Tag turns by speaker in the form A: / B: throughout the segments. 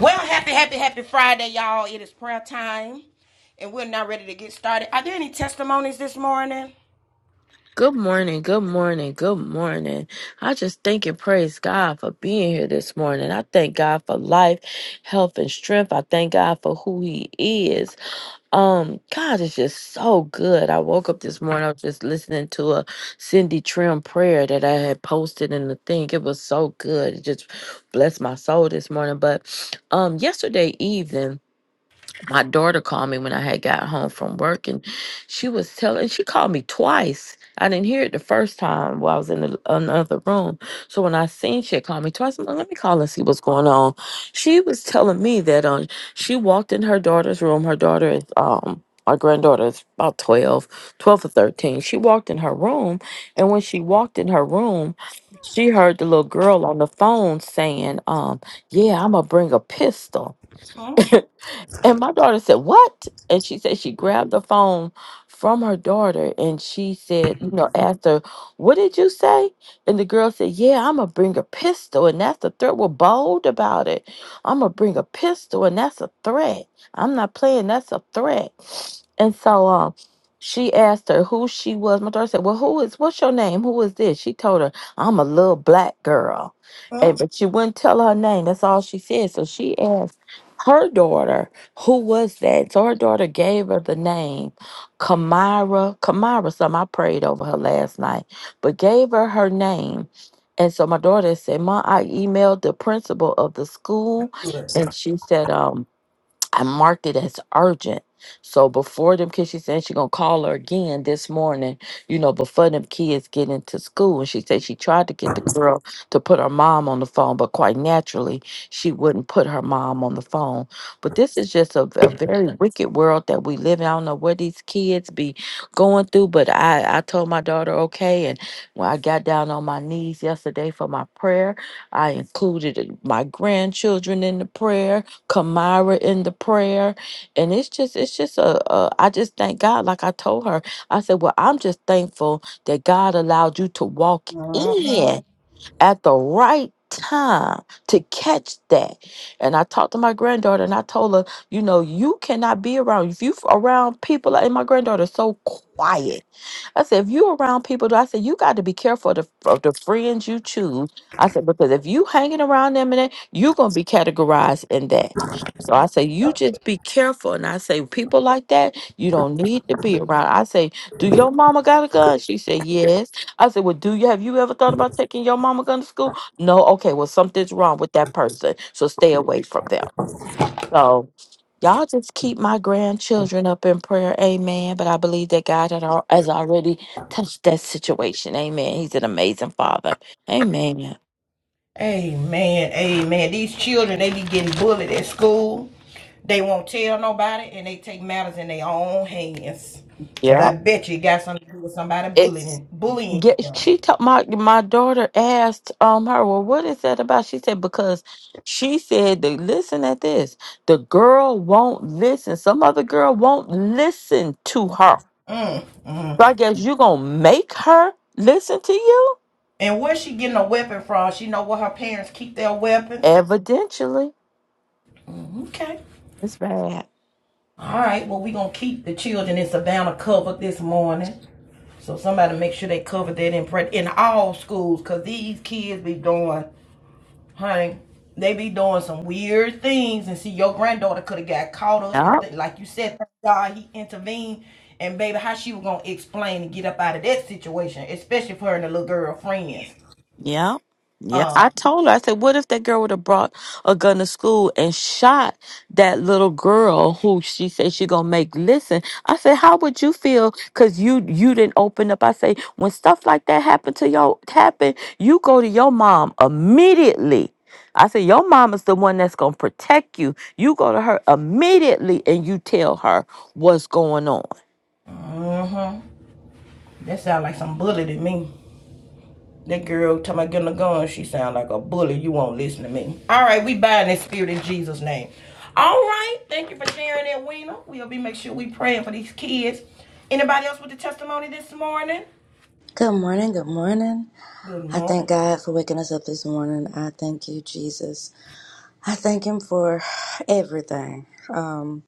A: Well, happy, happy, happy Friday, y'all. It is prayer time, and we're now ready to get started. Are there any testimonies this morning?
B: Good morning, good morning, good morning. I just thank and praise God for being here this morning. I thank God for life, health, and strength. I thank God for who He is. Um, God is just so good. I woke up this morning, I was just listening to a Cindy Trim prayer that I had posted in the thing. It was so good. It just blessed my soul this morning. But um yesterday evening, my daughter called me when I had got home from work, and she was telling. She called me twice. I didn't hear it the first time while I was in the, another room. So when I seen she had called me twice, I'm like, let me call and see what's going on. She was telling me that um, she walked in her daughter's room. Her daughter is um. our granddaughter is about 12, 12 or 13. She walked in her room, and when she walked in her room, she heard the little girl on the phone saying, um, Yeah, I'm going to bring a pistol.
A: Hmm?
B: And my daughter said, What? And she said she grabbed the phone from her daughter and she said, You know, asked her, What did you say? And the girl said, Yeah, I'm going to bring a pistol. And that's a threat. We're bold about it. I'm going to bring a pistol. And that's a threat. I'm not playing. That's a threat. And so um, she asked her who she was. My daughter said, Well, who is, what's your name? Who is this? She told her, I'm a little black girl.
A: Hmm?
B: And, but she wouldn't tell her name. That's all she said. So she asked her daughter, who was that? So her daughter gave her the name Kamara. Kamara, some I prayed over her last night, but gave her her name. And so my daughter said, Ma, I emailed the principal of the school. And she said, um, I marked it as urgent. So before them kids, she said she gonna call her again this morning, you know, before them kids get into school. And she said she tried to get the girl to put her mom on the phone, but quite naturally, she wouldn't put her mom on the phone. But this is just a, a very wicked world that we live in. I don't know what these kids be going through, but I, I told my daughter, okay. And when I got down on my knees yesterday for my prayer, I included my grandchildren in the prayer Kamara in the prayer. And it's just, it's just a, a, I just thank God. Like I told her, I said, well, I'm just thankful that God allowed you to walk in at the right time to catch that. And I talked to my granddaughter and I told her, you know, you cannot be around, if you around people, like- and my granddaughter's so quiet. I said, if you around people, I said, you got to be careful of the, of the friends you choose. I said, because if you hanging around them and that, you're going to be categorized in that. So I say, you just be careful. And I say, people like that, you don't need to be around. I say, do your mama got a gun? She said, yes. I said, well, do you, have you ever thought about taking your mama gun to school? No. Okay. Well, something's wrong with that person. So stay away from them. So y'all just keep my grandchildren up in prayer. Amen. But I believe that God had al- has already touched that situation. Amen. He's an amazing father. Amen.
A: Amen. Amen. These children, they be getting bullied at school. They won't tell nobody, and they take matters in their own hands. Cause
B: Yeah.
A: I bet you it got something to do with somebody
B: It's
A: bullying bullying
B: get
A: them.
B: she told my my daughter asked um her, well, what is that about? She said, because she said that listen at this. The girl won't listen. Some other girl won't listen to her.
A: Mm, mm.
B: So I guess you gonna make her listen to you?
A: And where's she getting a weapon from? She know where her parents keep their weapons.
B: Evidentially.
A: Mm, Okay.
B: It's bad.
A: All right, well, we're going to keep the children in Savannah covered this morning. So somebody make sure they cover that in pre- in all schools because these kids be doing, honey, they be doing some weird things. And see, your granddaughter could have got caught up and, like you said, thank God he intervened. And baby, how she was going to explain and get up out of that situation, especially for her and the little girl friends.
B: Yeah. Yeah.
A: Uh,
B: I told her, I said, what if that girl would have brought a gun to school and shot that little girl who she said she gonna make listen? I said, how would you feel? Cause you you didn't open up. I say, when stuff like that happen to your happen, you go to your mom immediately. I said, your mom is the one that's gonna protect you. You go to her immediately and you tell her what's going on.
A: mm-hmm. That sounds like some bully to me. That girl talking about getting a gun, she sound like a bully. You won't listen to me. All right, we bind that spirit in Jesus' name. All right, thank you for sharing that, Weena. We'll be make sure we praying for these kids. Anybody else with the testimony this morning?
C: Good morning, good morning.
A: Good
C: I
A: morning.
C: thank God for waking us up this morning. I thank you, Jesus. I thank Him for everything. Um,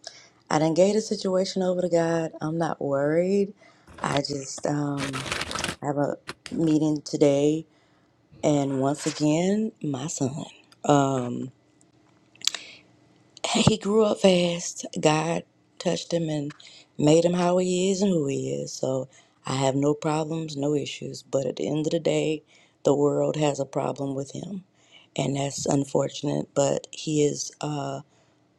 C: I did gave the situation over to God. I'm not worried. I just um, have a meeting today, and once again, my son. Um, He grew up fast. God touched him and made him how he is and who he is. So I have no problems, no issues. But at the end of the day, the world has a problem with him. And that's unfortunate. But he is uh,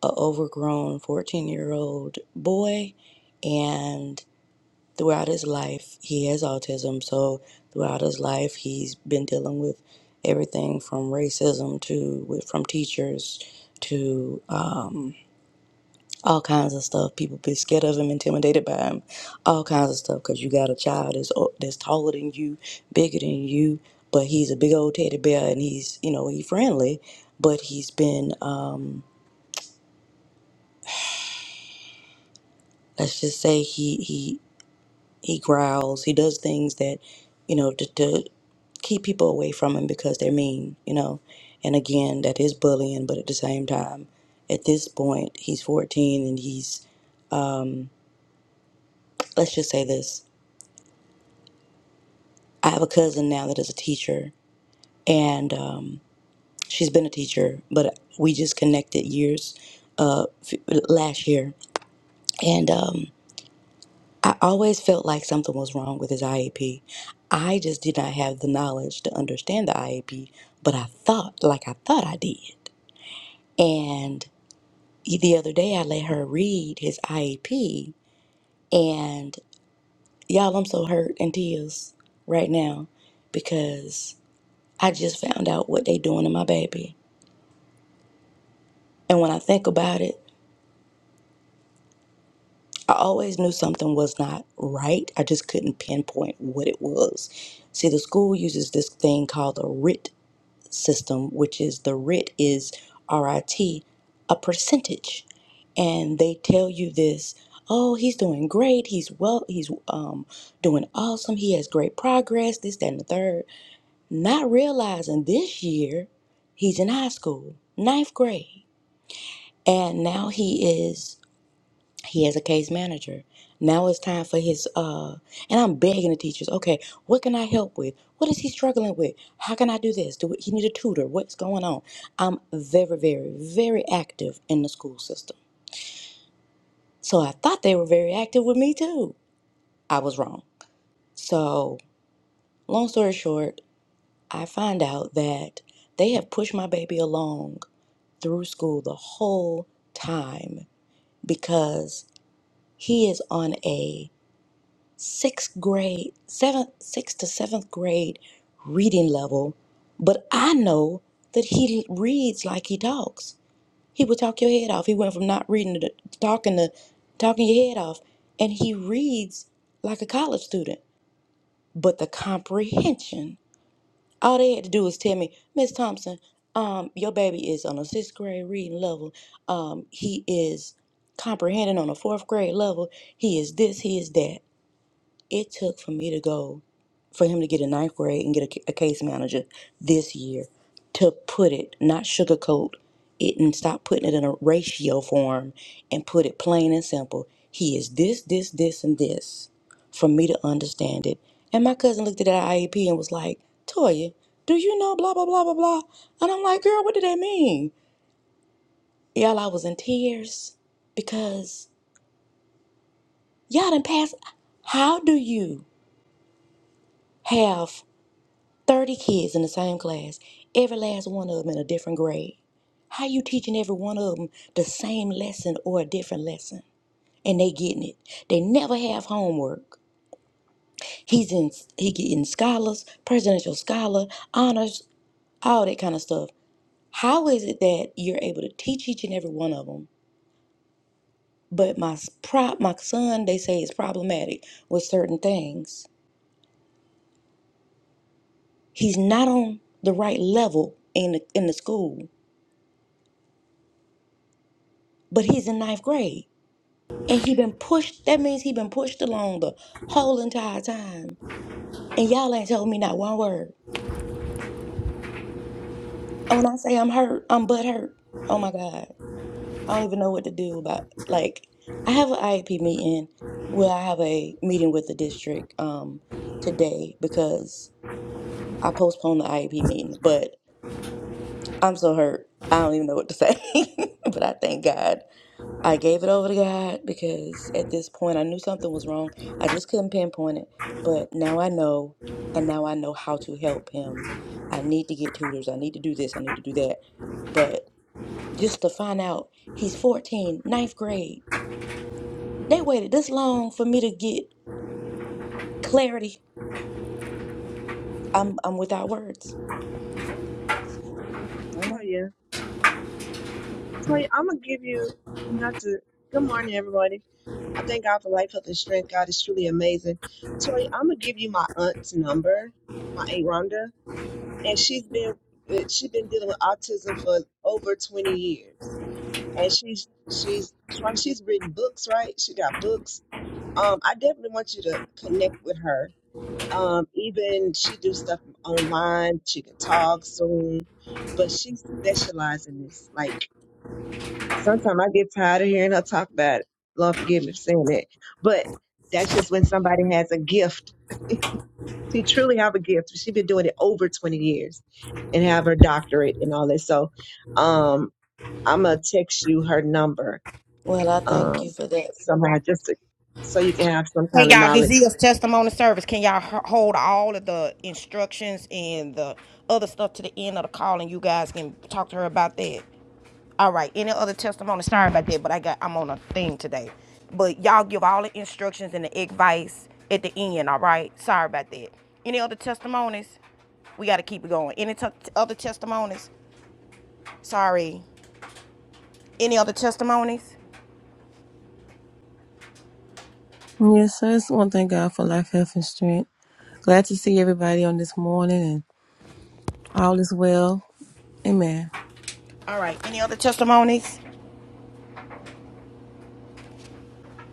C: a overgrown 14 year old boy. And throughout his life, he has autism. So throughout his life, he's been dealing with everything from racism to from teachers to um, all kinds of stuff. People be scared of him, intimidated by him, all kinds of stuff. Cause you got a child that's o- that's taller than you, bigger than you, but he's a big old teddy bear, and he's you know he friendly, but he's been um, let's just say he he he growls. He does things that you know to, to keep people away from him because they're mean, you know. And again, that is bullying, but at the same time, at this point, he's 14 and he's let's just say this. I have a cousin now that is a teacher and um, she's been a teacher, but we just connected years uh, f- last year. And um, I always felt like something was wrong with his IEP. I just did not have the knowledge to understand the IEP, but I thought, like I thought I did. And e, the other day, I let her read his IEP, and y'all, I'm so hurt and tears right now because I just found out what they doing to my baby. And when I think about it, I always knew something was not right. I just couldn't pinpoint what it was. See, the school uses this thing called the RIT system, which is the RIT is R I T, a percentage. And they tell you this, oh, he's doing great. He's well, he's um doing awesome. He has great progress, this, that, and the third. Not realizing this year he's in high school, ninth grade. And now he is he has a case manager. Now it's time for his uh and I'm begging the teachers, okay, what can I help with? What is he struggling with? How can I do this? Do he need a tutor? What's going on? I'm very, very, very active in the school system. So I thought they were very active with me too. I was wrong. So long story short, I find out that they have pushed my baby along through school the whole time because he is on a sixth grade, seventh, sixth to seventh grade reading level, but I know that he reads like he talks. He would talk your head off. He went from not reading to talking to talking your head off, and he reads like a college student. But the comprehension, all they had to do was tell me, Miss Thompson, um, your baby is on a sixth grade reading level. Um, he is comprehending on a fourth grade level. He is this. He is that. It took for me to go for him to get a ninth grade and get a, a case manager this year to put it, not sugarcoat it and stop putting it in a ratio form and put it plain and simple. He is this, this, this, and this for me to understand it. And my cousin looked at that IEP and was like, Toya, do you know blah, blah, blah, blah, blah? And I'm like, girl, what did that mean? Y'all, I was in tears because y'all done passed. How do you have 30 kids in the same class, every last one of them in a different grade. How you teaching every one of them the same lesson or a different lesson? And they getting it. They never have homework. He's in he getting scholars, presidential scholar, honors, all that kind of stuff. How is it that you're able to teach each and every one of them? But my s- pro, my son, they say is problematic with certain things. He's not on the right level in the, in the school, but he's in ninth grade. And he been pushed, that means he been pushed along the whole entire time. And y'all ain't told me not one word. And when I say I'm hurt, I'm butt hurt. Oh my God. I don't even know what to do about like I have an IEP meeting. Well, I have a meeting with the district um today because I postponed the IEP meeting, but I'm so hurt. I don't even know what to say. but I thank God I gave it over to God because at this point I knew something was wrong. I just couldn't pinpoint it. But now I know, and now I know how to help him. I need to get tutors. I need to do this. I need to do that. But just to find out, he's 14, ninth grade. They waited this long for me to get clarity. I'm, I'm without words. Amen.
D: Toya. Toya, I'm gonna give you not to. Good morning, everybody. I thank God for life, health, and strength. God is truly amazing. Toya, I'm gonna give you my aunt's number, my aunt Rhonda, and she's been eh, she's been dealing with autism for over 20 years, and she's she's from she's written books, right? She got books. Um, I definitely want you to connect with her. Um, even she do stuff online. She can talk Zoom, but she specializes in this, like sometimes I get tired of hearing her talk about it. Lord forgive me for saying that. But that's just when somebody has a gift. She truly have a gift. She's been doing it over 20 years and have her doctorate and all that. So um I'm gonna text you her number
C: Well, I thank you
D: um
C: for that.
D: somehow just to, so you can have some
A: Hey
D: kind of
A: y'all, this
D: knowledge.
A: is testimony service. Can y'all h- hold all of the instructions and the other stuff to the end of the call, and you guys can talk to her about that. All right. Any other testimony? Sorry about that, but I got I'm on a thing today. But y'all give all the instructions and the advice at the end. All right. Sorry about that. Any other testimonies? We got to keep it going. Any t- other testimonies? Sorry. Any other testimonies?
E: Yes, I just want to thank God for life, health, and strength. Glad to see everybody on this morning and all is well. Amen.
A: All right. Any other testimonies?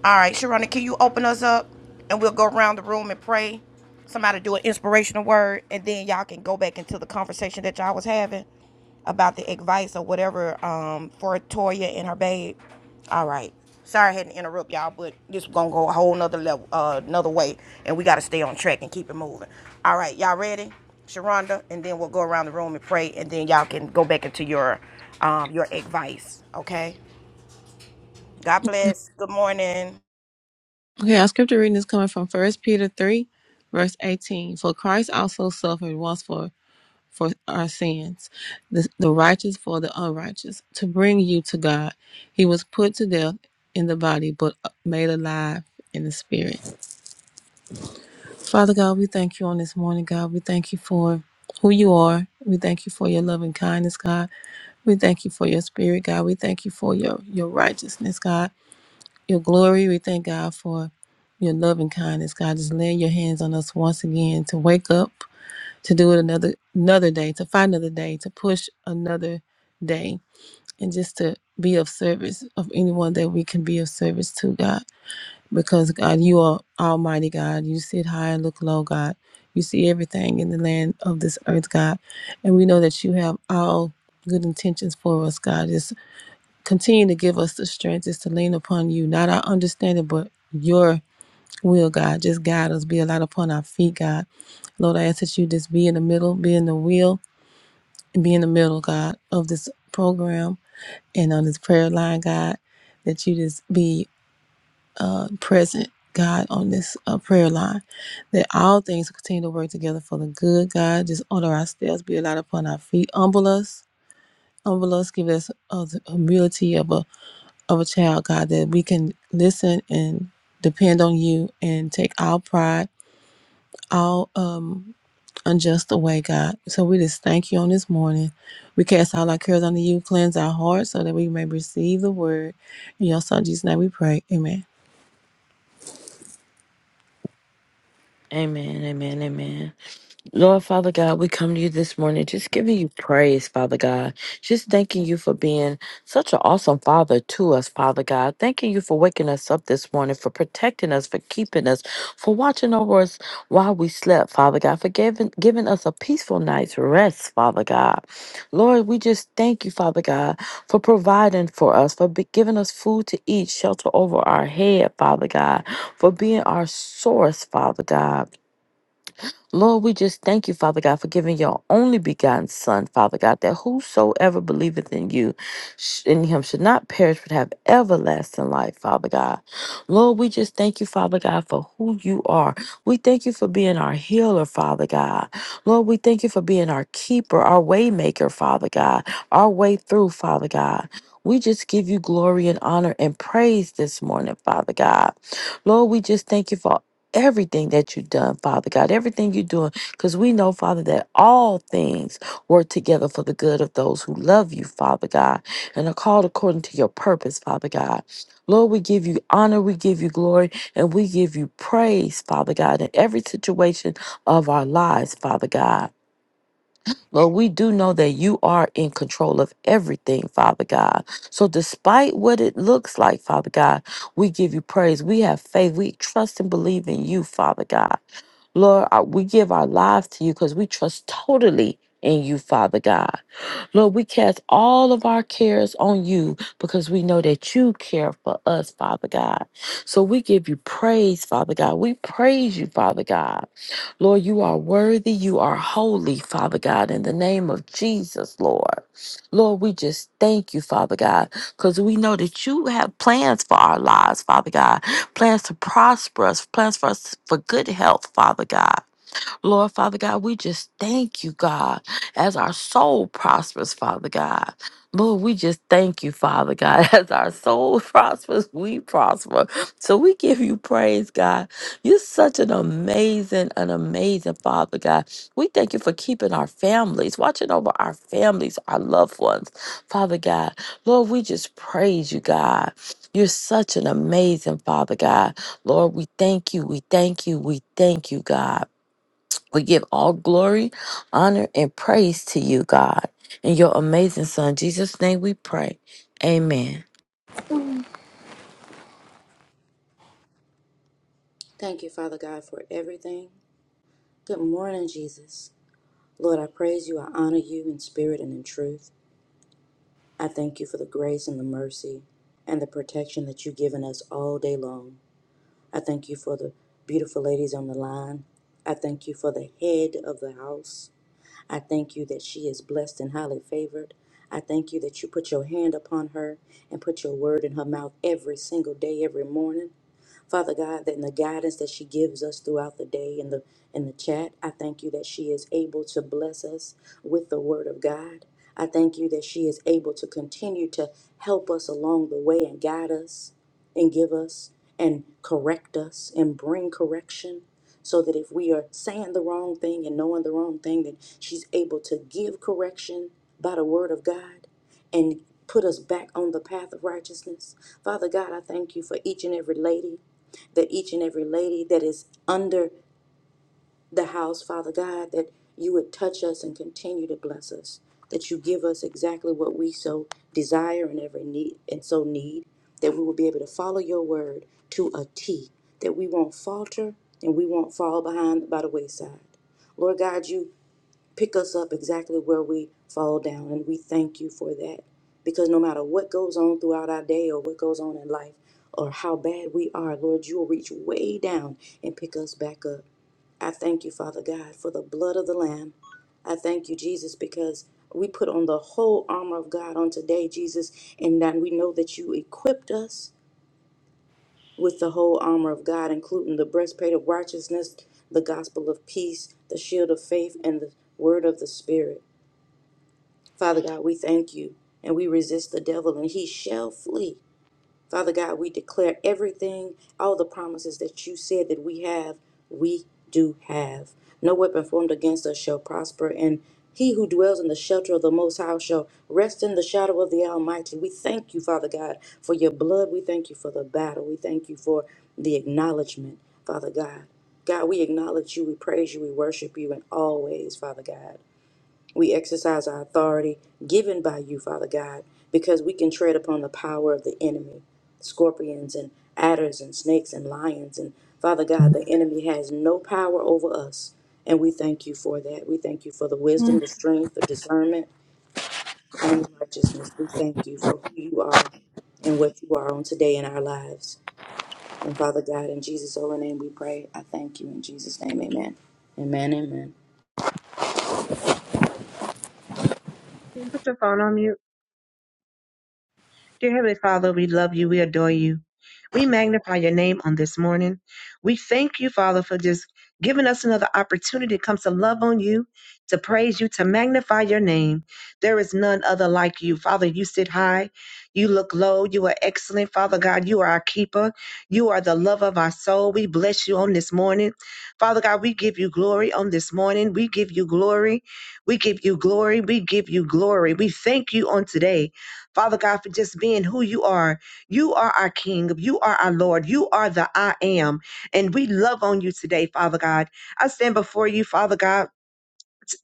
A: All right, Sharonda, can you open us up and we'll go around the room and pray? Somebody do an inspirational word, and then y'all can go back into the conversation that y'all was having about the advice or whatever um, for Toya and her babe. All right. Sorry I had to interrupt y'all, but this gonna go a whole nother level, uh, another way, and we gotta stay on track and keep it moving. All right, y'all ready? Sharonda, and then we'll go around the room and pray, and then y'all can go back into your um, your advice. Okay. God bless. Good morning.
E: Okay, our scripture reading is coming from First Peter 3, verse 18. For Christ also suffered once for, for our sins, the, the righteous for the unrighteous, to bring you to God. He was put to death in the body, but uh, made alive in the spirit. Father God, we thank you on this morning, God. We thank you for who you are. We thank you for your loving kindness, God. We thank you for your spirit, God. We thank you for your, your righteousness, God, your glory. We thank God for your loving kindness, God. Just laying your hands on us once again to wake up, to do it another another day, to find another day, to push another day, and just to be of service of anyone that we can be of service to, God. Because God, you are Almighty God. You sit high and look low, God. You see everything in the land of this earth, God. And we know that you have all good intentions for us, God. Just Continue to give us the strength is to lean upon you, not our understanding, but your will, God. Just guide us, be a light upon our feet, God. Lord, I ask that you just be in the middle, be in the wheel, and be in the middle, God, of this program and on this prayer line, God, that you just be uh, present, God, on this uh, prayer line, that all things continue to work together for the good, God. Just order our steps, be a light upon our feet, humble us, humble us, give us uh, the humility of a of a child, God, that we can listen and depend on you and take our pride, all um, unjust away, God. So we just thank you on this morning. We cast all our cares unto you, cleanse our hearts so that we may receive the word. In your son Jesus' name we pray. Amen.
B: Amen. Amen. Amen. Lord Father God, we come to you this morning just giving you praise, Father God. Just thanking you for being such an awesome Father to us, Father God. Thanking you for waking us up this morning, for protecting us, for keeping us, for watching over us while we slept, Father God, for giving, giving us a peaceful night's rest, Father God. Lord, we just thank you, Father God, for providing for us, for be, giving us food to eat, shelter over our head, Father God, for being our source, Father God. Lord, we just thank you, Father God, for giving your only begotten Son, Father God, that whosoever believeth in you, sh- in him, should not perish but have everlasting life, Father God. Lord, we just thank you, Father God, for who you are. We thank you for being our healer, Father God. Lord, we thank you for being our keeper, our way maker, Father God, our way through, Father God. We just give you glory and honor and praise this morning, Father God. Lord, we just thank you for everything that you've done, Father God, everything you're doing, because we know, Father, that all things work together for the good of those who love you, Father God, and are called according to your purpose, Father God. Lord, we give you honor, we give you glory, and we give you praise, Father God, in every situation of our lives, Father God. Lord, we do know that you are in control of everything, Father God. So, despite what it looks like, Father God, we give you praise. We have faith. We trust and believe in you, Father God. Lord, I- we give our lives to you because we trust totally in you, Father God. Lord, we cast all of our cares on you because we know that you care for us, Father God. So we give you praise, Father God. We praise you, Father God. Lord, you are worthy. You are holy, Father God, in the name of Jesus, Lord. Lord, we just thank you, Father God, because we know that you have plans for our lives, Father God, plans to prosper us, plans for us for good health, Father God. Lord, Father God, we just thank you, God, as our soul prospers, Father God. Lord, we just thank you, Father God. As our soul prospers, we prosper. So we give you praise, God. You're such an amazing, an amazing Father God. We thank you for keeping our families, watching over our families, our loved ones, Father God. Lord, we just praise you, God. You're such an amazing Father God. Lord, we thank you, we thank you, we thank you, God. We give all glory, honor, and praise to you, God. In your amazing Son, Jesus' name we pray. Amen.
C: Thank you, Father God, for everything. Good morning, Jesus. Lord, I praise you. I honor you in spirit and in truth. I thank you for the grace and the mercy and the protection that you've given us all day long. I thank you for the beautiful ladies on the line. I thank you for the head of the house. I thank you that she is blessed and highly favored. I thank you that you put your hand upon her and put your word in her mouth every single day, every morning. Father God, that in the guidance that she gives us throughout the day in the in the chat, I thank you that she is able to bless us with the word of God. I thank you that she is able to continue to help us along the way and guide us and give us and correct us and bring correction so that if we are saying the wrong thing and knowing the wrong thing that she's able to give correction by the word of God and put us back on the path of righteousness. Father God, I thank you for each and every lady that each and every lady that is under the house, Father God, that you would touch us and continue to bless us, that you give us exactly what we so desire and every need and so need, that we will be able to follow your word to a T, that we won't falter and we won't fall behind by the wayside. Lord God, you pick us up exactly where we fall down. And we thank you for that. Because no matter what goes on throughout our day or what goes on in life or how bad we are, Lord, you will reach way down and pick us back up. I thank you, Father God, for the blood of the Lamb. I thank you, Jesus, because we put on the whole armor of God on today, Jesus, and that we know that you equipped us with the whole armor of God, including the breastplate of righteousness, the gospel of peace, the shield of faith, and the word of the Spirit. Father God, we thank you and we resist the devil and he shall flee. Father God, we declare everything, all the promises that you said that we have, we do have. No weapon formed against us shall prosper, and he who dwells in the shelter of the Most High shall rest in the shadow of the Almighty. We thank you, Father God, for your blood. We thank you for the battle. We thank you for the acknowledgement, Father God. God, we acknowledge you, we praise you, we worship you, and always, Father God. We exercise our authority given by you, Father God, because we can tread upon the power of the enemy scorpions and adders and snakes and lions. And Father God, the enemy has no power over us. And we thank you for that. We thank you for the wisdom,
E: Mm,
C: the strength, the discernment, and the righteousness. We thank you for who you are and what you are on today in our lives. And Father God, in Jesus' holy name we pray. I thank you in Jesus' name. Amen. Amen. Amen.
D: Can you put your phone on mute? Dear Heavenly Father, we love you. We adore you. We magnify your name on this morning. We thank you, Father, for just giving us another opportunity to come to love on you, to praise you, to magnify your name. There is none other like you. Father, you sit high. You look low. You are excellent. Father God, you are our keeper. You are the love of our soul. We bless you on this morning. Father God, we give you glory on this morning. We give you glory. We give you glory. We give you glory. We thank you on today. Father God, for just being who you are. You are our King. You are our Lord. You are the I am. And we love on you today, Father God. I stand before you, Father God,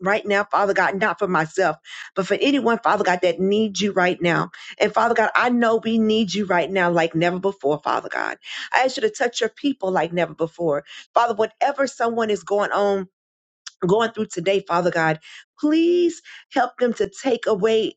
D: right now, Father God, not for myself, but for anyone, Father God, that needs you right now. And Father God, I know we need you right now like never before, Father God. I ask you to touch your people like never before. Father, whatever someone is going on, going through today, Father God, please help them to take away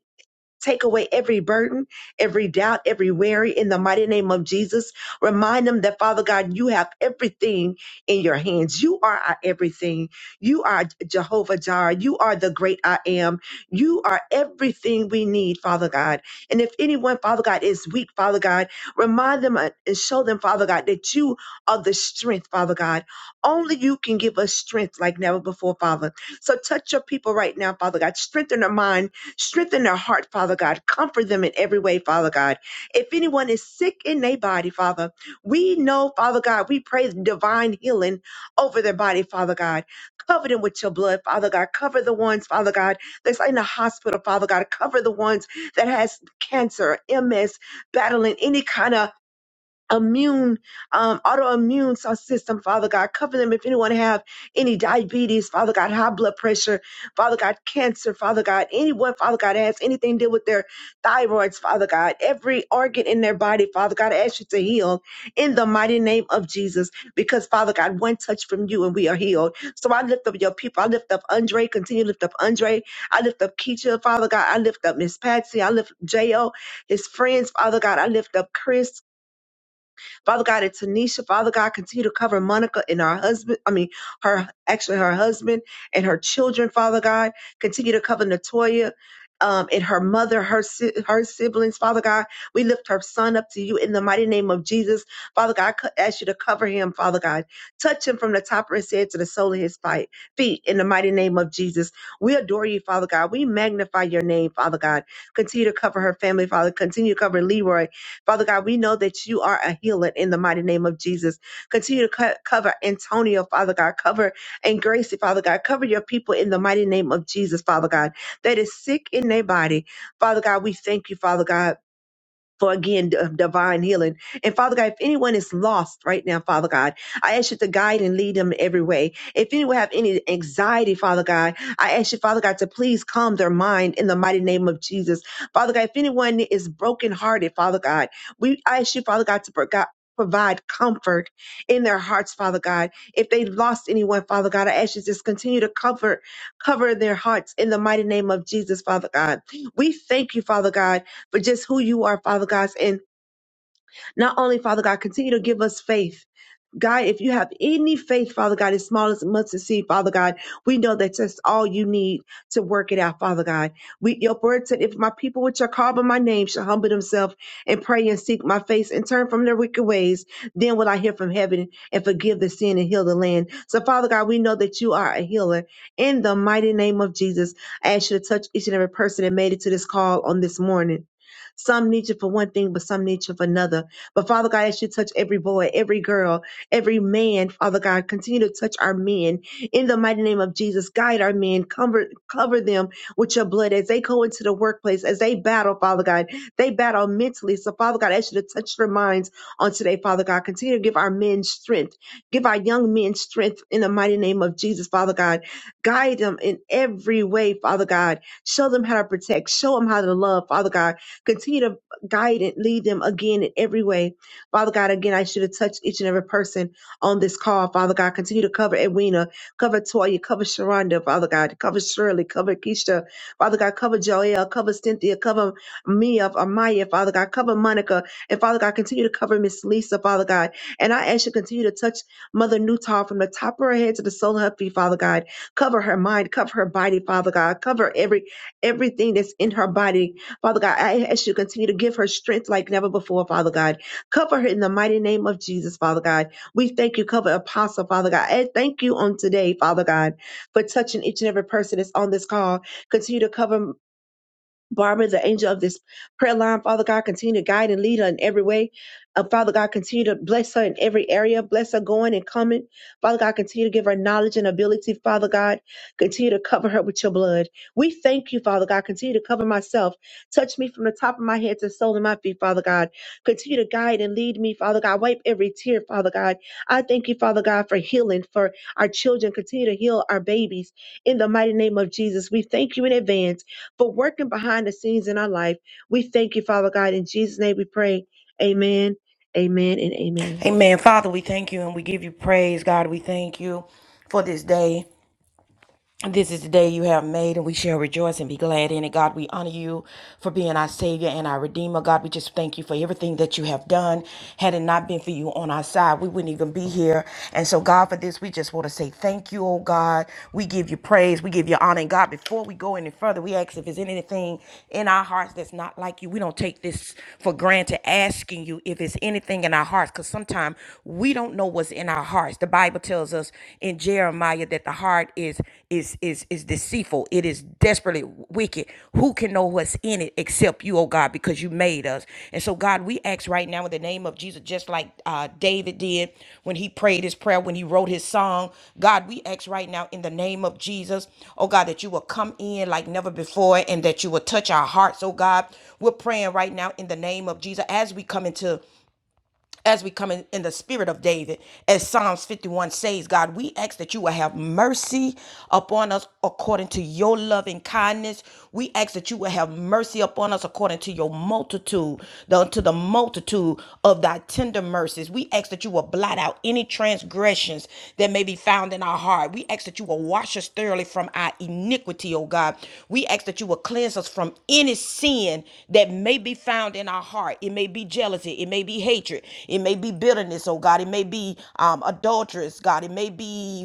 D: Take away every burden, every doubt, every worry in the mighty name of Jesus. Remind them that, Father God, you have everything in your hands. You are our everything. You are Jehovah Jireh. You are the great I am. You are everything we need, Father God. And if anyone, Father God, is weak, Father God, remind them uh, and show them, Father God, that you are the strength, Father God. Only you can give us strength like never before, Father. So touch your people right now, Father God. Strengthen their mind Strengthen their heart, Father God. Comfort them in every way, Father God. If anyone is sick in their body, Father, we know, Father God, we pray divine healing over their body, Father God. Cover them with your blood, Father God. Cover the ones, Father God, that's in the hospital, Father God. Cover the ones that has cancer, MS, battling any kind of immune, um, autoimmune so- system, Father God. Cover them if anyone have any diabetes, Father God, high blood pressure, Father God, cancer, Father God, anyone, Father God, has anything to do with their thyroids, Father God, every organ in their body, Father God, I ask you to heal in the mighty name of Jesus, because Father God, one touch from you and we are healed. So I lift up your people. I lift up Andre, continue to lift up Andre. I lift up Keisha, Father God. I lift up Miss Patsy. I lift J.O., his friends, Father God. I lift up Chris. Father God, and Tanisha, Father God, continue to cover Monica and her husband. I mean, her actually her husband and her children, Father God. Continue to cover Natoya. Um, and her mother, her si- her siblings, Father God, we lift her son up to you in the mighty name of Jesus, Father God. I co- ask you to cover him, Father God, touch him from the top of his head to the sole of his fi- feet, in the mighty name of Jesus. We adore you, Father God. We magnify your name, Father God. Continue to cover her family, Father. Continue to cover Leroy. Father God, we know that you are a healer in the mighty name of Jesus. Continue to co- cover Antonio, Father God. Cover and Gracie, Father God. Cover your people in the mighty name of Jesus, Father God, that is sick in their body. Father God, we thank you, Father God for again d- divine healing. And Father God, if anyone is lost right now, Father God, I ask you to guide and lead them every way. If anyone have any anxiety, Father God, I ask you, Father God, to please calm their mind in the mighty name of Jesus. Father God, if anyone is brokenhearted, Father God, we I ask you, Father God, to pro- God, Provide comfort in their hearts, Father God. If they lost anyone, Father God, I ask you to just continue to cover, cover their hearts in the mighty name of Jesus, Father God. We thank you, Father God, for just who you are, Father God. And not only, Father God, continue to give us faith God, if you have any faith, Father God, as small as a mustard seed, Father God, we know that that's all you need to work it out, Father God. We, your word said, if my people which are called by my name shall humble themselves and pray and seek my face and turn from their wicked ways, then will I hear from heaven and forgive the sin and heal the land. So, Father God, we know that you are a healer. In the mighty name of Jesus, I ask you to touch each and every person that made it to this call on this morning. Some need you for one thing, but some need you for another. But Father God, I ask you to touch every boy, every girl, every man, Father God. Continue to touch our men in the mighty name of Jesus. Guide our men, cover, cover them with your blood as they go into the workplace, as they battle, Father God. They battle mentally. So, Father God, I ask you to touch their minds on today, Father God. Continue to give our men strength. Give our young men strength in the mighty name of Jesus, Father God. Guide them in every way, Father God. Show them how to protect. Show them how to love, Father God. Continue to guide and lead them again in every way Father God, again, I should have touched each and every person on this call. Father God, continue to cover Edwina, cover Toya, cover Sharonda, Father God, cover Shirley, cover Keisha, Father God, cover Joelle, cover Cynthia, cover Mia, Amaya, Father God, cover Monica, and Father God, continue to cover Miss Lisa, Father God. And I ask you to continue to touch Mother Newtall from the top of her head to the sole of her feet, Father God. Cover her mind, cover her body, Father God. Cover every everything that's in her body, Father God. I ask you to continue to give her strength like never before, Father God. Cover her in the mighty name of Jesus, Father God. We thank you. Cover Apostle, Father God. And thank you on today, Father God, for touching each and every person that's on this call. Continue to cover. Barbara, the angel of this prayer line, Father God, continue to guide and lead her in every way. Uh, Father God, continue to bless her in every area. Bless her going and coming. Father God, continue to give her knowledge and ability. Father God, continue to cover her with your blood. We thank you, Father God. Continue to cover myself. Touch me from the top of my head to the sole of my feet, Father God. Continue to guide and lead me, Father God. Wipe every tear, Father God. I thank you, Father God, for healing for our children. Continue to heal our babies. In the mighty name of Jesus, we thank you in advance for working behind the scenes in our life. We thank you, Father God. In Jesus' name we pray. Amen, amen, and amen.
A: Amen. Father, we thank you and we give you praise, God. We thank you for this day. This is the day you have made, and we shall rejoice and be glad in it. God, we honor you for being our Savior and our Redeemer. God, we just thank you for everything that you have done. Had it not been for you on our side, we wouldn't even be here. And so, God, for this, we just want to say thank you, oh God. We give you praise, we give you honor. And God, before we go any further, we ask if there's anything in our hearts that's not like you. We don't take this for granted, asking you if it's anything in our hearts, because sometimes we don't know what's in our hearts charged. The Bible tells us in Jeremiah that the heart is is is is deceitful. It is desperately wicked. Who can know what's in it except you, oh God, because you made us. And so God, we ask right now in the name of Jesus, just like uh, David did when he prayed his prayer, when he wrote his song. God, we ask right now in the name of Jesus, oh God, that you will come in like never before and that you will touch our hearts, oh God. We're praying right now in the name of Jesus as we come into as we come in, in the spirit of David, as Psalms 51 says, God, we ask that you will have mercy upon us according to your loving kindness. We ask that you will have mercy upon us according to your multitude, the, to the multitude of thy tender mercies. We ask that you will blot out any transgressions that may be found in our heart. We ask that you will wash us thoroughly from our iniquities iniquity, oh God. We ask that you will cleanse us from any sin that may be found in our heart. It may be jealousy, it may be hatred, it may be bitterness, oh God. It may be um, adulterous, God. It may be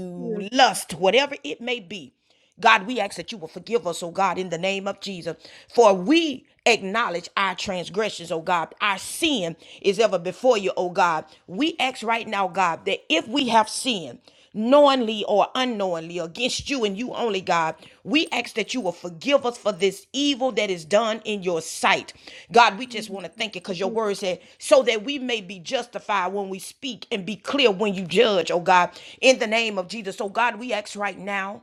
A: lust, whatever it may be. God, we ask that you will forgive us, oh God, in the name of Jesus. For we acknowledge our transgressions, oh God. Our sin is ever before you, oh God. We ask right now, God, that if we have sinned, knowingly or unknowingly against you and you only, God. We ask that you will forgive us for this evil that is done in your sight. God, we just want to thank you because your
D: Yeah.
A: word said, so that we may be justified when we speak and be clear when you judge, oh God, in the name of Jesus. So, God, we ask right now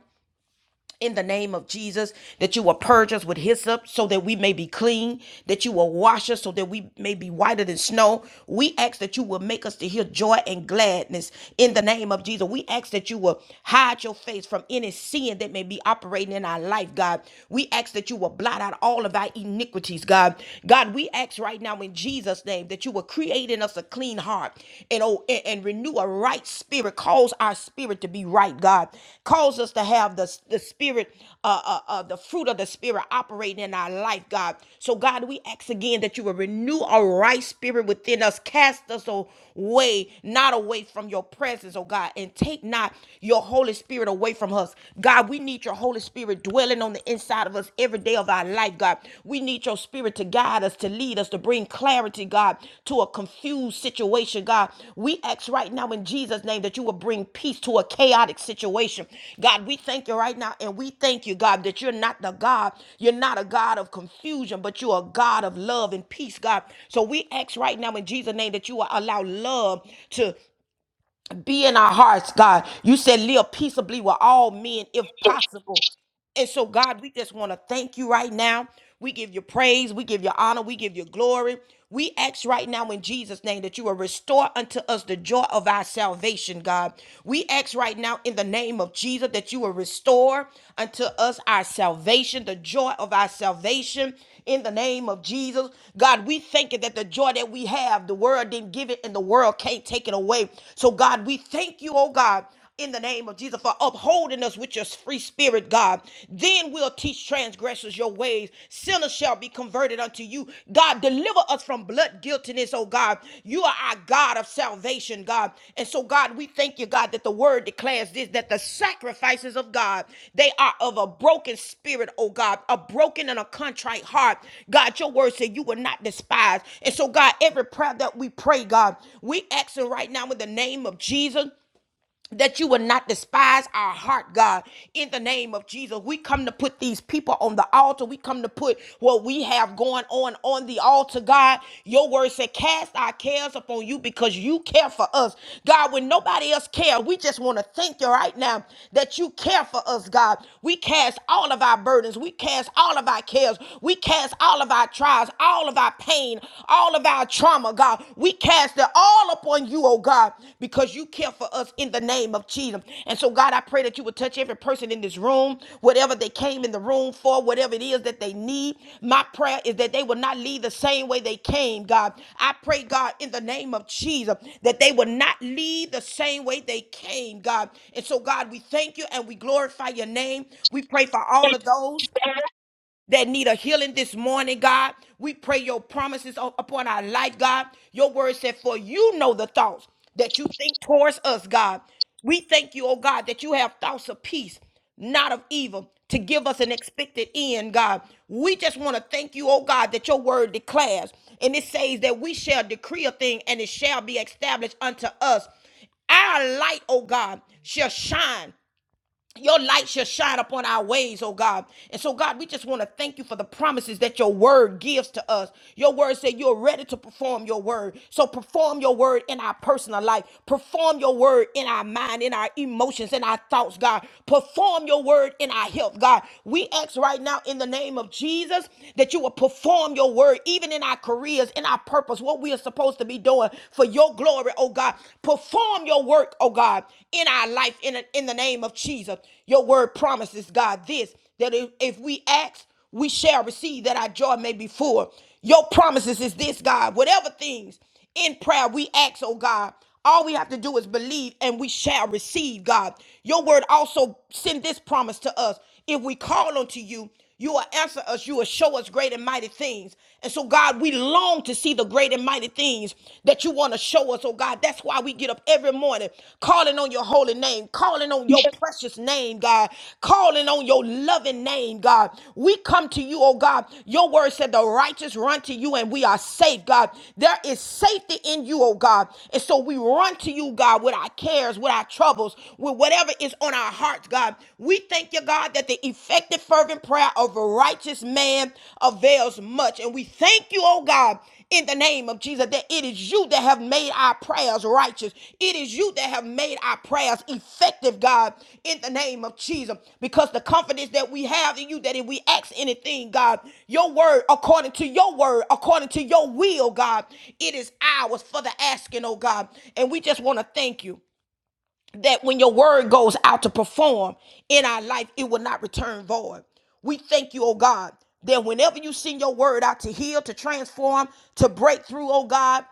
A: in the name of Jesus, that you will purge us with hyssop so that we may be clean, that you will wash us so that we may be whiter than snow. We ask that you will make us to hear joy and gladness in the name of Jesus. We ask that you will hide your face from any sin that may be operating in our life, God. We ask that you will blot out all of our iniquities, God. God, we ask right now in Jesus' name that you will create in us a clean clean heart and oh and, and renew a right spirit. Cause our spirit to be right, God. Cause us to have the, the spirit, uh, uh, uh, the fruit of the spirit operating in our life, God. So God, we ask again that you will renew a right spirit within us. Cast us away, not away from your presence, oh God, and take not your Holy Spirit away from us. God, we need your Holy Spirit dwelling on the inside out of us every day of our life, God. We need your spirit to guide us, to lead us, to bring clarity, God, to a confused situation, God. We ask right now in Jesus' name that you will bring peace to a chaotic situation. God, we thank you right now and we thank you, God, that you're not the God, you're not a God of confusion, but you're a God of love and peace, God. So we ask right now in Jesus' name that you will allow love to be in our hearts, God. You said live peaceably with all men if possible. And so, God, we just want to thank you right now. We give you praise. We give you honor. We give you glory. We ask right now in Jesus' name that you will restore unto us the joy of our salvation, God. We ask right now in the name of Jesus that you will restore unto us our salvation, the joy of our salvation in the name of Jesus. God, we thank you that the joy that we have, the world didn't give it and the world can't take it away. So, God, we thank you, oh God in the name of Jesus for upholding us with your free spirit, God. Then we'll teach transgressors your ways. Sinners shall be converted unto you. God, deliver us from blood guiltiness, oh God. You are our God of salvation, God. And so, God, we thank you, God, that the word declares this, that the sacrifices of God, they are of a broken spirit, oh God, a broken and a contrite heart. God, your word said you will not despise. And so, God, every prayer that we pray, God, we ask it right now in the name of Jesus that you would not despise our heart, God, in the name of Jesus. We come to put these people on the altar. We come to put what we have going on on the altar, God. Your word said, cast our cares upon you because you care for us. God, when nobody else cares, we just want to thank you right now that you care for us, God. We cast all of our burdens. We cast all of our cares. We cast all of our trials, all of our pain, all of our our trauma, God. We cast it all upon you, oh God, because you care for us in the name of Jesus. And so, God, I pray that you would touch every person in this room, whatever they came in the room for, whatever it is that they need. My prayer is that they will not leave the same way they came, God. I pray, God, in the name of Jesus, that they will not leave the same way they came, God. And so, God, we thank you and we glorify your name. We pray for all of those that need a healing this morning, God. We pray your promises upon our life, God. Your word said, For you know the thoughts that you think towards us, God. We thank you, oh God, that you have thoughts of peace, not of evil, to give us an expected end, God. We just want to thank you, oh God, that your word declares, and it says that we shall decree a thing and it shall be established unto us. Our light, oh God, shall shine your light shall shine upon our ways, oh God. And so, God, we just want to thank you for the promises that your word gives to us. Your word said you're ready to perform your word. So, perform your word in our personal life, perform your word in our mind, in our emotions, in our thoughts, God. Perform your word in our health, God. We ask right now in the name of Jesus that you will perform your word even in our careers, in our purpose, what we are supposed to be doing for your glory, oh God. God. Perform your work, oh God, in our life in, a, in the name of Jesus. Your word promises, God, this that if, if we ask, we shall receive that our joy may be full. Your promises is this, God. Whatever things in prayer we ask, oh God, all we have to do is believe and we shall receive, God. Your word also send this promise to us. If we call unto you, you will answer us. You will show us great and mighty things. And so, God, we long to see the great and mighty things that you want to show us, oh God. That's why we get up every morning calling on your holy name, calling on your precious name, God, calling on your loving name, God. We come to you, oh God. Your word said the righteous run to you and we are safe, God. There is safety in you, oh God. And so we run to you, God, with our cares, with our troubles, with whatever is on our hearts, God. God. We thank you, God, that the effective, fervent prayer of a righteous man avails much. And we thank you, oh God, in the name of Jesus, that it is you that have made our prayers righteous. It is you that have made our prayers effective, God, in the name of Jesus. Because the confidence that we have in you, that if we ask anything, God, your word, according to your word, according to your will, God, it is ours for the asking, oh God. And we just want to thank you that when your word goes out to perform in our life, it will not return void. We thank you, oh God, that whenever you send your word out to heal, to transform, to break through, oh God,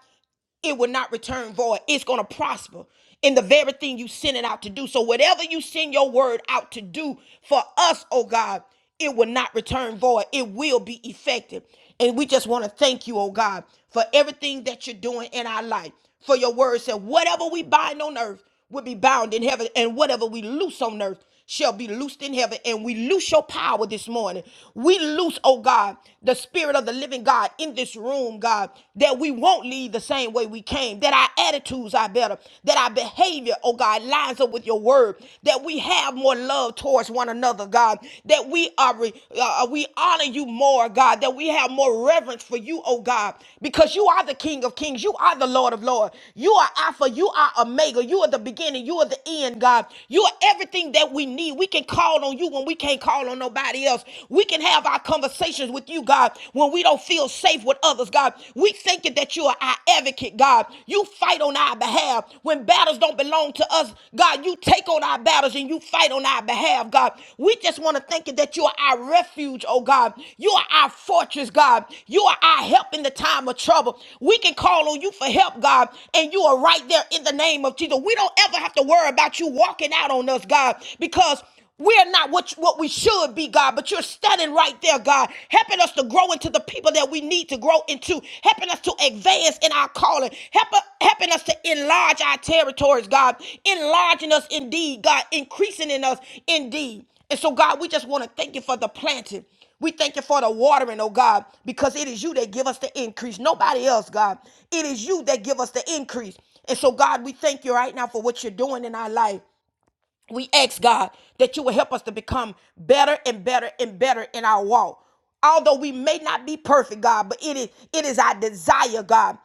A: it will not return void. It's going to prosper in the very thing you send it out to do. So whatever you send your word out to do for us, oh God, it will not return void. It will be effective. And we just want to thank you, oh God, for everything that you're doing in our life. For your word said, whatever we bind on earth will be bound in heaven, and whatever we loose on earth shall be loosed in heaven. And we loose your power this morning. We loose, oh God, the spirit of the living God in this room, God, that we won't leave the same way we came, that our attitudes are better, that our behavior, oh God, lines up with your word, that we have more love towards one another, God, that we are, uh, we honor you more, God, that that we have more reverence for you, oh God, because you are the King of Kings. You are the Lord of Lords. You are Alpha. You are Omega. You are the beginning. You are the end, God. You are everything that we need. We can call on you when we can't call on nobody else. We can have our conversations with you, God, when we don't feel safe with others, God. We thank you that you are our advocate, God. You fight on our behalf when battles don't belong to us. God, you take on our battles and you fight on our behalf, God. We just want to thank you that you are our refuge, oh God. You are our fortress, God. You are our help in the time of trouble. We can call on you for help, God, and you are right there in the name of Jesus. We don't ever have to worry about you walking out on us, God, because we're not what, what we should be, God, but you're standing right there, God, helping us to grow into the people that we need to grow into, helping us to advance in our calling, help, helping us to enlarge our territories, God, enlarging us indeed, God, increasing in us indeed. And so, God, we just want to thank you for the planting. We thank you for the watering, oh God, because it is you that give us the increase. Nobody else, God. It is you that give us the increase. And so, God, we thank you right now for what you're doing in our life. We ask God that you will help us to become better and better and better in our walk. Although we may not be perfect, God, but it is it is our desire, God,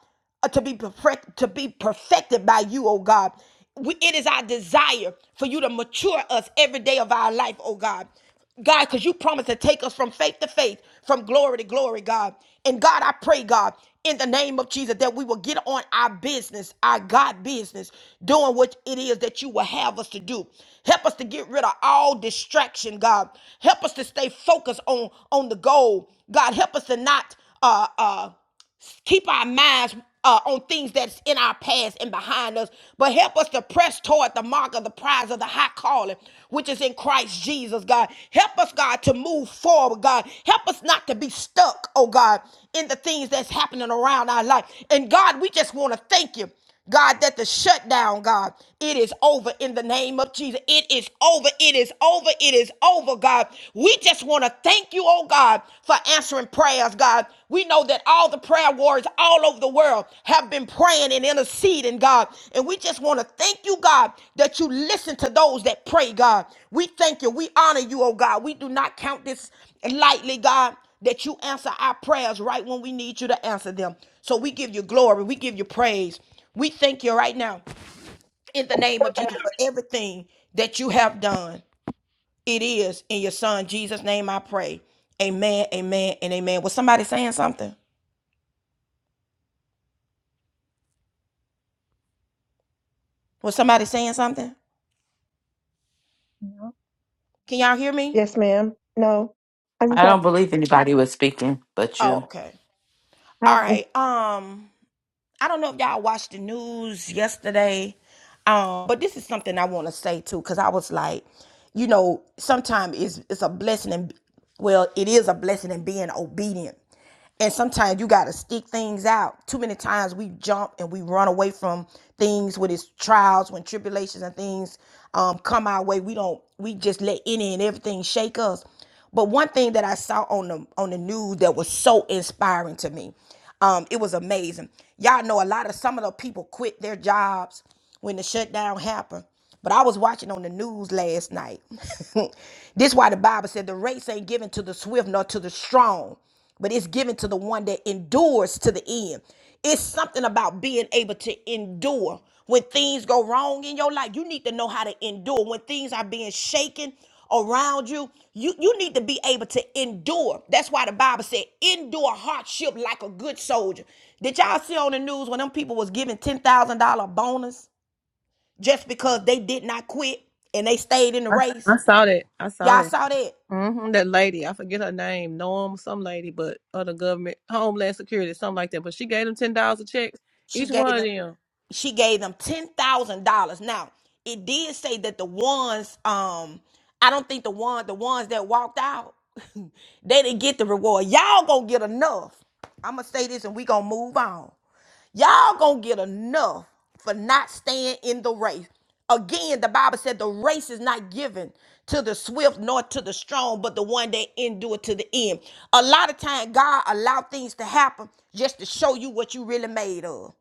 A: uh, to be perfect to be perfected by you, oh God. We, it is our desire for you to mature us every day of our life, oh God. God, because you promised to take us from faith to faith, from glory to glory, God. And God, I pray, God, in the name of Jesus, that we will get on our business, our God business, doing what it is that you will have us to do. Help us to get rid of all distraction, God. Help us to stay focused on, on the goal. God, help us to not uh uh keep our minds uh, on things that's in our past and behind us, but help us to press toward the mark of the prize of the high calling, which is in Christ Jesus, God. Help us, God, to move forward, God. Help us not to be stuck, oh God, in the things that's happening around our life. And God, we just want to thank you. God, that the shutdown, God, it is over in the name of Jesus. It is over. It is over. It is over, God. We just want to thank you, oh God, for answering prayers, God. We know that all the prayer warriors all over the world have been praying and interceding, God. And we just want to thank you, God, that you listen to those that pray, God. We thank you. We honor you, oh God. We do not count this lightly, God that you answer our prayers right when we need you to answer them. So we give you glory, we give you praise, we thank you right now in the name of Jesus for everything that you have done. It is in your son Jesus' name I pray. Amen, amen, and amen. Was somebody saying something? Was somebody saying something?
D: No.
A: Can y'all hear me?
D: Yes, ma'am. No. I just
B: I
D: have,
B: don't believe anybody was speaking but
A: Oh,
B: you.
A: okay. All
D: have
A: right. Um, I don't know if y'all watched the news yesterday, um, but this is something I want to say too, because I was like, you know, sometimes it's it's a blessing and well, it is a blessing in being obedient. And sometimes you gotta stick things out. Too many times we jump and we run away from things when it's trials, when tribulations and things um, come our way. We don't. We just let any and everything shake us. But one thing that I saw on the on the news that was so inspiring to me, um, it was amazing. Y'all know a lot of some of the people quit their jobs when the shutdown happened. But I was watching on the news last night. this why the Bible said the race ain't given to the swift nor to the strong, but it's given to the one that endures to the end. It's something about being able to endure when things go wrong in your life. You need to know how to endure when things are being shaken around you. You you need to be able to endure. That's why the Bible said, "Endure hardship like a good soldier." Did y'all see on the news when them people was giving ten thousand dollar bonus just because they did not quit and they stayed in the
E: I,
A: race?
E: I saw that. I saw
A: Y'all
E: that.
A: saw that?
E: hmm That lady, I forget her name, Norm, some lady, but other government, Homeland Security, something like that. But she gave them ten dollars a check,
A: She
E: each
A: gave
E: one of
A: them.
E: them.
A: she gave them ten thousand dollars. Now it did say that the ones, um, I don't think the one, the ones that walked out, they didn't get the reward. Y'all gonna get enough. I'm gonna say this, and we gonna move on. Y'all gonna get enough for not staying in the race. Again, the Bible said the race is not given to the swift nor to the strong, but the one that endure to the end. A lot of time, God allow things to happen just to show you what you really made of.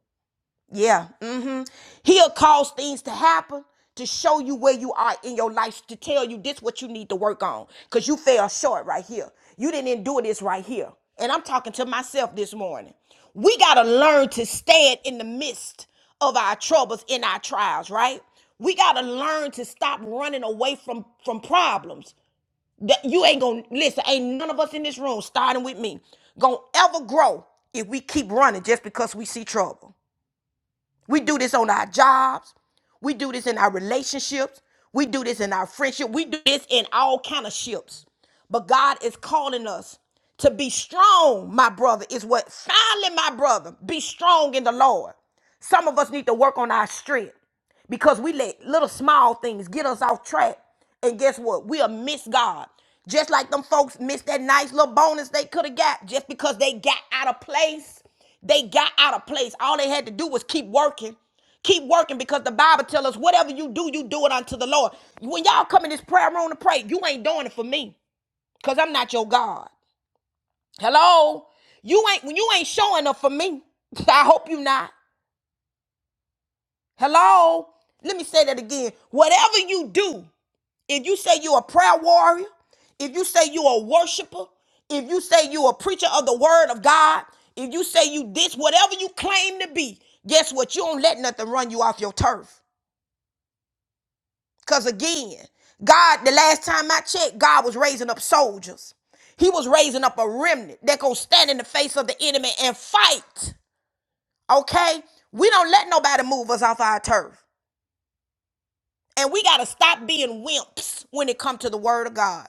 A: Yeah. Mm-hmm. He'll cause things to happen to show you where you are in your life, to tell you this what you need to work on. Cause you fell short right here. You didn't endure this right here. And I'm talking to myself this morning. We gotta learn to stand in the midst of our troubles, in our trials, right? We gotta learn to stop running away from from problems. That you ain't gonna listen. Ain't none of us in this room, starting with me, gonna ever grow if we keep running just because we see trouble. We do this on our jobs. We do this in our relationships. We do this in our friendship. We do this in all kind of ships. But God is calling us to be strong, my brother, is what finally, my brother, be strong in the Lord. Some of us need to work on our strength because we let little small things get us off track. And guess what? We'll miss God. Just like them folks missed that nice little bonus they could have got just because they got out of place. They got out of place. All they had to do was keep working. Keep working because the Bible tells us whatever you do, you do it unto the Lord. When y'all come in this prayer room to pray, you ain't doing it for me because I'm not your God. Hello? You ain't when you ain't showing up for me. I hope you not. Hello? Let me say that again. Whatever you do, if you say you're a prayer warrior, if you say you're a worshiper, if you say you're a preacher of the word of God, if you say you this, whatever you claim to be, guess what? You don't let nothing run you off your turf. Because again, God, the last time I checked, God was raising up soldiers. He was raising up a remnant that gonna stand in the face of the enemy and fight. Okay? We don't let nobody move us off our turf. And we got to stop being wimps when it comes to the word of God.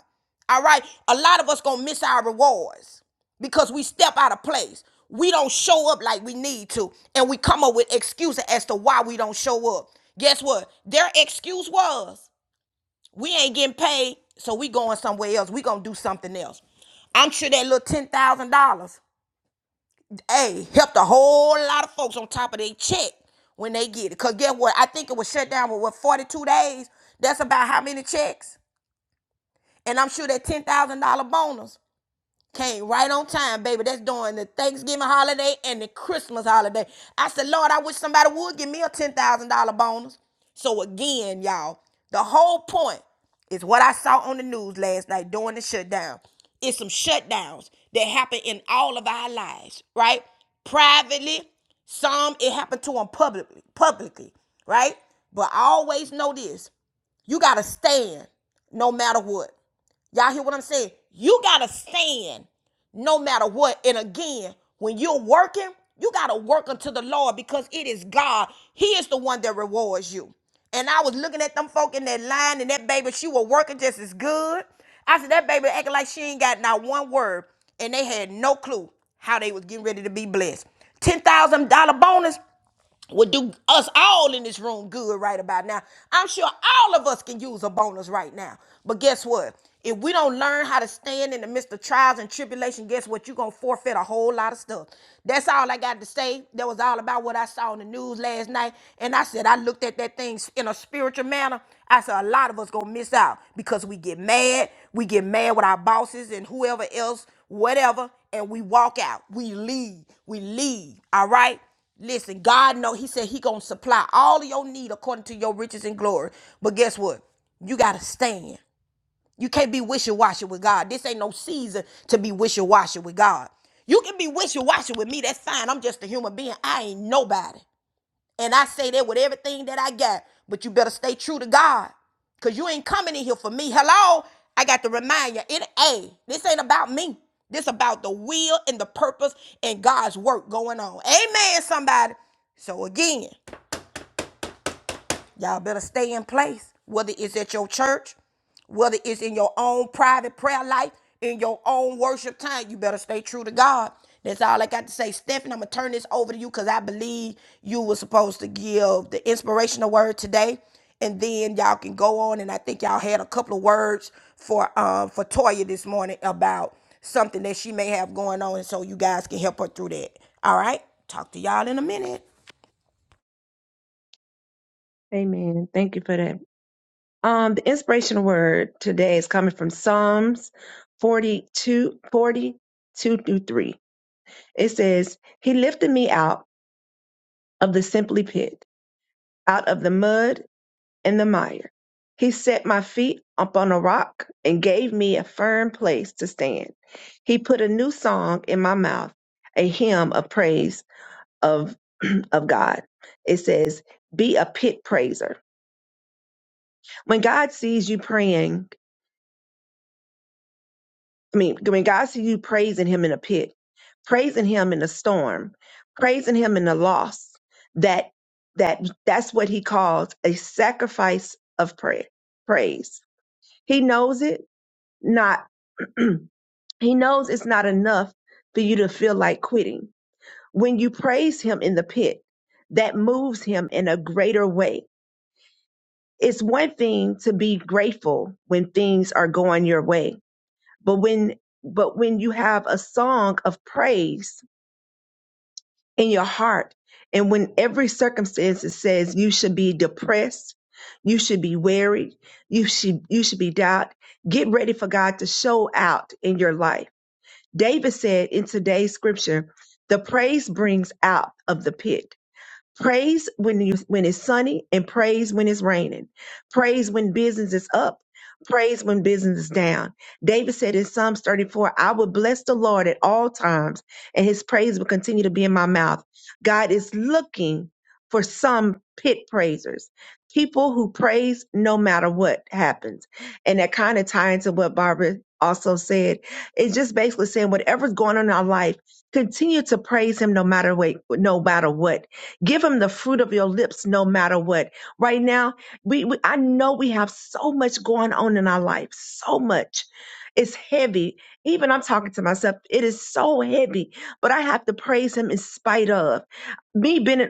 A: All right? A lot of us going to miss our rewards because we step out of place. We don't show up like we need to, and we come up with excuses as to why we don't show up. Guess what? Their excuse was, we ain't getting paid, so we going somewhere else. We going to do something else. I'm sure that little $10,000 hey, helped a whole lot of folks on top of their check when they get it. Cause guess what? I think it was shut down with what 42 days. That's about how many checks? And I'm sure that $10,000 bonus. Came right on time, baby. That's during the Thanksgiving holiday and the Christmas holiday. I said, Lord, I wish somebody would give me a $10,000 bonus. So, again, y'all, the whole point is what I saw on the news last night during the shutdown. It's some shutdowns that happen in all of our lives, right? Privately, some it happened to them publicly, publicly, right? But I always know this you got to stand no matter what. Y'all hear what I'm saying? You gotta stand no matter what. And again, when you're working, you gotta work unto the Lord because it is God. He is the one that rewards you. And I was looking at them folk in that line, and that baby, she was working just as good. I said, that baby acting like she ain't got not one word. And they had no clue how they was getting ready to be blessed. $10,000 bonus would do us all in this room good right about now. I'm sure all of us can use a bonus right now. But guess what? If we don't learn how to stand in the midst of trials and tribulation, guess what? You're going to forfeit a whole lot of stuff. That's all I got to say. That was all about what I saw in the news last night. And I said, I looked at that thing in a spiritual manner. I said, a lot of us going to miss out because we get mad. We get mad with our bosses and whoever else, whatever. And we walk out. We leave. We leave. All right? Listen, God know he said he going to supply all of your need according to your riches and glory. But guess what? You got to stand. You can't be wishy-washy with God. This ain't no season to be wishy-washy with God. You can be wishy-washy with me. That's fine. I'm just a human being. I ain't nobody. And I say that with everything that I got. But you better stay true to God. Cause you ain't coming in here for me. Hello? I got to remind you, it hey, this ain't about me. This about the will and the purpose and God's work going on. Amen, somebody. So again. Y'all better stay in place, whether it's at your church, whether it's in your own private prayer life, in your own worship time. You better stay true to God. That's all I got to say. Stephanie, I'm going to turn this over to you because I believe you were supposed to give the inspirational word today. And then y'all can go on. And I think y'all had a couple of words for um for Toya this morning about something that she may have going on. And so you guys can help her through that. All right. Talk to y'all in a minute.
D: Amen. Thank you for that. Um, the inspirational word today is coming from Psalms 42, forty-two through 3. It says, He lifted me out of the simply pit, out of the mud in the mire. He set my feet upon a rock and gave me a firm place to stand. He put a new song in my mouth, a hymn of praise of, of God. It says, Be a pit praiser. When God sees you praying, I mean, when God sees you praising Him in a pit, praising Him in a storm, praising Him in the loss, that that that's what He calls a sacrifice of prayer, praise. He knows it not He knows it's not enough for you to feel like quitting. When you praise Him in the pit, that moves Him in a greater way. It's one thing to be grateful when things are going your way, but when but when you have a song of praise in your heart, and when every circumstance says you should be depressed, you should be worried, you should you should be doubt, get ready for God to show out in your life David said in today's scripture, the praise brings out of the pit. Praise when you when it's sunny and praise when it's raining. Praise when business is up. Praise when business is down. David said in Psalms 34, I will bless the Lord at all times, and his praise will continue to be in my mouth. God is looking for some pit praisers, people who praise no matter what happens. And that kind of ties into what Barbara also said. It's just basically saying whatever's going on in our life, continue to praise him no matter what, no matter what Give him the fruit of your lips no matter what. Right now, we, we I know we have so much going on in our life, so much. It's heavy. Even I'm talking to myself. It is so heavy, but I have to praise him in spite of me being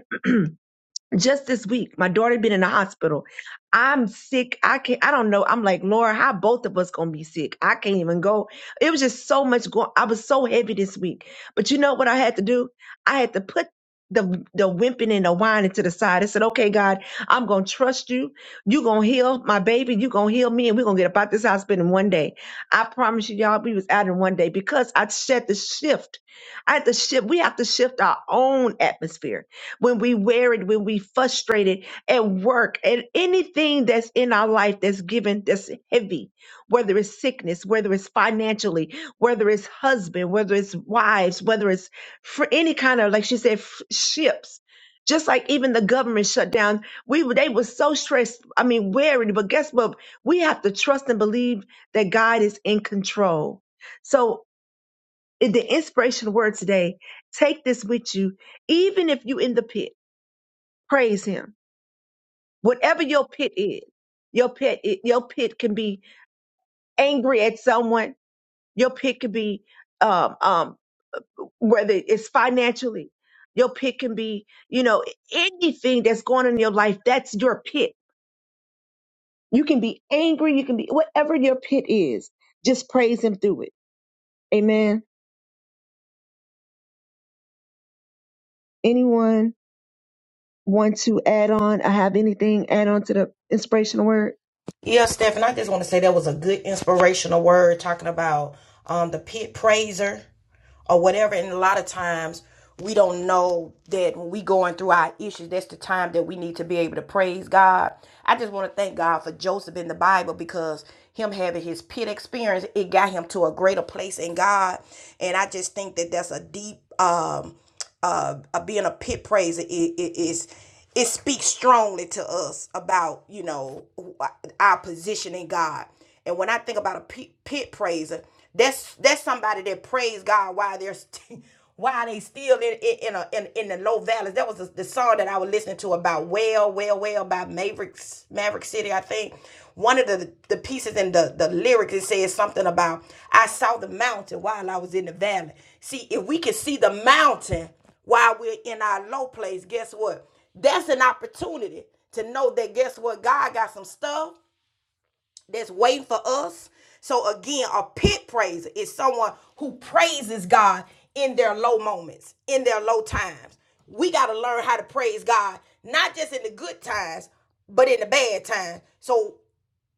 D: just this week my daughter been in the hospital i'm sick i can't i don't know i'm like lord how both of us gonna be sick i can't even go it was just so much going i was so heavy this week but you know what i had to do i had to put the the wimping and the whining to the side i said okay god i'm gonna trust you you gonna heal my baby you gonna heal me and we're gonna get up out this hospital in one day i promise you y'all we was out in one day because i had to shift i had to shift we have to shift our own atmosphere when we wear it, when we frustrated at work, and anything that's in our life that's given that's heavy, whether it's sickness, whether it's financially, whether it's husband, whether it's wives, whether it's for any kind of like she said f- ships. Just like even the government shut down, we were- they were so stressed. I mean, wearied. But guess what? We have to trust and believe that God is in control. So in the inspiration word today, take this with you, even if you in the pit Praise him. Whatever your pit is, your pit i- your pit can be angry at someone. Your pit can be um, um, whether it's financially. Your pit can be you know anything that's going on in your life. That's your pit. You can be angry. You can be whatever your pit is. Just praise him through it. Amen. Anyone want to add on? I have anything add on to the inspirational word.
A: Yeah, Steph, and I just want to say that was a good inspirational word talking about um, the pit praiser or whatever. And a lot of times we don't know that when we going through our issues, that's the time that we need to be able to praise God. I just want to thank God for Joseph in the Bible because him having his pit experience, it got him to a greater place in God. And I just think that that's a deep. Um, uh, uh being a pit praiser it, it is it speaks strongly to us about you know our position in God. And when I think about a pit, pit praiser, that's that's somebody that praise God while they're st- while they still in in in, a, in in the low valleys. That was the, the song that I was listening to about about Well, Well, Well by Mavericks, Maverick City, I think. One of the, the pieces in the, the lyrics, it says something about, I saw the mountain while I was in the valley. See, if we can see the mountain while we're in our low place, guess what? That's an opportunity to know that, guess what? God got some stuff that's waiting for us. So again, a pit praiser is someone who praises God in their low moments, in their low times. We got to learn how to praise God, not just in the good times, but in the bad times. So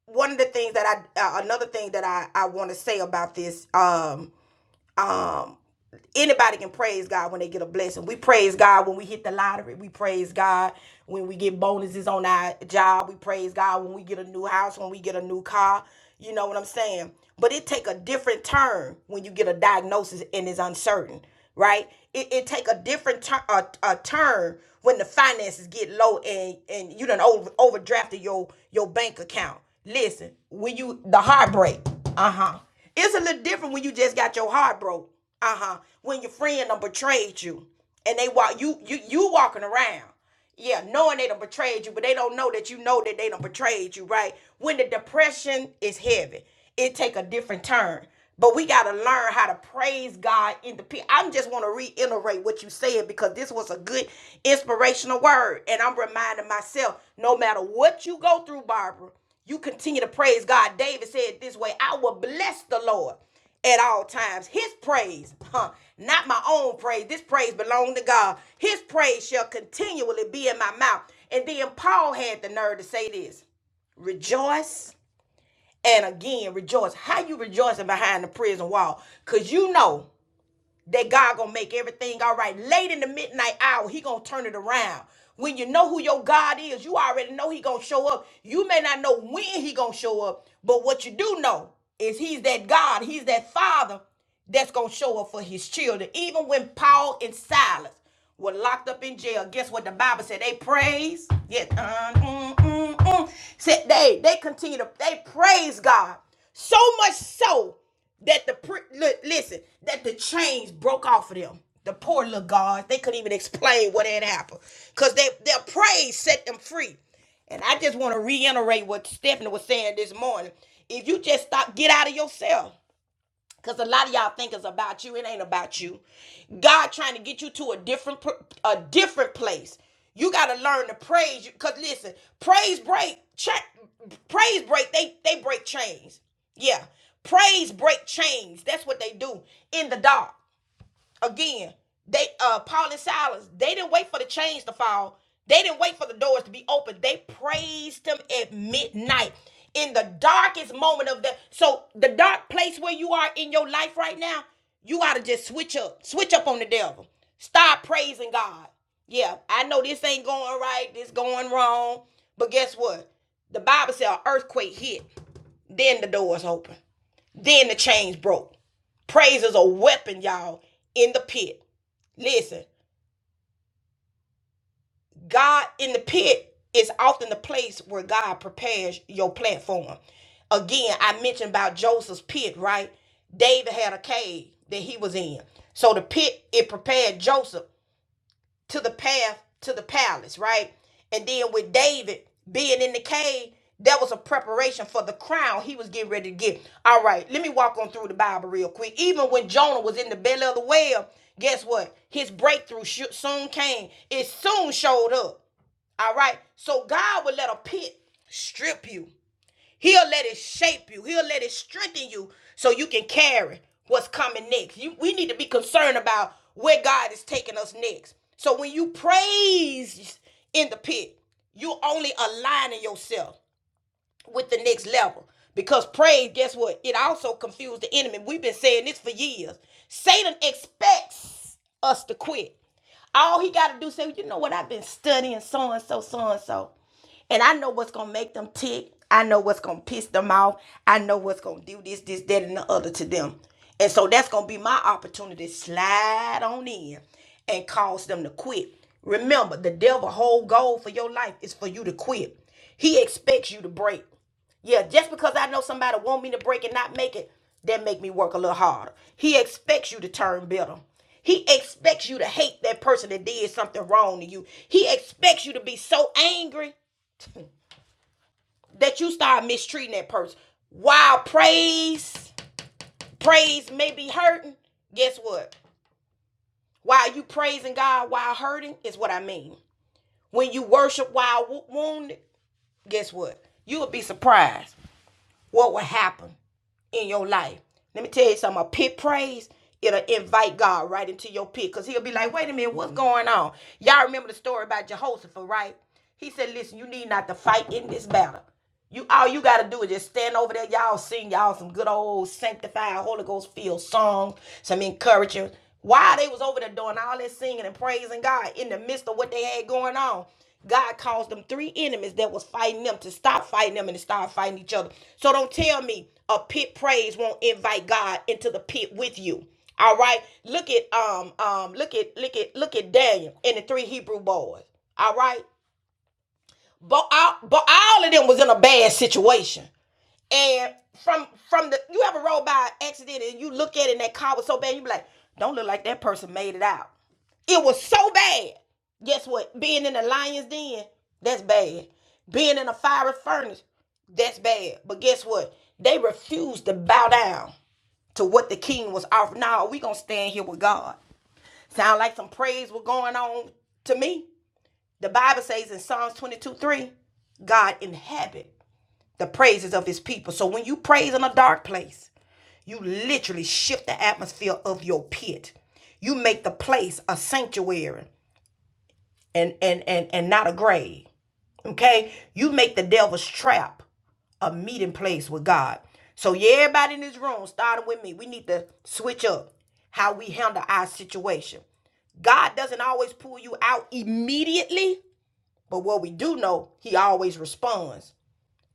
A: one of the things that I, uh, another thing that I, I want to say about this, um, um, anybody can praise God when they get a blessing. We praise God when we hit the lottery. We praise God when we get bonuses on our job. We praise God when we get a new house, when we get a new car. You know what I'm saying? But it take a different turn when you get a diagnosis and it's uncertain, right? It, it take a different tur a, a turn when the finances get low and and you done over overdrafted your your bank account. Listen, when you the heartbreak, uh huh. It's a little different when you just got your heart broke. Uh huh. When your friend done betrayed you, and they walk you you you walking around, yeah, knowing they done betrayed you, but they don't know that you know that they done betrayed you, right? When the depression is heavy, it take a different turn. But we gotta learn how to praise God in the pit. I just want to reiterate what you said because this was a good inspirational word, and I'm reminding myself, no matter what you go through, Barbara. You continue to praise God. David said it this way I will bless the Lord at all times. His praise, huh, not my own praise. This praise belonged to God. His praise shall continually be in my mouth. And then Paul had the nerve to say this rejoice and again rejoice. How you rejoicing behind the prison wall? Because you know that God gonna make everything all right. Late in the midnight hour, he gonna turn it around. When you know who your God is, you already know he gonna show up. You may not know when he gonna show up, but what you do know is he's that God, he's that Father that's gonna show up for his children. Even when Paul and Silas were locked up in jail, guess what the Bible said? They praised. Yeah. uh, mm, mm, something. Said they they continue to they praise God so much so that the pri- li- listen that the chains broke off of them. The poor little guards they couldn't even explain what had happened because they their praise set them free. And I just want to reiterate what Stephanie was saying this morning. If you just stop, get out of yourself. Cause a lot of y'all think it's about you. It ain't about you. God trying to get you to a different a different place. You gotta learn to praise. Cause listen, praise break cha- praise break. They they break chains. Yeah, praise break chains. That's what they do in the dark again, they uh Paul and Silas, they didn't wait for the chains to fall. They didn't wait for the doors to be open. They praised him at midnight in the darkest moment of the so the dark place where you are in your life right now, you ought to just switch up. Switch up on the devil. Start praising God. Yeah, I know this ain't going right, this going wrong. But guess what? The Bible said an earthquake hit, then the doors open, then the chains broke. Praise is a weapon, y'all, in the pit. Listen, God in the pit is often the place where God prepares your platform. Again, I mentioned about Joseph's pit, right? David had a cave that he was in. So the pit, it prepared Joseph to the path to the palace, right? And then with David being in the cave, that was a preparation for the crown he was getting ready to get. All right, let me walk on through the Bible real quick. Even when Jonah was in the belly of the whale, guess what? His breakthrough soon came. It soon showed up. All right. So God would let a pit strip you. He'll let it shape you. He'll let it strengthen you so you can carry what's coming next. You, we need to be concerned about where God is taking us next. So when you praise in the pit, you are only aligning yourself with the next level. Because praise, guess what? It also confused the enemy. We've been saying this for years. Satan expects us to quit. All he got to do is say, "Well, you know what? I've been studying so and so, so and so. And I know what's going to make them tick. I know what's going to piss them off. I know what's going to do this, this, that, and the other to them. And so that's going to be my opportunity. to Slide on in and cause them to quit. Remember, the devil whole goal for your life is for you to quit. He expects you to break. Yeah, just because I know somebody want me to break and not make it, that make me work a little harder. He expects you to turn bitter. He expects you to hate that person that did something wrong to you. He expects you to be so angry that you start mistreating that person. While praise, praise may be hurting, guess what? While you praising God while hurting is what I mean. When you worship while wounded, guess what? You will be surprised what will happen in your life. Let me tell you something. A pit praise, it'll invite God right into your pit. Because he'll be like, wait a minute, what's going on? Y'all remember the story about Jehoshaphat, right? He said, listen, you need not to fight in this battle. You all you gotta do is just stand over there. Y'all sing y'all some good old sanctified Holy Ghost filled songs, some encouragement. While they was over there doing all that singing and praising God in the midst of what they had going on, God caused them three enemies that was fighting them to stop fighting them and to start fighting each other. So don't tell me a pit praise won't invite God into the pit with you. All right. Look at um um look at look at look at Daniel and the three Hebrew boys. All right. But all, but all of them was in a bad situation. And from from the you ever roll by an accident and you look at it and that car was so bad, you be like, don't look like that person made it out. It was so bad. Guess what? Being in a lion's den, that's bad. Being in a fiery furnace, that's bad. But guess what? They refused to bow down to what the king was offering. Now we gonna stand here with God. Sound like some praise was going on to me. The Bible says in Psalms 22, 3, God inhabit the praises of his people. So when you praise in a dark place, you literally shift the atmosphere of your pit. You make the place a sanctuary and and and and not a grave. Okay? You make the devil's trap a meeting place with God. So yeah, everybody in this room, starting with me, we need to switch up how we handle our situation. God doesn't always pull you out immediately, but what we do know, he always responds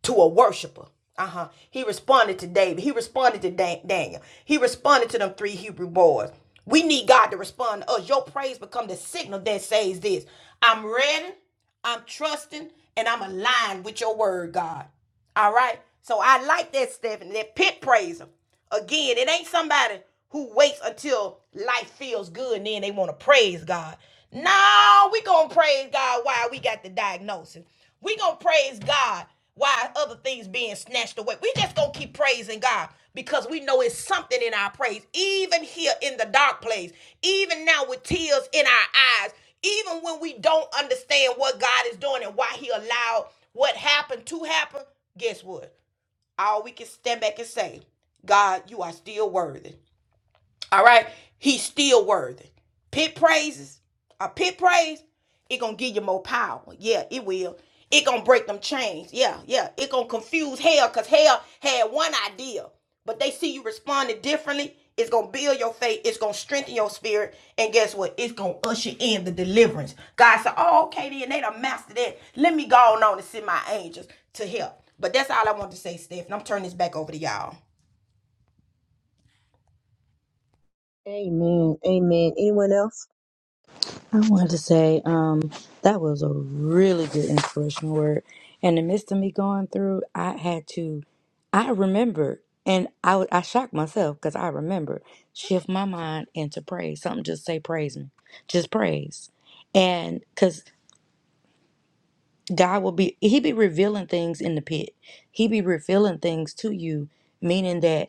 A: to a worshiper. Uh huh. He responded to David. He responded to Dan- Daniel. He responded to them three Hebrew boys. We need God to respond to us. Your praise become the signal that says this: I'm ready. I'm trusting, and I'm aligned with your word, God. All right. So I like that, Stephanie. That pit praiser. Again, it ain't somebody who waits until life feels good and then they want to praise God. No, we going to praise God while we got the diagnosis. We going to praise God while other things being snatched away. We just going to keep praising God because we know it's something in our praise. Even here in the dark place, even now with tears in our eyes, even when we don't understand what God is doing and why he allowed what happened to happen, guess what? all we can stand back and say, God, you are still worthy. All right. He's still worthy. Pit praises. A pit praise, it gonna give you more power. Yeah, it will. It gonna break them chains. Yeah, yeah. It gonna confuse hell because hell had one idea. But they see you responding differently. It's gonna build your faith. It's gonna strengthen your spirit. And guess what? It's gonna usher in the deliverance. God said, Oh, okay, then they done mastered that. Let me go on and send my angels to help. But that's all I want to say, Steph. And I'm turning this back over to y'all.
D: Amen. Amen. Anyone else?
C: I wanted to say um, that was a really good inspirational word. In the midst of me going through, I had to, I remember, and I, would- I shocked myself because I remember, shift my mind into praise. Something just say praise me, just praise. And because God will be, He be revealing things in the pit. He be revealing things to you, meaning that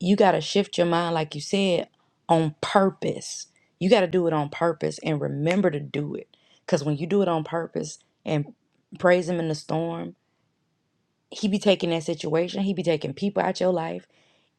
C: you got to shift your mind, like you said, on purpose. You got to do it on purpose and remember to do it. Because when you do it on purpose and praise Him in the storm, He be taking that situation, He be taking people out your life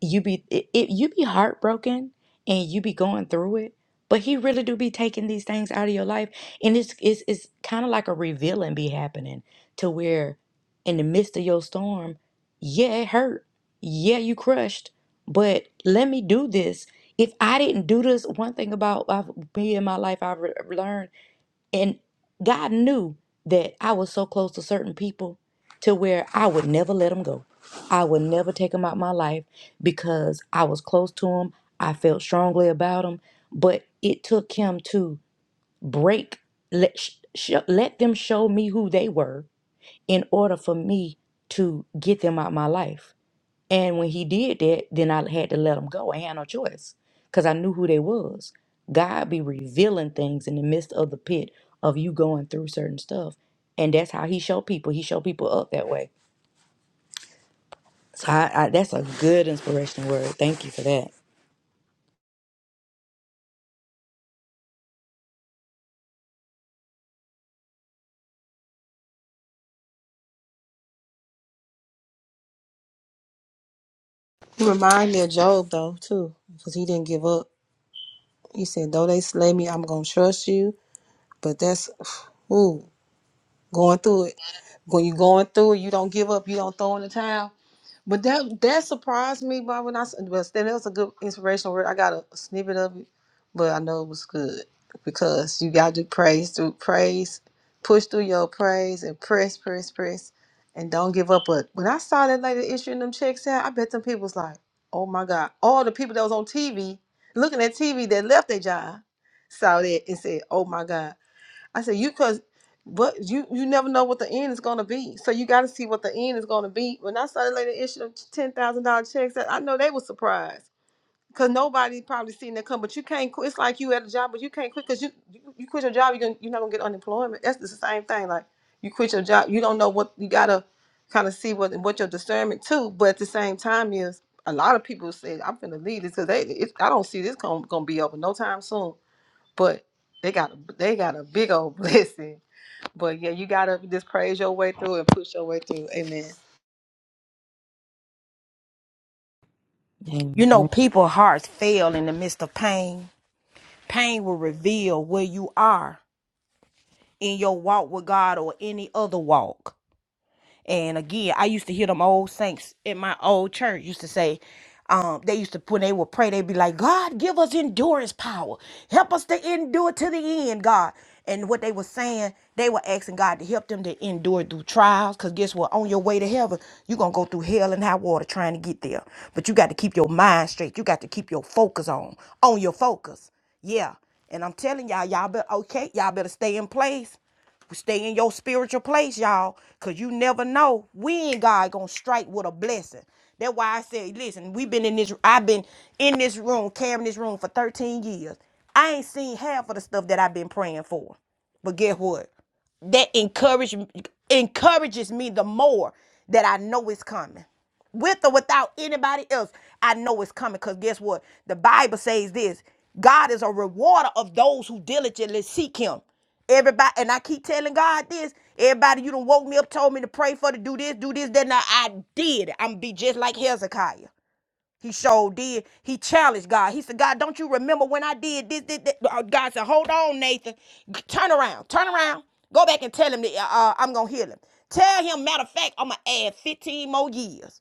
C: you be it, it you be heartbroken and you be going through it but he really do be taking these things out of your life and it's it's, it's kind of like a revealing be happening to where in the midst of your storm yeah it hurt yeah you crushed but let me do this if i didn't do this one thing about I've, me in my life i've re- learned and God knew that I was so close to certain people to where I would never let them go. I would never take them out my life because I was close to them. I felt strongly about them, but it took him to break let sh- sh- let them show me who they were in order for me to get them out my life. And when he did that, then I had to let them go. I had no choice because I knew who they was. God be revealing things in the midst of the pit of you going through certain stuff, and that's how He show people. He show people up that way. So I, I, that's a good inspirational word. Thank you for that.
E: He remind me of Job though too, because he didn't give up. He said, "Though they slay me, I'm gonna trust you." But that's ooh, going through it. When you're going through it, you don't give up. You don't throw in the towel. But that that surprised me, but when I s- but then it was a good inspirational word. I got a snippet of it, but I know it was good because you got to praise through praise, push through your praise and press, press, press, and don't give up. But when I saw that lady issuing them checks out, I bet them people was like, "Oh my God!" All the people that was on TV looking at TV that left their job saw that and said, "Oh my God!" I said, you cause but you you never know what the end is gonna be. So you gotta see what the end is gonna be. When I started later issue them ten thousand dollar checks, I I know they were surprised. Cause nobody probably seen that come, but you can't quit. It's like you at a job, but you can't quit because you, you you quit your job, you're gonna, you're not gonna get unemployment. That's the same thing. Like you quit your job, you don't know what you gotta kind of see what what your discernment too. But at the same time, is a lot of people say I'm gonna leave this because they it's, I don't see this gonna, gonna be over no time soon but they got a, they got a big old blessing. But yeah, you gotta just praise your way through and push your way through. Amen.
A: You
C: Amen.
A: know, people's hearts fail in the midst of pain. Pain will reveal where you are in your walk with God or any other walk. And again, I used to hear them old saints in my old church used to say, um, they used to when they would pray, they'd be like, God, give us endurance power. Help us to endure to the end, God. And what they were saying, they were asking God to help them to endure through trials. Cause guess what? On your way to heaven, you're gonna go through hell and high water trying to get there. But you got to keep your mind straight. You got to keep your focus on, on your focus. Yeah. And I'm telling y'all, y'all better okay, y'all better stay in place. Stay in your spiritual place, y'all, because you never know when God gonna strike with a blessing. That's why I said, listen, we've been in this, I've been in this room, carrying this room for 13 years. I ain't seen half of the stuff that I've been praying for. But guess what? that encourage, encourages me the more that I know it's coming. With or without anybody else, I know it's coming. Because guess what? The Bible says this God is a rewarder of those who diligently seek Him. Everybody, and I keep telling God this. Everybody, you done woke me up, told me to pray for, to do this, do this, then I, I did. I'm be just like Hezekiah. He showed did. He challenged God. He said, God, don't you remember when I did this, this, this? Uh, God said, hold on, Nathan. Turn around. Turn around. Go back and tell him that uh, uh, I'm going to heal him. Tell him, matter of fact, I'm going to add 15 more years.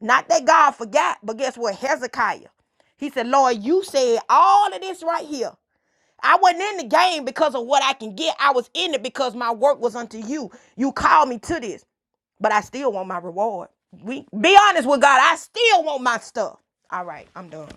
A: Not that God forgot, but guess what? Hezekiah. He said, Lord, you said all of this right here. I wasn't in the game because of what I can get. I was in it because my work was unto you. You called me to this but I still want my reward. We be honest with God. I still want my stuff. All right, I'm done.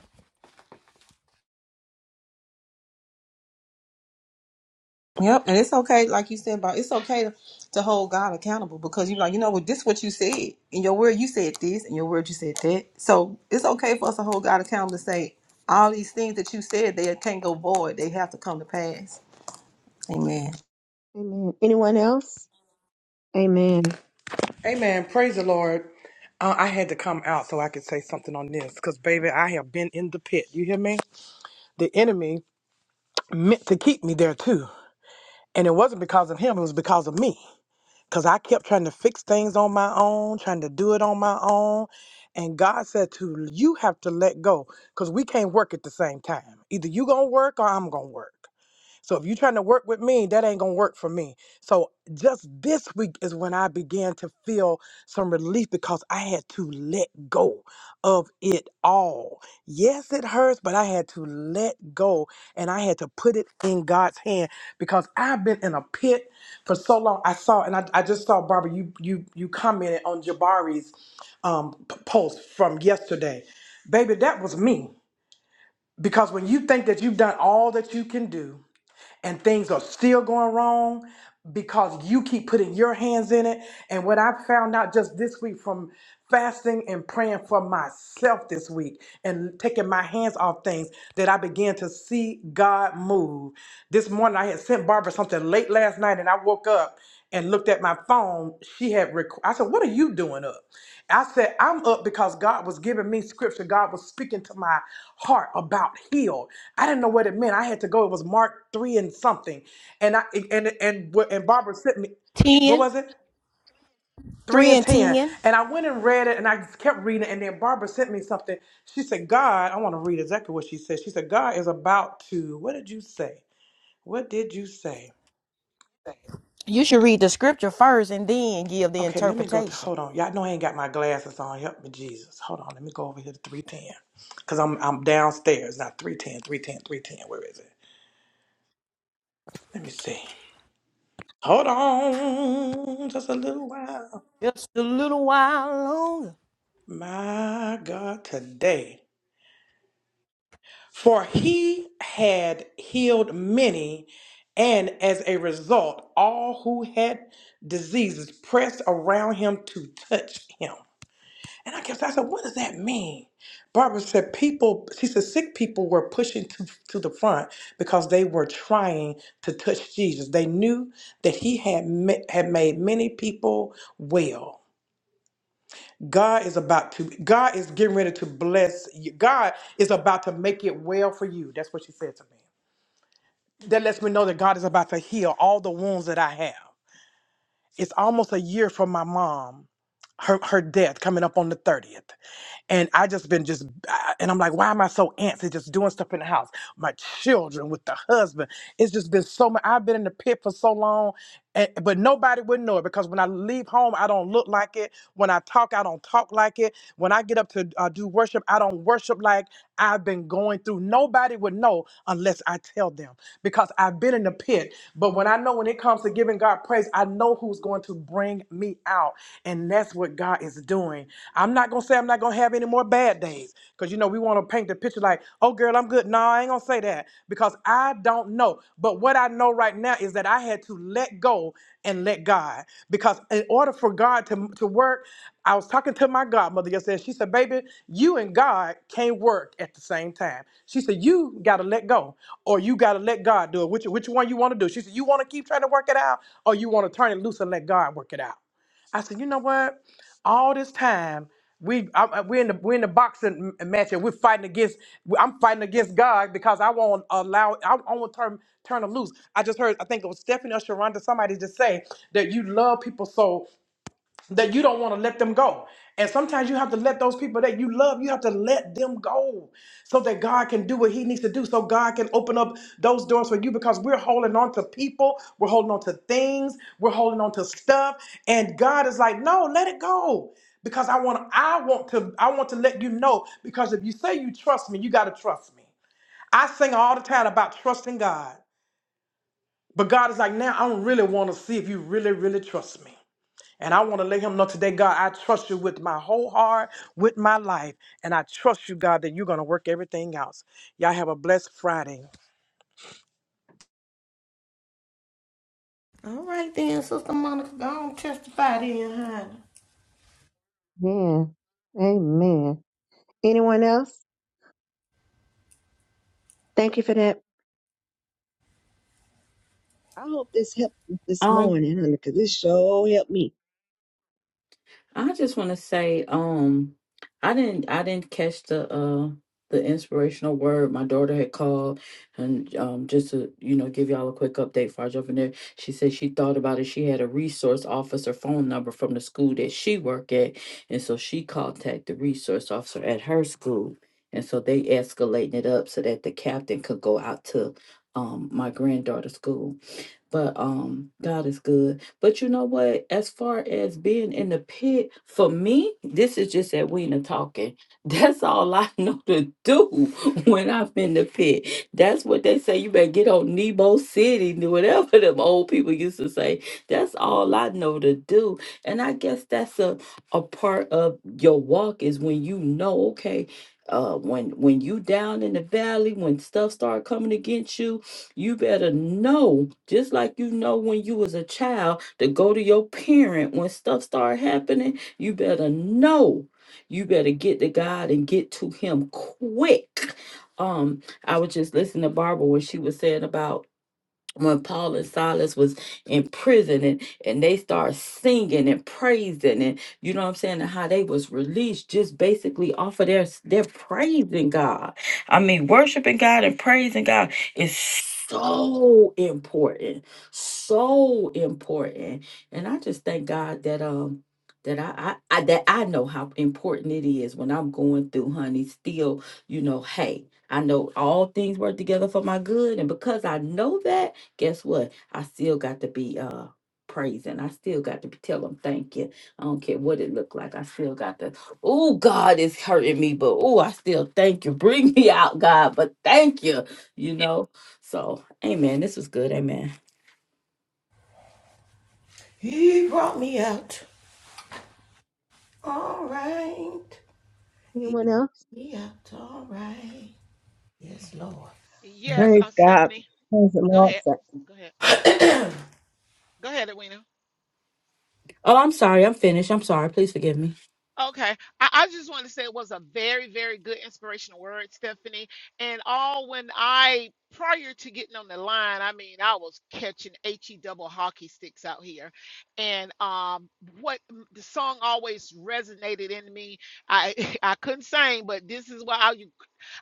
E: Yep, and it's okay, like you said, about it's okay to, to hold God accountable because you're like, you know what, this what you said. In your word you said this, in your word you said that. So it's okay for us to hold God accountable and say, all these things that you said, they can't go void. They have to come to pass. Amen.
D: Amen. Anyone else? Amen.
F: Amen. Praise the Lord. Uh, I had to come out so I could say something on this because, baby, I have been in the pit. You hear me? The enemy meant to keep me there too. And it wasn't because of him, it was because of me. Because I kept trying to fix things on my own, trying to do it on my own. And God said to you have to let go because we can't work at the same time. Either you going to work or I'm going to work. So if you're trying to work with me, that ain't gonna work for me. So just this week is when I began to feel some relief because I had to let go of it all. Yes, it hurts, but I had to let go and I had to put it in God's hand because I've been in a pit for so long. I saw and I, I just saw Barbara, you you you commented on Jabari's um, p- post from yesterday. Baby, that was me. Because when you think that you've done all that you can do, and things are still going wrong because you keep putting your hands in it. And what I found out just this week from fasting and praying for myself this week and taking my hands off things that I began to see God move. This morning I had sent Barbara something late last night and I woke up and looked at my phone. She had rec- I said, "What are you doing up?" I said, I'm up because God was giving me scripture. God was speaking to my heart about healed. I didn't know what it meant. I had to go. It was Mark 3 and something. And I and and and Barbara sent me, what
A: Ten,
F: was it? 3
A: three,
F: and
A: and
F: 10.
A: 10.
F: And I went and read it and I just kept reading. it. And then Barbara sent me something. She said, God, I want to read exactly what she said. She said, God is about to, what did you say? What did you say?
A: You should read the scripture first and then give the
F: Okay, let me go to
A: interpretation.
F: hold on. Y'all know I ain't got my glasses on. Help me, Jesus. Hold on. Let me go over here to 310. Cause I'm I'm downstairs. Now Three ten, three ten, three ten. Where is it? Let me see. Hold on. Just a little while.
A: Just a little while longer.
F: My God, today. For he had healed many, and as a result, all who had diseases pressed around him to touch him. And I kept I said, what does that mean? Barbara said, people, she said, sick people were pushing to, to the front because they were trying to touch Jesus. They knew that he had, ma- had made many people well. God is about to, God is getting ready to bless you. God is about to make it well for you. That's what she said to me. That lets me know that God is about to heal all the wounds that I have. It's almost a year from my mom, her, her death coming up on the 30th. and I just been just I- and I'm like, why am I so antsy just doing stuff in the house? My children with the husband. It's just been so much. I've been in the pit for so long, and, but nobody would know it because when I leave home, I don't look like it. When I talk, I don't talk like it. When I get up to uh, do worship, I don't worship like I've been going through. Nobody would know unless I tell them because I've been in the pit but when I know when it comes to giving God praise, I know who's going to bring me out. And that's what God is doing. I'm not going to say I'm not going to have any more bad days because, you know, we want to paint the picture like, oh, girl, I'm good. No, I ain't going to say that because I don't know. But what I know right now is that I had to let go and let God. Because in order for God to, to work, I was talking to my godmother yesterday. She said, Baby, you and God can't work at the same time. She said, You got to let go, or you got to let God do it. Which, which one you want to do? She said, You want to keep trying to work it out, or you want to turn it loose and let God work it out? I said, you know what? All this time we I, I- we're in the we're in the boxing m- match and we're fighting against. I'm fighting against God because I won't allow. I, I won't turn turn them loose. I just heard. I think it was Stephanie or Sharonda. Somebody just say that you love people so that you don't want to let them go. And sometimes you have to let those people that you love, you have to let them go so that God can do what he needs to do, so God can open up those doors for you because we're holding on to people, we're holding on to things, we're holding on to stuff, and God is like, "No, let it go." Because I want I want to I want to let you know because if you say you trust me, you got to trust me. I sing all the time about trusting God. But God is like, "Now I don't really want to see if you really really trust me." And I want to let him know today, God, I trust you with my whole heart, with my life. And I trust you, God, that you're going to work everything else. Y'all have a blessed Friday.
A: All right then, Sister Monica, go on testify then, honey.
D: Amen. Amen. Anyone else? Thank you for that. I hope this helped you this
B: Um,
D: morning, honey, because this show helped me.
B: I just want to say, um, I didn't, I didn't catch the, uh, the inspirational word. My daughter had called, and um, just to you know, give y'all a quick update. Before I jump in there, she said she thought about it. She had a resource officer phone number from the school that she worked at, and so she contacted the resource officer at her school, and so they escalating it up so that the captain could go out to, um, my granddaughter's school. But um, God is good. But you know what? As far as being in the pit, for me, this is just Edwina talking. That's all I know to do when I'm in the pit. That's what they say. You better get on Nebo City, whatever them old people used to say. That's all I know to do. And I guess that's a, a part of your walk is when you know, okay, uh when when you down in the valley, when stuff start coming against you, you better know just like you know when you was a child to go to your parent when stuff start happening you better know you better get to god and get to him quick um i was just listening to barbara when she was saying about when Paul and Silas was in prison and, and they started singing and praising and you know what I'm saying and how they was released just basically off of their their praising God. I mean worshiping God and praising God is so important. So important. And I just thank God that um that I, I, I that I know how important it is when I'm going through, honey. Still, you know, hey, I know all things work together for my good. And because I know that guess what? I still got to be uh praising. I still got to be tell them thank you. I don't care what it looked like. I still got to, oh God is hurting me, but oh I still thank you. Bring me out, God, but thank you. You know? So amen. This was good. Amen.
A: He brought me out. All right.
D: Anyone else?
A: Me out, all right. Yes, Lord.
G: Yes,
H: Praise
G: uh,
H: God.
G: Stephanie,
H: Praise the
G: go
H: Lord.
G: ahead.
H: for-
G: Go ahead. Go ahead, Edwina.
B: Oh, I'm sorry. I'm finished. I'm sorry. Please forgive me.
G: Okay. I, I just want to say it was a very, very good inspirational word, Stephanie. And all when I, prior to getting on the line, I mean, I was catching HE double hockey sticks out here. And um, what the song always resonated in me. I I couldn't sing, but this is why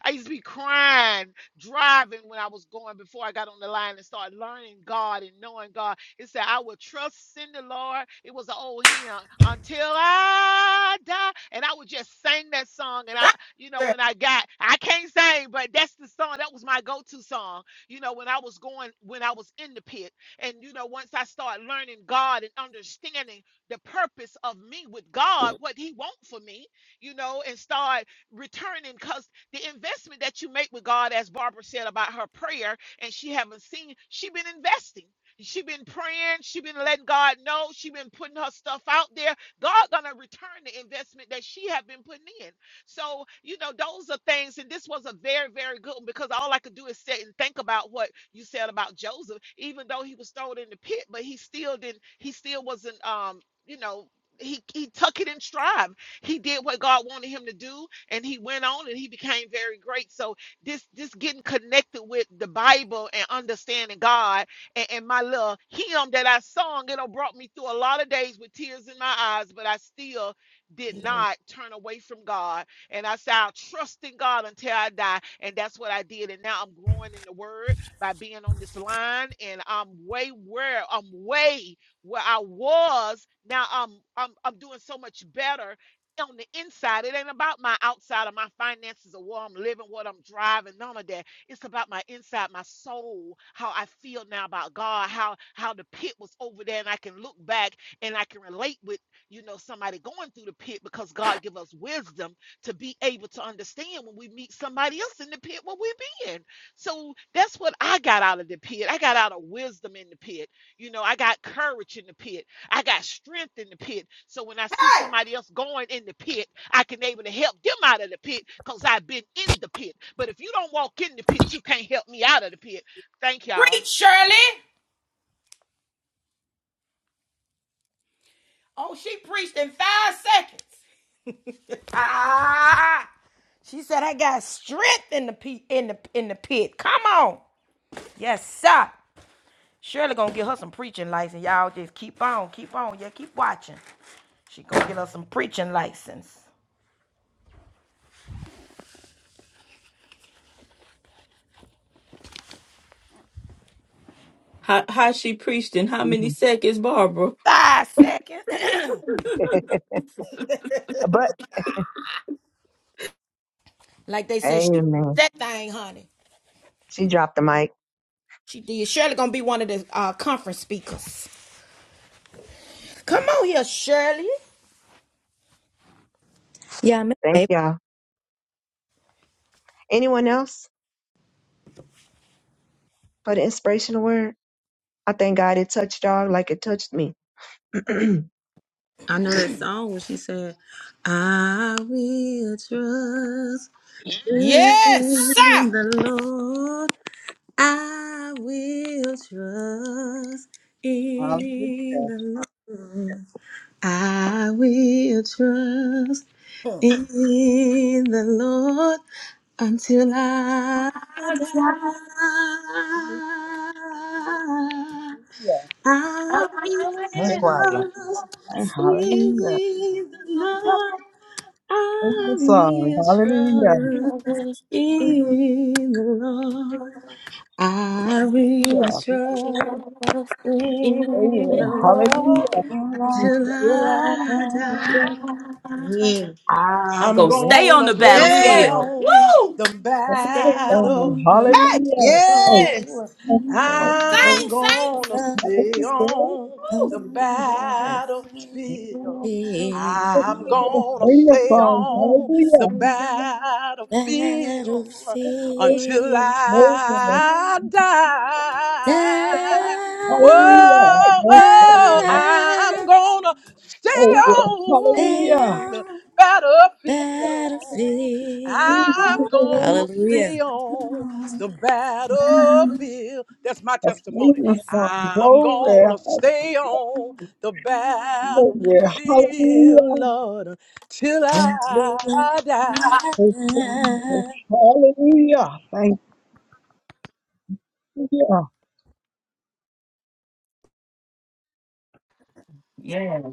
G: I used to be crying driving when I was going before I got on the line and started learning God and knowing God. It said, I will trust in the Lord. It was an old hymn until I die. And I would just sing that song. And I,
A: Thank
G: you know, when
A: you,
G: I got, I can't sing, but that's the song. That was my go to song, you know, when I was going, when I was in the pit. And, you know, once I started learning God and understanding the purpose of me with God, what He wants for me, you know, and start returning. because. The investment that you make with God, as Barbara said about her prayer, and she haven't seen, she been investing. She been praying. She been letting God know. She been putting her stuff out there. God gonna return the investment that she have been putting in. So you know those are things, and this was a very very good one because all I could do is sit and think about what you said about Joseph. Even though he was thrown in the pit, but he still didn't. He still wasn't. Um, you know, he he took it in stride. He did what God wanted him to do and he went on and he became very great. So this this getting connected with the Bible and understanding God and, and my little hymn that I sung, you know, brought me through a lot of days with tears in my eyes, but I still did
A: Shirley.
G: not turn away from God. And I said, I'll trust in God until I die. And that's what I did. And now I'm growing in the word by being on this line. And I'm way where I'm way where I was. Now I'm I'm I'm doing so much better on the inside. It ain't about my outside or my finances or where I'm living, what I'm driving, none of that. It's about my inside, my soul, how I feel now about God, how how the pit was over there, and I can look back and I can relate with you know somebody going through the pit because God give us wisdom to be able to understand when we meet somebody else in the pit what we're in. So that's what I got out of the pit. I got out of wisdom in the pit. You know, I got courage in the pit. I got strength in the pit. So when I see
A: Hey,
G: somebody else going in the pit, I can able to help them out of the pit because I've been in the pit. But if you don't walk in the pit, you can't help me out of the pit. Thank y'all.
A: preach, Shirley. Oh, she preached in five seconds. Ah! She said, "I got strength in the pe- in the in the pit. Come on, yes sir. Shirley gonna get her some preaching license. Y'all just keep on, keep on, yeah, keep watching. She gonna get her some preaching license.
B: How how she preached in how many
D: Mhm.
B: seconds, Barbara?
A: Five seconds,
D: but
A: like they said, she
D: amen.
A: that thing, honey.
D: She dropped the mic.
A: She did. Shirley gonna be one of the uh, conference speakers. Come on here, Shirley.
C: Yeah, I miss
D: Thank
C: April.
D: y'all. Anyone else for the inspirational word? I thank God it touched y'all like it touched me. amen.
E: I know that song when she said, I will trust in
A: Yes sir.
E: the Lord. I will trust in
H: Hallelujah.
E: the Lord. I will trust
A: Hmm.
E: in the Lord until I die.
H: Hallelujah.
E: I will
C: Amen,
H: Yes,
C: choir.
E: trust
H: and hallelujah.
E: in the Lord.
H: Praise the
E: I
H: song.
E: will
H: Hallelujah.
E: trust in the Lord. I will
H: Yeah.
E: trust With the
H: Oh,
E: Lord
H: hallelujah. Yes,
E: till I
H: Hallelujah.
E: die. Mm.
B: I'm
F: I'm
B: gonna
H: Praise
B: stay on
F: gonna
B: the
F: stay
E: Yeah.
B: battlefield.
F: on
B: Woo!
F: the
H: the
B: Stay
H: song.
B: on the
A: Hey,
H: Hallelujah. Oh,
E: Yes.
F: battlefield.
H: yes,
B: battlefield.
H: Lord.
B: Woo!
F: I'm
H: Oh,
A: sing, sing,
F: gonna
H: hallelujah. Praise
F: stay
H: the
F: on the
B: Yes.
F: battlefield. I'm gonna stay
H: song.
F: on the
H: Hallelujah.
F: battlefield.
H: Oh,
F: until
C: Battlefield
H: oh, yes. Lord.
F: I die. Whoa,
C: Now
H: Hallelujah. Yes, Lord.
F: oh, I'm
C: I
F: gonna stay
H: Oh, yes.
F: on the
C: am
F: battlefield.
C: battlefield.
F: I'm
H: Hallelujah.
F: gonna
C: Hallelujah.
F: stay on the battlefield. That's my
H: of
F: testimony.
H: freedom song,
F: I'm
H: glory.
F: gonna stay on the battlefield,
H: Hallelujah. Hallelujah.
F: Lord, till
C: And blue
F: I die.
H: We Thank you, Jesus.
C: light,
H: Hallelujah. Thank you.
B: Yes.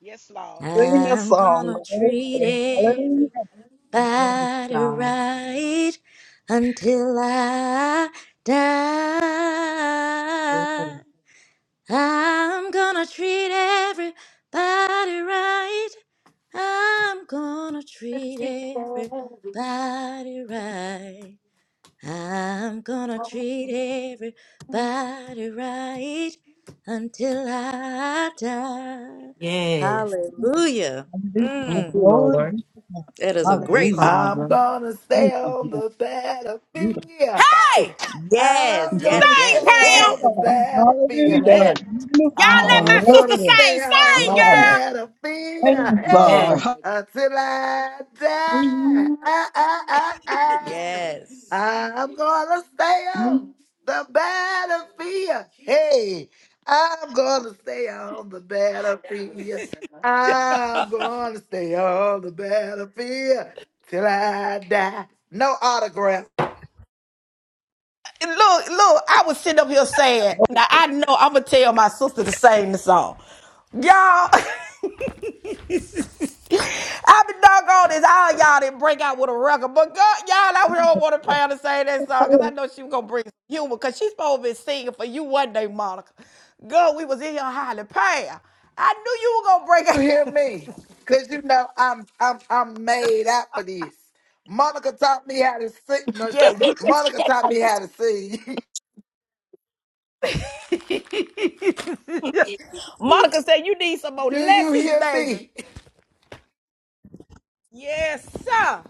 G: Yes, Lord.
H: Sing a
C: I'm
H: song.
C: gonna treat
H: Glory. Hallelujah.
C: everybody
B: God.
C: right until I die. I'm gonna treat everybody right. I'm gonna treat everybody right. I'm gonna treat everybody right until I die.
B: Yes.
C: Hallelujah.
H: Hallelujah.
B: Thank
C: Mm,
B: you, Lord.
H: Glory.
C: that is a
B: Thank you,
C: great
H: Hallelujah.
C: song.
I: I'm
B: Father.
I: gonna stay
H: Thank you,
I: on
H: Jesus.
I: the battlefield.
H: Beautiful.
I: Hey,
A: hey,
C: Yes,
I: I'm
B: Yes.
C: yes,
I: gonna
A: sing,
C: yes,
I: stay
A: Pam.
I: on
C: yes,
I: the battlefield.
H: Hallelujah.
I: Hey,
H: Sing a
A: Y'all let
H: song.
I: I'm
A: my sister
I: gonna
H: Glory.
I: stay
A: sing.
I: on
A: Sing,
I: the
B: Yes.
A: girl.
I: battlefield,
H: Sing a
I: hey,
H: song.
B: Yes.
I: until I die. Ah, ah, ah, ah.
C: yes.
I: I'm gonna stay on the battlefield, hey. I'm gonna stay on the battlefield. I'm gonna stay on the battlefield till I die. No autographs.
A: And Look, look, I was sitting up here saying, now I know I'm going to tell my sister to sing the song. Y'all, I've been doggone this. All y'all didn't break out with a record. But God, y'all, I really don't want to pay her to sing that song because I know she was going to bring some humor because she's supposed to be singing for you one day, Monica. Girl, we was in here highly paying. I knew you were going
I: You hear
A: to break out.
I: me? Cause you know I'm I'm I'm made out for this. Monica taught me how to sing. No, she-
A: Yeah, you.
I: Monica taught me how to sing.
A: Monica said you need some more
I: Do you
A: lessons,
I: hear
A: baby.
I: me?
A: Yes, sir.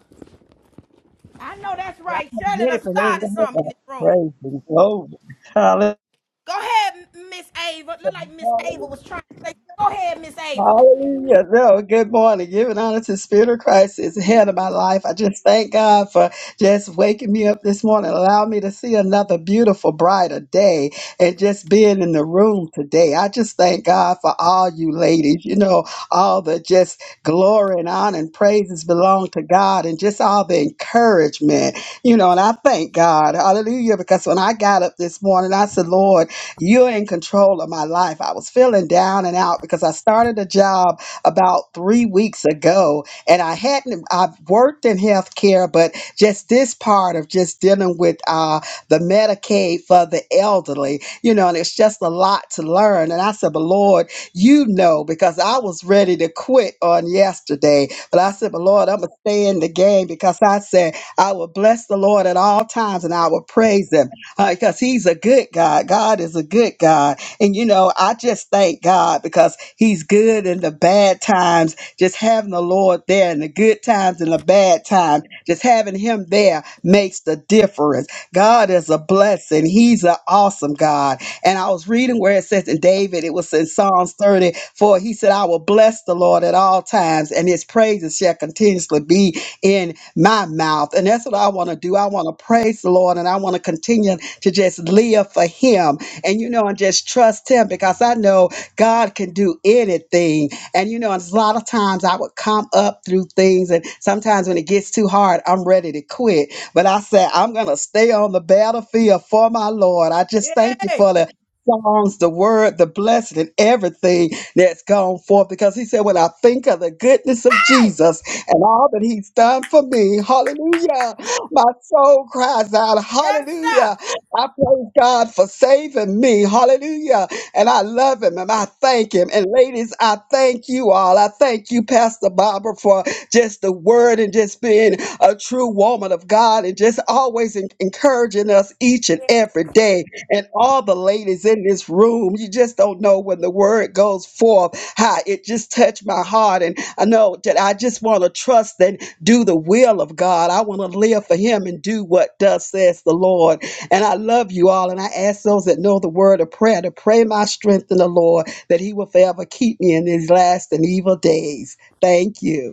A: I know that's
D: Yeah,
A: right.
D: I
A: Shirley
D: did it
A: done
D: for me.
A: started something in
H: Hallelujah.
A: this room.
H: Praise and glory. Hallelujah.
A: Go ahead, Miss Ava. Look like Miss Ava was trying to say. Go ahead, Miss Ava.
H: Hallelujah. No, good morning. Giving honor to the Spirit of Christ is ahead of my life. I just thank God for just waking me up this morning, allowing me to see another beautiful, brighter day, and just being in the room today. I just thank God for all you ladies. You know, all the just glory and honor and praises belong to God, and just all the encouragement, you know, and I thank God. Hallelujah. Because when I got up this morning, I said, Lord, you're in control of my life. I was feeling down and out because I started a job about three weeks ago and I hadn't, I've worked in healthcare, but just this part of just dealing with uh, the Medicaid for the elderly, you know, and it's just a lot to learn. And I said, but Lord, you know, because I was ready to quit on yesterday, but I said, but Lord, I'm going to stay in the game because I said, I will bless the Lord at all times and I will praise him because he's a good God. God is a good God. And, you know, I just thank God because he's good in the bad times, just having the Lord there in the good times and the bad times, just having him there makes the difference. God is a blessing. He's an awesome God. And I was reading where it says in David, it was in Psalms 30, for he said, I will bless the Lord at all times, and his praises shall continuously be in my mouth. And that's what I want to do. I want to praise the Lord and I want to continue to just live for Him and, you know, and just trust Him because I know God can do anything. And, you know, and a lot of times I would come up through things, and sometimes when it gets too hard, I'm ready to quit. But I said, I'm going to stay on the battlefield for my Lord. I
A: Yay.
H: just thank you
A: Hey.
H: for the songs, the word, the blessing, and everything that's gone forth. Because he said, When I think of the goodness of Jesus and all that he's done for me, hallelujah, my soul cries out,
A: Yes,
H: hallelujah.
A: sir.
H: I praise God for saving me. Hallelujah. And I love him and I thank him. And ladies, I thank you all. I thank you, Pastor Barbara, for just the word and just being a true woman of God and just always en- encouraging us each and every day. And all the ladies in this room, you just don't know when the word goes forth, how it just touched my heart. And I know that I just want to trust and do the will of God. I want to live for him and do what does says the Lord. And I love you all. And I ask those that know the word of prayer to pray my strength in the Lord that he will forever keep me in these last and evil days. Thank you.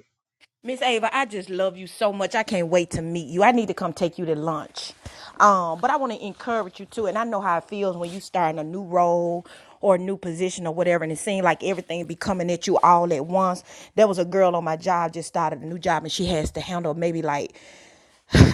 A: Miss Ava, I just love you so much. I can't wait to meet you. I need to come take you to lunch. Um, but I want to encourage you too. And I know how it feels when you start in a new role or a new position or whatever, and it seems like everything be coming at you all at once. There was a girl on my job just started a new job, and she has to handle maybe like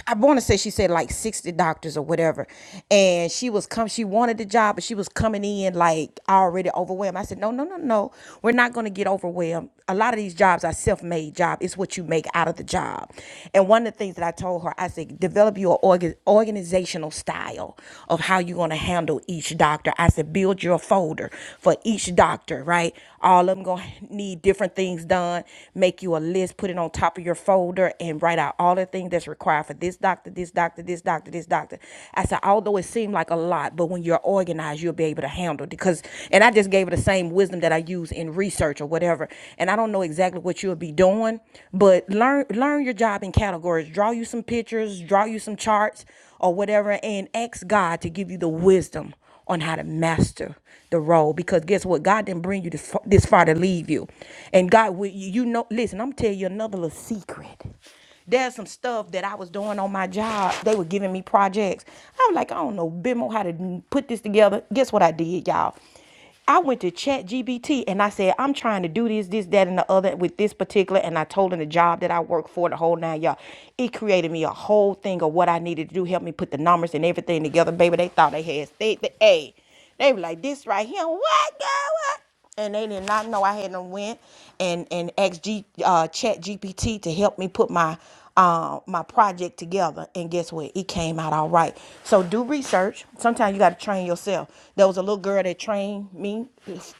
A: I want to say she said like 60 doctors or whatever. And she was come, she wanted the job, but she was coming in like already overwhelmed. I said, no, no, no, no. We're not going to get overwhelmed. A lot of these jobs are self-made job. It's what you make out of the job. And one of the things that I told her, I said, develop your orga- organizational style of how you're going to handle each doctor. I said, build your folder for each doctor, right? All of them going to need different things done. Make you a list, put it on top of your folder and write out all the things that's required for this doctor, this doctor, this doctor, this doctor. I said, although it seemed like a lot, but when you're organized, you'll be able to handle it. Because, and I just gave her the same wisdom that I use in research or whatever. And I don't know exactly what you'll be doing, but learn learn your job in categories. Draw you some pictures, draw you some charts or whatever, and ask God to give you the wisdom on how to master the role because guess what god didn't bring you this, fa- this far to leave you and god will you you know listen i'm telling you another little secret there's some stuff that i was doing on my job they were giving me projects i was like i don't know bimo how to n- put this together guess what i did y'all I went to Chat GBT and I said, I'm trying to do this, this, that, and the other with this particular. And I told him the job that I work for, the whole nine y'all. It created me a whole thing of what I needed to do, help me put the numbers and everything together. Baby, they thought they had state the A. They were like, this right here, what, girl, what? and they did not know I hadn't went and and asked G, uh, Chat GPT to help me put my uh, my project together. And guess what? It came out all right. So do research. Sometimes you got to train yourself. There was a little girl that trained me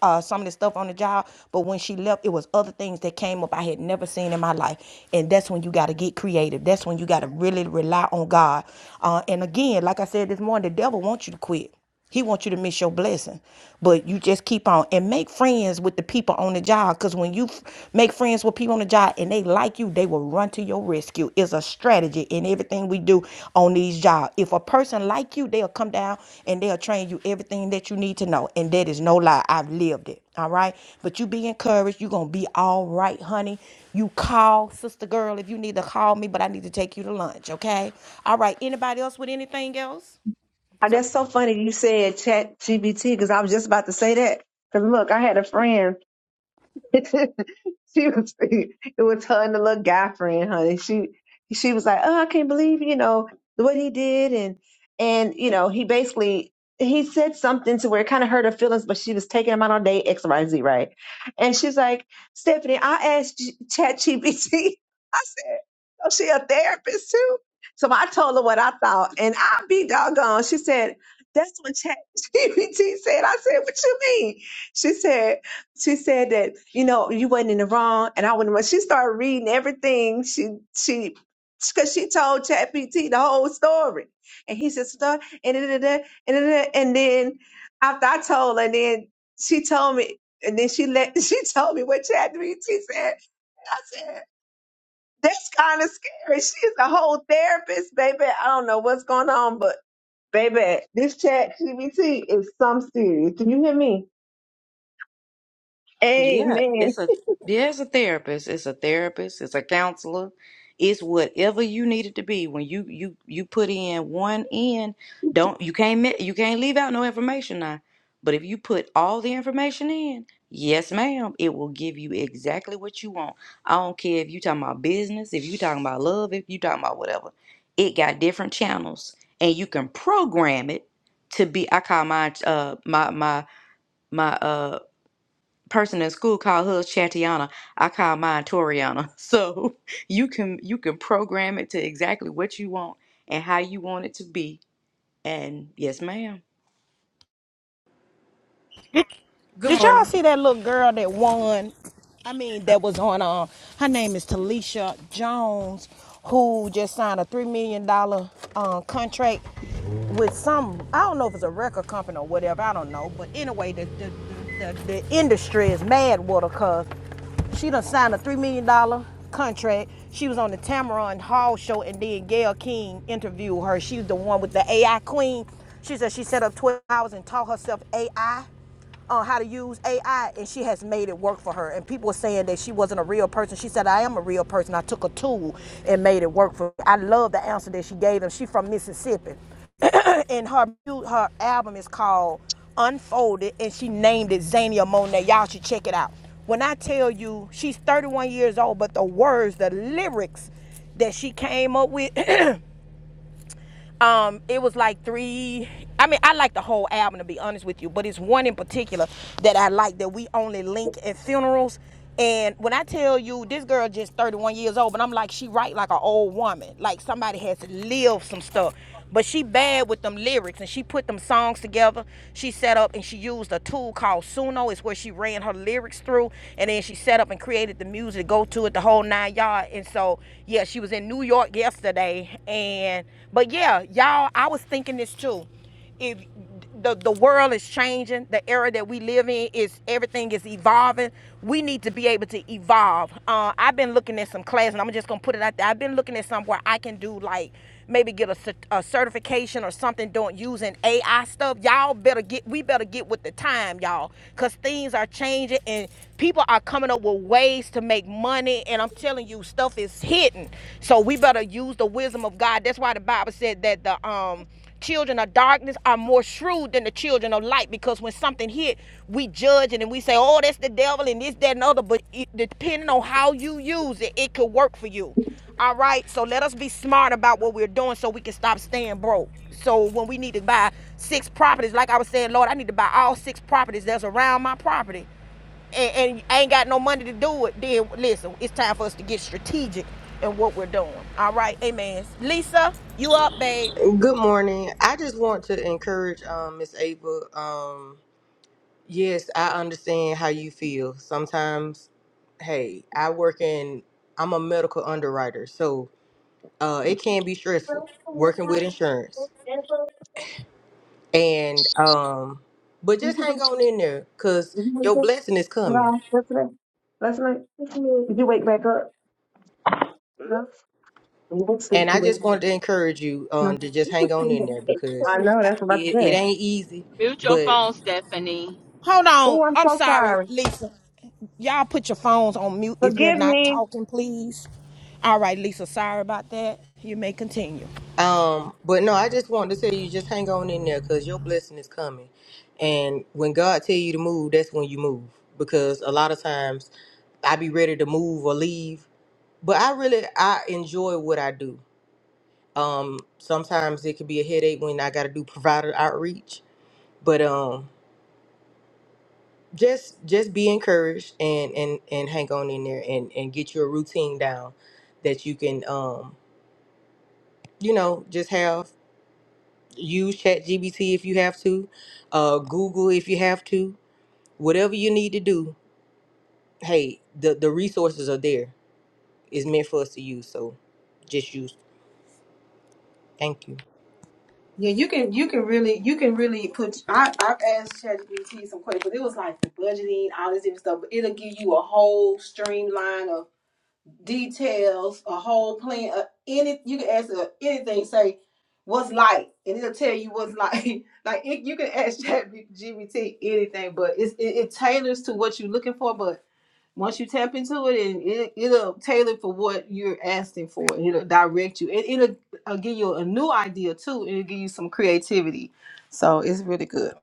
A: uh, some of the stuff on the job, but when she left, it was other things that came up I had never seen in my life. And that's when you got to get creative. That's when you got to really rely on God. Uh, and again, like I said this morning, the devil wants you to quit. He wants you to miss your blessing. But you just keep on and make friends with the people on the job. Because when you f- make friends with people on the job and they like you, they will run to your rescue. It's a strategy in everything we do on these jobs. If a person like you, they'll come down and they'll train you everything that you need to know. And that is no lie. I've lived it. All right. But you be encouraged. You're going to be all right, honey. You call sister girl if you need to call me, but I need to take you to lunch. Okay. All right. Anybody else with anything else?
D: Uh, That's so funny you said chat GBT because I was just about to say that. Because look, I had a friend. she was it was her and the little guy friend, honey. She she was like, Oh, I can't believe, you know, what he did and and you know, he basically he said something to where it kind of hurt her feelings, but she was taking him out on date X, Y, Z, right? And she's like, Stephanie, I asked Chat I said, Oh, she a therapist too? So I told her what I thought, and I be doggone. She said, That's what Chat said. I said, What you mean? She said she said that you know you wasn't in the wrong and i was not she started reading everything she she because she told ChatGPT the whole story and he said "Stop," and da, da, da, and, da, da, and then after i told her and then she told me and then she let she told me what ChatGPT said i said that's kind of scary she's a whole therapist baby i don't know what's going on but baby this chat is some serious do you hear me
C: Yeah,
D: amen
C: it's a yeah, it's a therapist. It's a therapist. It's a counselor. It's whatever you need it to be. When you you you put in one in, don't you can't mi- you can't leave out no information now. But if you put all the information in, yes, ma'am, it will give you exactly what you want. I don't care if you talking about business, if you talking about love, if you talking about whatever. It got different channels, and you can program it to be. I call my uh my my my uh, person in school called hers Chatiana. I call mine Toriana. So you can you can program it to exactly what you want and how you want it to be. And yes, ma'am.
J: Good
A: Did
J: morning.
A: y'all see that little girl that won? I mean, that was on. Uh, her name is Talisha Jones, who just signed a three million dollar uh, contract with some. I don't know if it's a record company or whatever. I don't know. But anyway, the the, the, the, industry is mad with her 'cause she done signed a $3 million dollar contract. She was on the Tamron Hall show and then Gayle King interviewed her. She's the one with the AI queen. She said she set up 12 hours and taught herself AI on how to use AI, and she has made it work for her. And people were saying that she wasn't a real person. She said, I am a real person. I took a tool and made it work for me. I love the answer that she gave them. She's from Mississippi and her her album is called Unfolded, and she named it Zania Monet. Y'all should check it out. When I tell you she's 31 years old, but the words, the lyrics that she came up with, um, it was like three. I mean, I like the whole album to be honest with you, but it's one in particular that I like that we only link at funerals. And when I tell you this girl just 31 years old, but I'm like, she write like an old woman. Like somebody has lived some stuff. But she bad with them lyrics and she put them songs together. She set up and she used a tool called Suno. It's where she ran her lyrics through and then she set up and created the music, go to it, the whole nine yard. And so yeah, she was in New York yesterday. And but yeah, y'all, I was thinking this too if the, the world is changing the era that we live in is everything is evolving we need to be able to evolve uh, i've been looking at some classes, and i'm just gonna put it out there i've been looking at some where i can do like maybe get a, a certification or something doing using ai stuff y'all better get we better get with the time y'all because things are changing and people are coming up with ways to make money and i'm telling you stuff is hidden so we better use the wisdom of god that's why the bible said that the um children of darkness are more shrewd than the children of light because when something hit, we judge it and we say, oh, that's the devil and this, that, and other. But it, depending on how you use it, it could work for you. All right, so let us be smart about what we're doing so we can stop staying broke. So when we need to buy six properties, like I was saying, Lord, I need to buy all six properties that's around my property and, and I ain't got no money to do it, then listen, it's time for us to get strategic in what we're doing. All right, amen. Lisa, you up, babe.
J: Good morning. I just want to encourage um Miss Ava. Um yes, I understand how you feel. Sometimes hey, I work in I'm a medical underwriter, so uh it can be stressful working with
D: Did
J: insurance.
D: you should go-
J: And um but
D: did you
J: just
D: should
J: hang on in there cuz your
D: wake up?
J: blessing is
D: Did
J: coming.
D: I yesterday? Last night? Did you wake back up? No. You went to sleep.
J: And I
D: You wake
J: just
D: up.
J: wanted to encourage you um
D: No.
J: to just hang on in there because
D: I know. That's what I
J: it, it
D: said.
J: ain't easy,
B: Mute your phone, Stephanie.
A: Hold on.
D: Oh, I'm
A: I'm
D: so
A: sorry,
D: sorry.
A: Lisa. Y'all put your phones on mute if you're
D: Forgive
A: not
D: me.
A: talking, please. All right, Lisa. Sorry about that. You may continue.
J: Um, but no, I just wanted to tell you, just hang on in there, cause your blessing is coming. And when God tell you to move, that's when you move. Because a lot of times, I be ready to move or leave, but I really I enjoy what I do. Um, sometimes it could be a headache when I got to do provider outreach, but um, just just be encouraged and and and hang on in there and and get your routine down that you can um you know just have. Use ChatGPT if you have to, uh, Google if you have to, whatever you need to do. Hey, the the resources are there. It's meant for us to use, so just use. Thank you.
E: Yeah, you can you can really you can really put I I've asked ChatGPT some questions, but it was like the budgeting, all this different stuff, but it'll give you a whole streamline details, a whole plan, uh, any you can ask uh, anything. Say what's light, and it'll tell you what's light. like it, you can ask ChatGPT anything, but it's, it, it tailors to what you're looking for. But once you tap into it, and it, it'll tailor for what you're asking for, and it'll direct you. It, it'll, uh give you a new idea too, and it'll give you some creativity. So it's really good.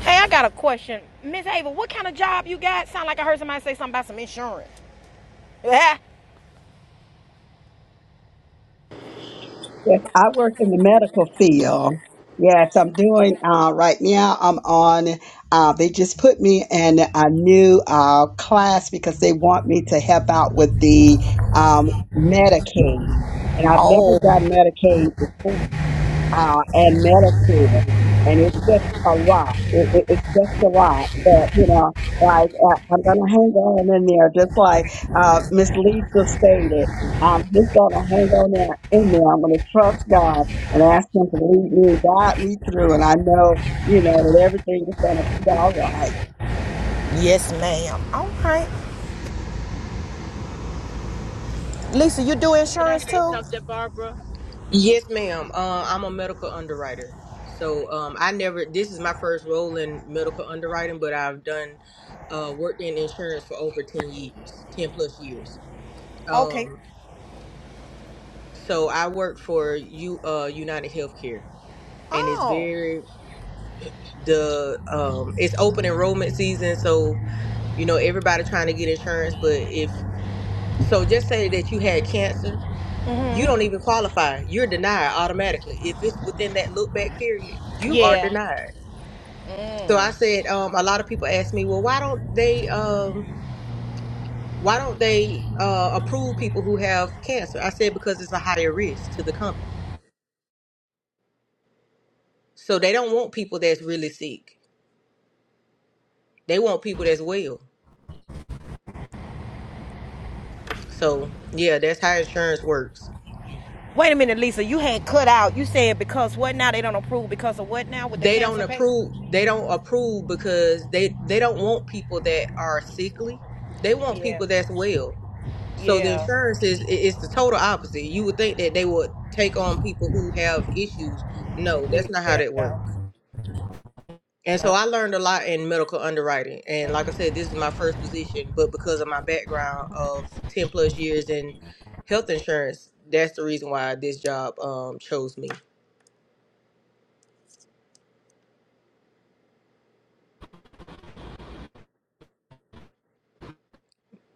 A: Hey, I got a question, Miss Ava. What kind of job you got? Sound like I heard somebody say something about some insurance. Yeah.
H: Yes, I work in the medical field. Yes, I'm doing uh, right now. I'm on. Uh, they just put me in a new uh, class because they want me to help out with the um, Medicaid, and I've never
A: Oh,
H: done Medicaid before, uh, and Medicare, and it's just a lot. It, it, it's just a lot, but you know, like uh, I'm gonna hang on in there, just like uh, Miss Lisa stated. I'm just going to hang on there in there. I'm going to trust God and ask Him to lead me, guide me through. And I know, you know, that everything is going to be all right.
A: yes, ma'am. All right, Lisa. You do
B: Could I
A: insurance
B: say
A: too?
B: something, Barbara?
J: Yes, ma'am. Uh, I'm a medical underwriter, so um, I never. This is my first role in medical underwriting, but I've done uh, worked in insurance for over ten years, ten plus years.
A: Okay.
J: Um, so I work for you, uh, United Healthcare, and it's
A: Oh,
J: very the um it's open enrollment season so you know everybody trying to get insurance but if so just say that you had cancer you don't even qualify you're denied automatically if it's within that look back period you are
A: yeah.
J: denied so i said um a lot of people ask me well why don't they um why don't they uh approve people who have cancer i said because it's a higher risk to the company so they don't want people that's really sick they want people that's well so yeah that's how insurance works
A: Wait a minute, Lisa. You had cut out. You said because what now? They don't approve because of what now with the
J: they don't
A: cancer pay?
J: approve they don't approve because they they don't want people that are sickly they want
A: Yeah.
J: people that's well so the
A: Yeah.
J: insurance is i- it's the total opposite you would think that they would take on people who have issues no that's not how that
A: Yeah.
J: works and so i learned a lot in medical underwriting and like i said this is my first position but because of my background of 10 plus years in health insurance that's the reason why this job um chose me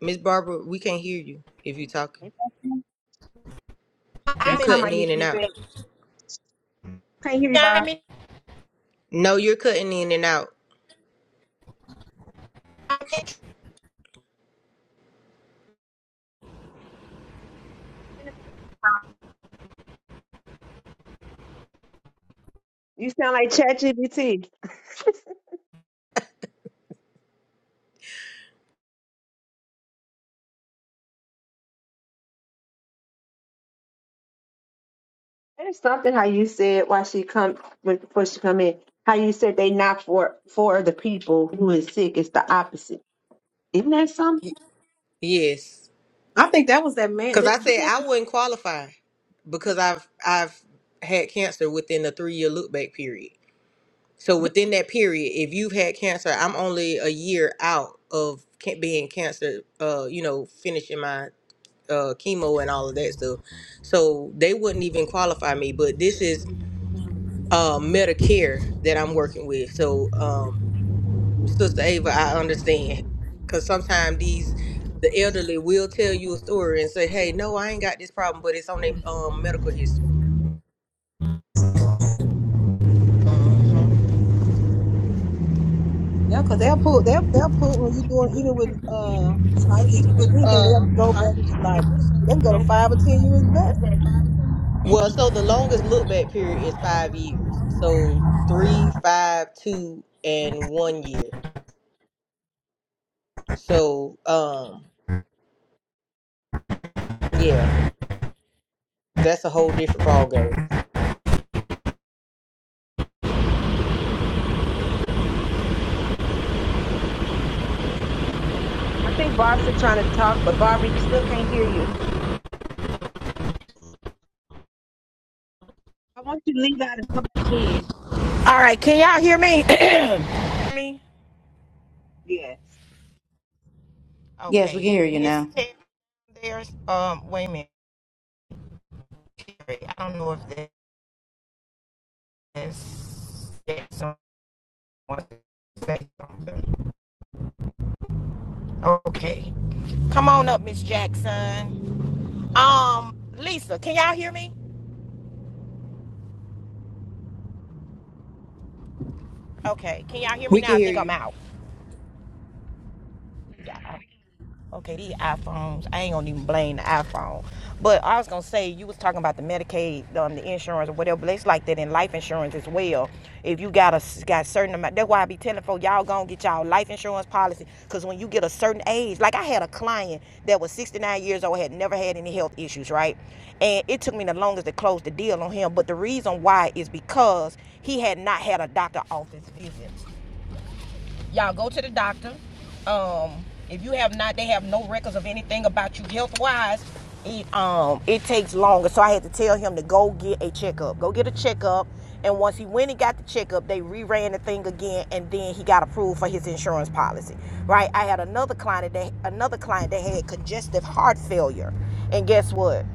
J: miss barbara we can't hear you if you're talking you
A: I'm
D: That's
A: in,
D: how I
J: cutting in
D: used to
J: and out
D: sing. Can't hear you, Bob.
A: I'm in,
J: No, you're cutting in and out.
A: I'm in.
D: You sound like ChatGPT. There's something how you said why she come when- before she come in. How you said they not for for the people who is sick. It's the opposite. Isn't that
J: Y-
D: something?
J: Yes,
E: I think that was that man.
J: because I said I wouldn't qualify because I've I've had cancer within the three year look back period. So within that period, if you've had cancer, I'm only a year out of ca- being cancer. Uh, you know, finishing my uh chemo and all of that stuff. So they wouldn't even qualify me. But this is uh Medicare that I'm working with. So um, Sister Ava, I understand. Because sometimes these, the elderly will tell you a story and say, hey, no, I ain't got this problem, but it's on their um, medical history.
E: Yeah, because they'll pull, they'll, they'll pull when you doing, even with uh, life insurance, anything, they'll go back and like, they can go to five or 10 years back.
J: Well, so the longest look back period is five years. So three, five, two,
E: Mhm.
J: and one year. So, um, yeah, that's a whole different ball game.
D: I think Barb's still trying to talk, but Barbie still can't hear you. I want you to leave out and come back in.
A: All right, can y'all hear me? me?
D: Yes.
C: Yes, we can
A: Okay,
C: hear you
A: Miss
C: now.
A: Terry, there's um. Wait a minute, Terry, I don't know if that's that's someone to say something. Okay, come on up, Miss Jackson. Um, Lisa, can y'all hear me? Okay, can y'all hear me
J: We can
A: now? I
J: hear
A: think I'm
J: you.
A: out. Yeah. Okay, these iPhones. I ain't gonna even blame the iPhone. But I was gonna say you was talking about the Medicaid, um, the insurance or whatever. But it's like that in life insurance as well. If you got a s- got certain amount, that's why I be telling folks y'all gonna get y'all life insurance policy. Cause when you get a certain age, like I had a client that was 69 years old, had never had any health issues, right? And it took me the longest to close the deal on him. But the reason why is because he had not had a doctor office visit y'all go to the doctor. Um, if you have not, they have no records of anything about you health wise. It um it takes longer, so I had to tell him to go get a checkup. Go get a checkup. And once he went and got the checkup, they reran the thing again, and then he got approved for his insurance policy. Right? I had another client that another client that had congestive heart failure, and guess what?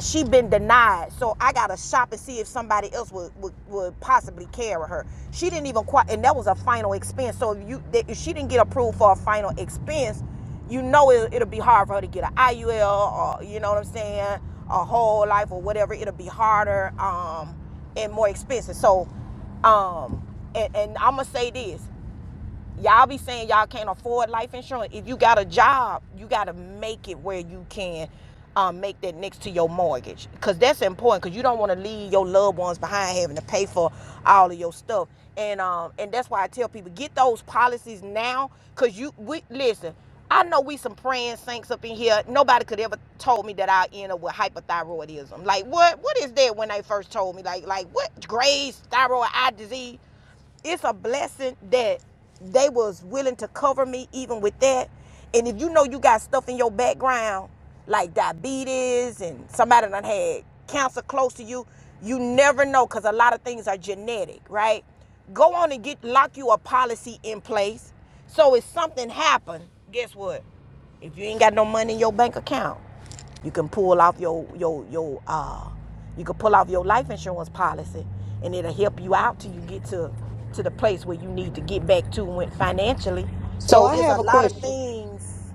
A: she been denied so i gotta shop and see if somebody else would, would, would possibly carry her she didn't even quite and that was a final expense so if you if she didn't get approved for a final expense you know it, it'll be hard for her to get an iul or you know what i'm saying a whole life or whatever it'll be harder um and more expensive so um and, and i'm gonna say this y'all be saying y'all can't afford life insurance. If you got a job, you got to make it where you can um, make that next to your mortgage because that's important because you don't want to leave your loved ones behind having to pay for all of your stuff. And um, and that's why I tell people get those policies now because you we listen. I know we some praying saints up in here. Nobody could ever told me that I end up with hypothyroidism. Like what? What is that when they first told me? Like like what? Graves, thyroid eye disease it's a blessing that they was willing to cover me even with that. And if you know you got stuff in your background, like diabetes and somebody done had cancer close to you, you never know because a lot of things are genetic, right? Go on and get lock you a policy in place. So if something happened, guess what? If you ain't got no money in your bank account. You can pull off your your your uh you can pull off your life insurance policy and it'll help you out till you get to to the place where you need to get back to financially.
J: So
A: So
J: I
A: it's
J: have
A: a
J: a
A: lot of
J: question.
A: things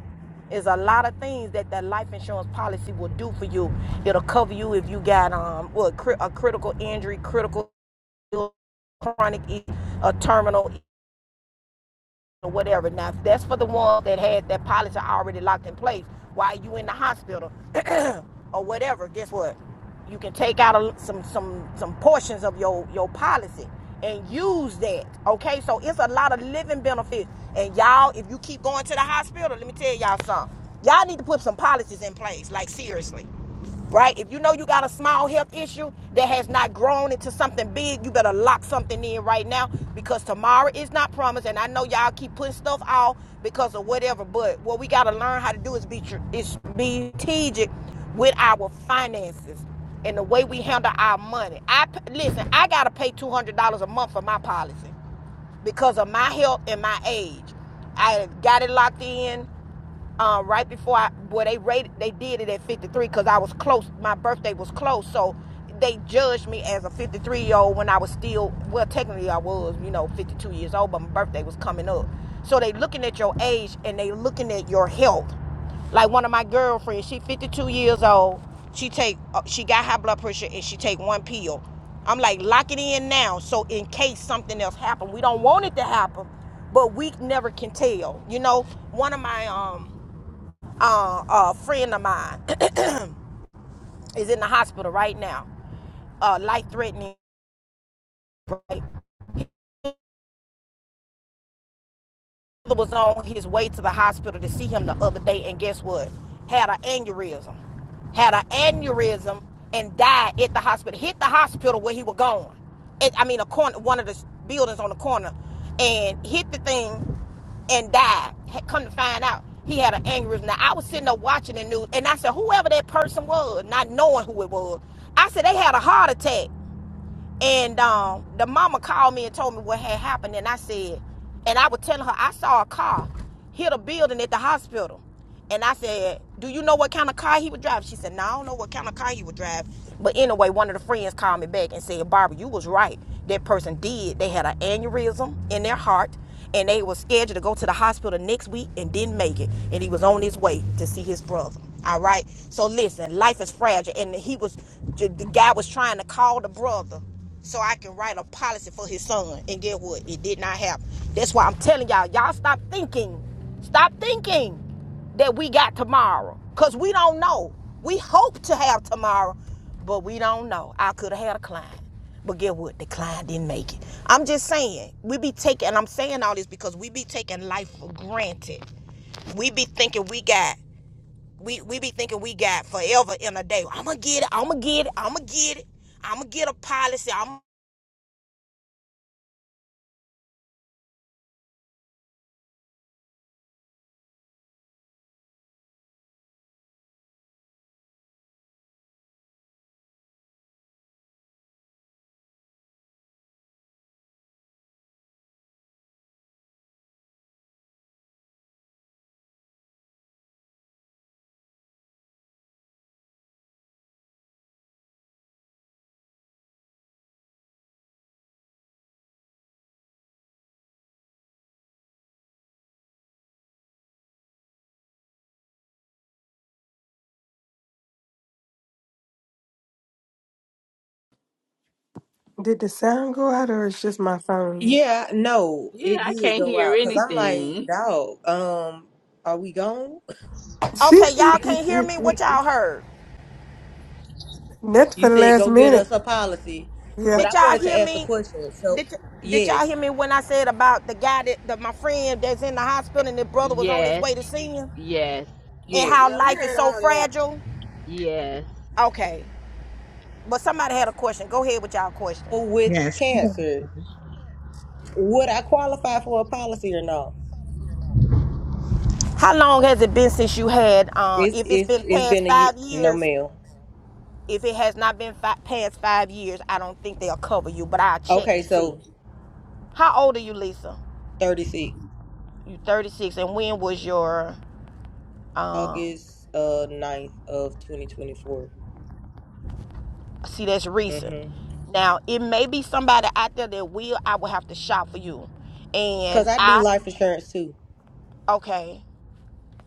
A: It's a lot of things that that life insurance policy will do for you. It'll cover you if you got um well, a critical injury, critical chronic, a terminal or whatever. Now that's for the ones that had that policy already locked in place while you in the hospital or whatever. Guess what? You can take out a, some some some portions of your your policy and use that. Okay, so it's a lot of living benefits. And y'all, if you keep going to the hospital, let me tell y'all something. Y'all need to put some policies in place. Like seriously right? If you know you got a small health issue that has not grown into something big, you better lock something in right now because tomorrow is not promised. And I know y'all keep putting stuff off because of whatever, but what we got to learn how to do is be is be strategic with our finances and the way we handle our money. I listen, I gotta pay two hundred dollars a month for my policy because of my health and my age. I got it locked in um, right before I, well, they rated, they did it at 53 because I was close. My birthday was close, so they judged me as a 53 year old when I was still, well, technically I was, you know, 52 years old, but my birthday was coming up. So they looking at your age and they looking at your health. Like one of my girlfriends, she 52 years old. She take, uh, she got high blood pressure and she take one pill. I'm like, lock it in now, so in case something else happen, we don't want it to happen, but we never can tell. You know, one of my um uh, a friend of mine is in the hospital right now, uh, life threatening. Right? Was on his way to the hospital to see him the other day, and guess what? Had an aneurysm, had an aneurysm, and died at the hospital. Hit the hospital where he was going. It, I mean, a corner, one of the buildings on the corner, and hit the thing and died. Had come to find out, he had an aneurysm. Now I was sitting there watching the news, and I said, whoever that person was, not knowing who it was, I said they had a heart attack. And um, the mama called me and told me what had happened. And I said, and I was telling her, I saw a car hit a building at the hospital. And I said, Do you know what kind of car he would drive? She said, No, I don't know what kind of car he would drive. But anyway, one of the friends called me back and said, Barbara, you was right. That person did. They had an aneurysm in their heart and they was scheduled to go to the hospital next week and didn't make it and he was on his way to see his brother all right so listen life is fragile and he was the the guy was trying to call the brother so I can write a policy for his son. And get what? It did not happen. That's why I'm telling y'all, y'all stop thinking. Stop thinking that we got tomorrow because we don't know. We hope to have tomorrow, but we don't know. I could have had a client, but get what? The client didn't make it. I'm just saying, we be taking, and I'm saying all this because we be taking life for granted. We be thinking we got, we, we be thinking we got forever in a day. I'm gonna get it, I'm gonna get it, I'm gonna get it, I'm gonna get a policy. I'm
K: Did the sound go out or it's just my phone?
J: Yeah, no,
B: Yeah,
J: it
B: I
J: did
B: can't
J: go
B: hear
J: out because I'm like,
B: anything.
J: dog, um, are we gone?
K: That's
A: Okay, y'all can't hear me? What y'all heard?
J: You
K: for the
J: said
K: last
J: go get
K: minute.
J: us a policy, but
K: Yeah.
J: I
A: Did y'all
J: wanted to
A: hear
J: ask a
A: me?
J: question. So,
A: Did, did
J: yes,
A: y'all hear me when I said about the guy that, that my friend that's in the hospital and his brother was on his
B: Yes,
A: way to see him
B: yes,
A: and how
E: Yeah,
J: yes.
E: we
A: life is
E: heard
A: so
E: all that.
A: fragile?
B: yes.
A: Okay, but somebody had a question. Go ahead with y'all questions.
J: So With
H: Yes.
J: cancer, would I qualify for a policy or no?
A: How long has it been since you had, uh,
J: It's
A: if it's
J: it's
A: been
J: it's
A: past
J: been a ye-
A: five
J: no
A: years,
J: mail.
A: if it has not been fi- past five years, I don't think they'll cover you, but I'll check
J: Okay,
A: and see.
J: so
A: How old are you, Lisa?
J: thirty six
A: You 36, and when was your, um,
J: August uh 9th of twenty Mm twenty four.
A: See, that's recent.
J: Mhm.
A: Now, it may be somebody out there that will. I will have to shop for you.
J: Cause
A: And
J: I do
A: I,
J: life insurance too,
A: okay.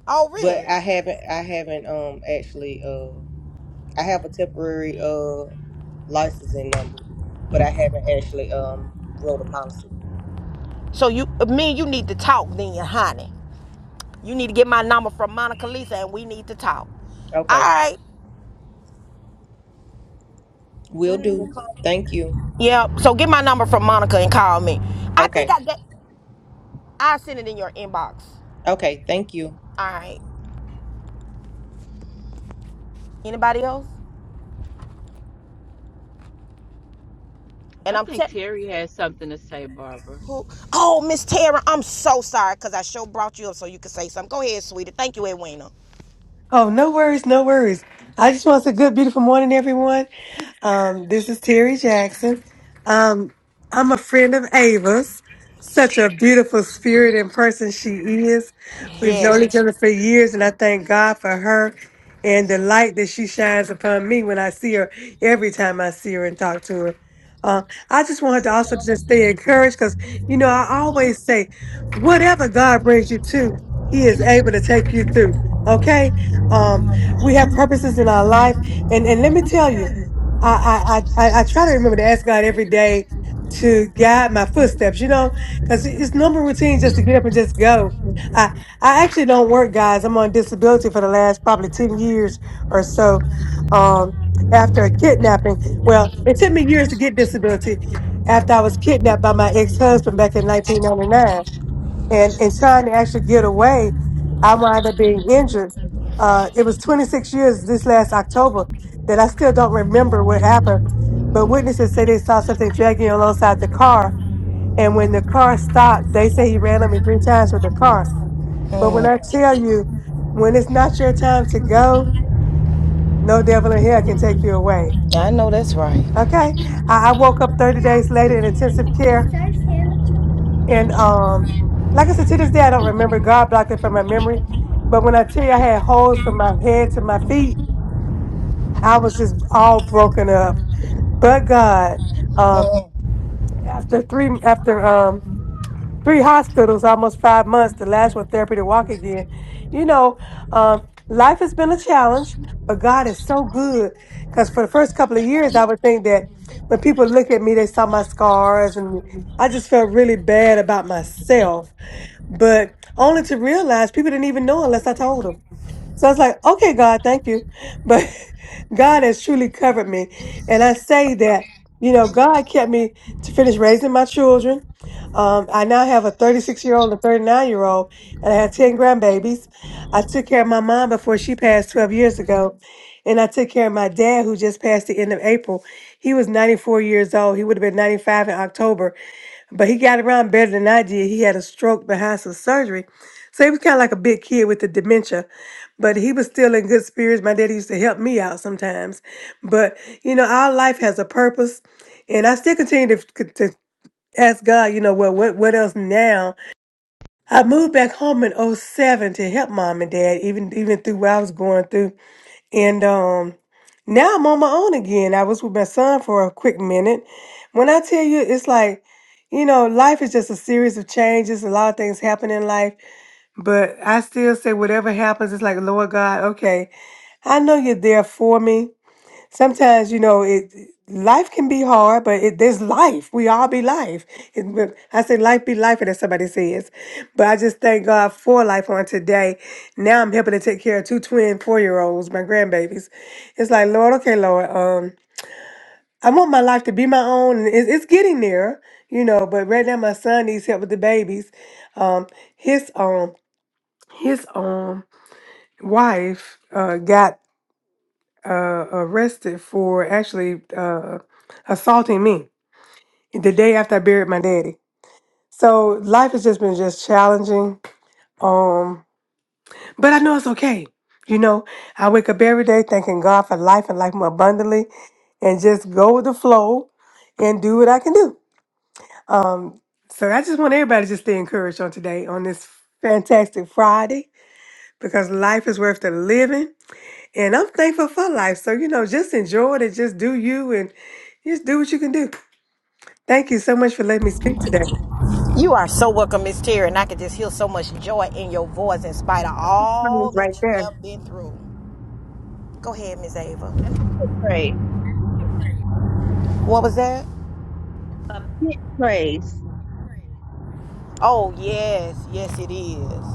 A: Oh,
J: but
A: really?
J: I haven't I haven't um actually uh I have a temporary uh licensing number, but I haven't actually um wrote a policy.
A: So you, me, and you need to talk then, honey. You need to get my number from Monica Lisa, and we need to talk. All
J: Okay.
A: right.
J: Will
D: So we can
J: do.
A: Mhm.
D: close
J: Thank you.
A: Yeah. So get my number from Monica and call me. I think
J: Okay.
A: I get. I send it in your inbox.
J: Okay. Thank you.
A: All right. Anybody else? And
B: I
A: I'm
B: think
A: te-
B: Terry has something to say, Barbara.
A: who? Oh, Miss Tara, I'm so sorry because I sure brought you up so you could say something. Go ahead, sweetie. Thank you, Edwina.
K: Oh, no worries, no worries. I just want to say good, beautiful morning, everyone. Um, this is Terry Jackson. Um, I'm a friend of Ava's. Such a beautiful spirit and person she is. We've
A: Yeah.
K: known each other for years, and I thank God for her and the light that she shines upon me when I see her every time I see her and talk to her. Uh, I just wanted to also just stay encouraged because, you know, I always say, whatever God brings you to, He is able to take you through. Okay? Um, we have purposes in our life. And, and let me tell you, I, I, I, I try to remember to ask God every day to guide my footsteps, you know, because it's number routine just to get up and just go.
A: Thank
K: I, I actually don't work, guys. I'm on disability for the last probably 10 years or so um, after a kidnapping. Well, it took me years to get disability after I was kidnapped by my ex husband back in 1999 and, and trying to actually get away, I wound up being injured. Uh, it was 26 years this last October that I still don't remember what happened, but witnesses say they saw something dragging alongside the car.
A: you.
K: And when the car stopped, they say he ran on me three times with the car. But when
A: อืม
K: I tell you, when it's not your time to go, no devil in hell can take you away.
A: I know that's right.
K: Okay?
A: you.
K: I, I woke up 30 days later in intensive care. And um, like I said, to this day, I don't remember. God blocked it from my memory. But when I tell you I had holes from my head to my feet, I was just all broken up. But God, um,
A: Mm.
K: after three, after um, three hospitals, almost five months, the last one therapy to walk again. You know, um, life has been a challenge, but God is so good. Because for the first couple of years, I would think that when people look at me, they saw my scars, and I just felt really bad about myself. But only to realize people didn't even know unless I told them. So I was like, okay, God, thank you. But God has truly covered me. And I say that, you know, God kept me to finish raising my children. Um, I now have a 36 year old and a 39 year old, and I had 10 grandbabies. I took care of my mom before she passed 12 years ago. And I took care of my dad, who just passed the end of April. He was 94 years old. He would have been 95 in October, but he got around better than I did. He had a stroke behind some surgery. So he was kind of like a big kid with the dementia, but he was still in good spirits. My daddy used to help me out sometimes. But, you know, our life has a purpose. And I still continue to, to ask God, you know, well, what, what else now? I moved back home in '07 to help mom and dad, even, even through what I was going through. And, um, now I'm on my own again. I was with my son for a quick minute. When I tell you, it's like, you know, life is just a series of changes, a lot of things happen in life but I still say, whatever happens, it's like, Lord God, okay, I know you're there for me. Sometimes, you know, it life can be hard, but it, there's life. We all be life. And when I say life be life, and as somebody says. But I just thank God for life on today. Now I'm helping to take care of two twin four year olds, my grandbabies. It's like, Lord, okay, Lord, um, I want my life to be my own, and it's, it's getting there, you know. But right now, my son needs help with the babies. Um, his um, his um wife uh, got uh, arrested for actually uh, assaulting me the day after I buried my daddy. So life has just been just challenging. Um, but I know it's okay. You know, I wake up every day thanking God for life and life more abundantly, and just go with the flow and do what I can do. Um, so I just want everybody to just stay encouraged on today on this fantastic Friday because life is worth the living And I'm thankful for life. So, you know, just enjoy it and just do you and just do what you can do. Thank you so much for letting me speak today.
A: You are so welcome, Miss Terry, and I can just hear so much joy in your voice in spite of
D: the pit
A: all
D: praise right
A: that you
D: there.
A: have been through. Go ahead, Miss Ava.
D: That's a pit praise.
A: What was that?
D: A pit praise.
A: Oh, yes, yes, it is.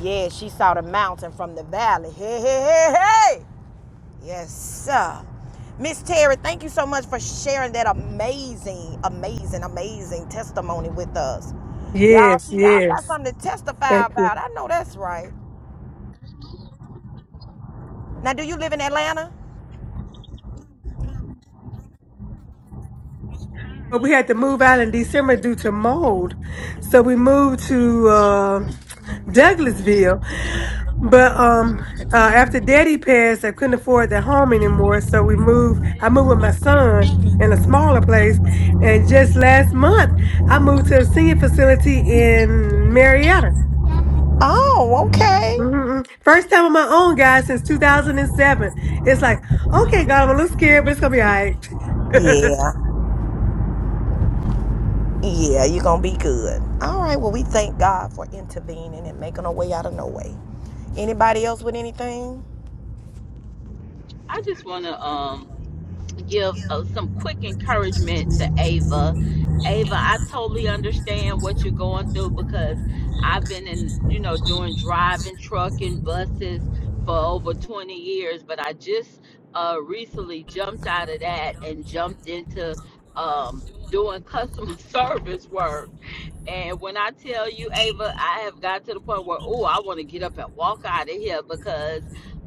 A: Yeah, she saw the mountain from the valley. Hey, hey, hey, hey! Yes, sir. Miss Terry, thank you so much for sharing that amazing, amazing, amazing testimony with us. Y'all,
K: Yes,
A: see, y'all got
K: yes.
A: something to testify
K: Thank you.
A: about. I know that's right. Now, do you live in Atlanta?
K: But we had to move out in December due to mold. So we moved to uh, Douglasville. But um, uh, after daddy passed, I couldn't afford the home anymore. So we moved, I moved with my son in a smaller place. And just last month, I moved to a senior facility in Marietta.
A: Oh, okay.
K: Mm-mm. First time on my own, guys, since 2007. It's like, okay, God, I'm a little scared, but it's gonna be all right.
A: Yeah, yeah, you're gonna be good. All right, well, we thank God for intervening and making a way out of no way. Anybody else with anything?
B: I just want to um, give uh, some quick encouragement to Ava. Ava, I totally understand what you're going through because I've been in, you know, doing driving, trucking, buses for over 20 years, but I just uh, recently jumped out of that and jumped into um, doing customer service work. And when I tell you, Ava, I have got to the point where, oh, I want to get up and walk out of here because,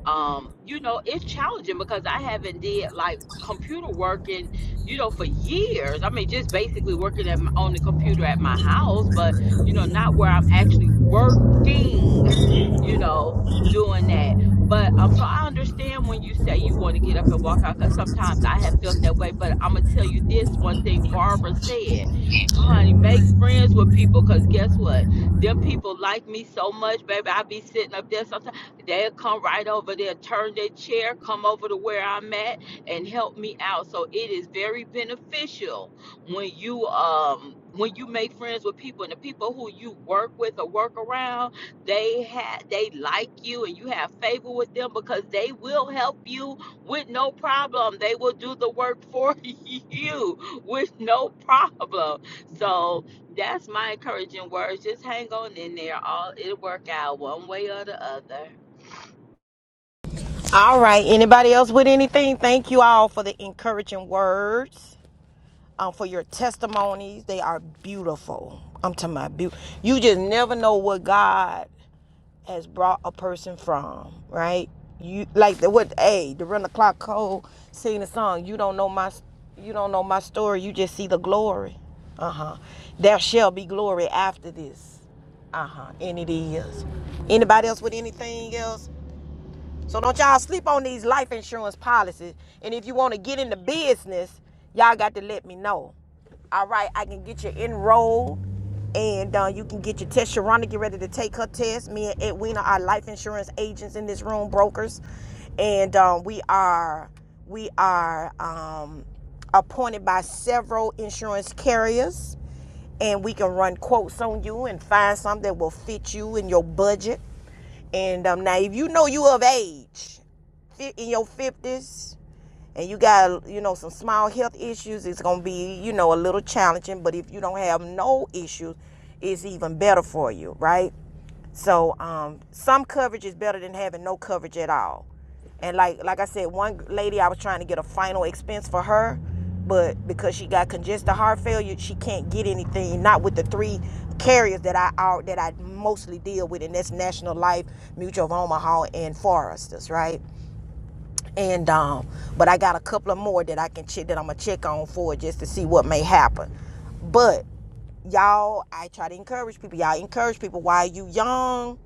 B: um, you know, it's challenging because I haven't did like computer working, you know, for years. I mean, just basically working at my, on the computer at my house, but you know, not where I'm actually working, you know, doing that. But um, so I understand when you say you want to get up and walk out, because sometimes I have felt that way. But I'm gonna tell you this one thing Barbara said, honey, make friends with people, cause guess what? Them people like me so much, baby. I be sitting up there sometimes. They'll come right over there, turn their chair, come over to where I'm at and help me out. So it is very beneficial when you um when you make friends with people and the people who you work with or work around, they have they like you and you have favor with them because they will help you with no problem. They will do the work for you with no problem. So that's my encouraging words. Just hang on in there. All it'll work out one way or the other.
A: All right. Anybody else with anything? Thank you all for the encouraging words. um, for your testimonies. They are beautiful. I'm talking about beautiful. You just never know what God has brought a person from, right? You like the what? Hey, the run the clock code sing the song. You don't know my, you don't know my story. You just see the glory. Uh huh. There shall be glory after this. Uh huh. And it is. Anybody else with anything else? So don't y'all sleep on these life insurance policies. And if you want to get into business, y'all got to let me know. All right, I can get you enrolled, and uh, you can get your test. Sharonda, get ready to take her test. Me and Edwina are life insurance agents in this room, brokers, and um, we are we are um, appointed by several insurance carriers, and we can run quotes on you and find something that will fit you in your budget and um, now, if you know you of age, fi- in your fifties, and you got you know some small health issues it's going to be you know a little challenging but if you don't have no issues it's even better for you right so um, some coverage is better than having no coverage at all and like like i said one lady i was trying to get a final expense for her but because she got congestive heart failure she can't get anything not with the three carriers that i that i mostly deal with and that's national life mutual of omaha and foresters right and um, but I got a couple of more that I can check that I'm gonna check on for just to see what may happen. But y'all, I try to encourage people. Y'all encourage people while you young.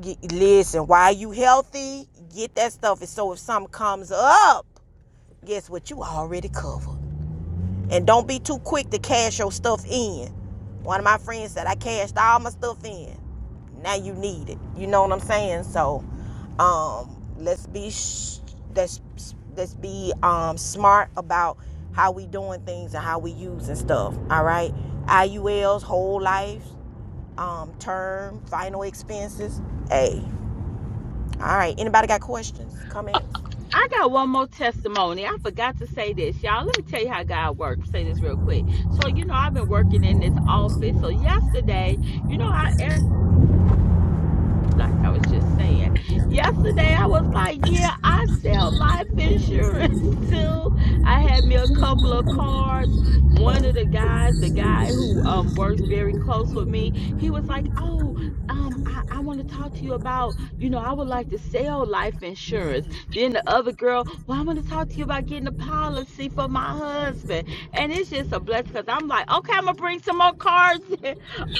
A: Get, listen, while you healthy, get that stuff. And so if something comes up, guess what? You already covered. And don't be too quick to cash your stuff in. One of my friends said, I cashed all my stuff in. Now you need it. You know what I'm saying? So, um, let's be sh- let's let's be um smart about how we doing things and how we using stuff. All right, IULs, whole lives, um, term, final expenses. Hey, all right. Anybody got questions, comments?
B: I got one more testimony. I forgot to say this, y'all. Let me tell you how God works. Say this real quick. So, you know, I've been working in this office. So, yesterday, you know how like I was just saying. Yesterday, I was like, yeah, I sell life insurance too. I had me a couple of cards. One of the guys, the guy who um works very close with me, he was like, oh, um, I, I want to talk to you about, you know, I would like to sell life insurance. Then the other girl, well, I'm going to talk to you about getting a policy for my husband. And it's just a blessing because I'm like, okay, I'm going to bring some more cards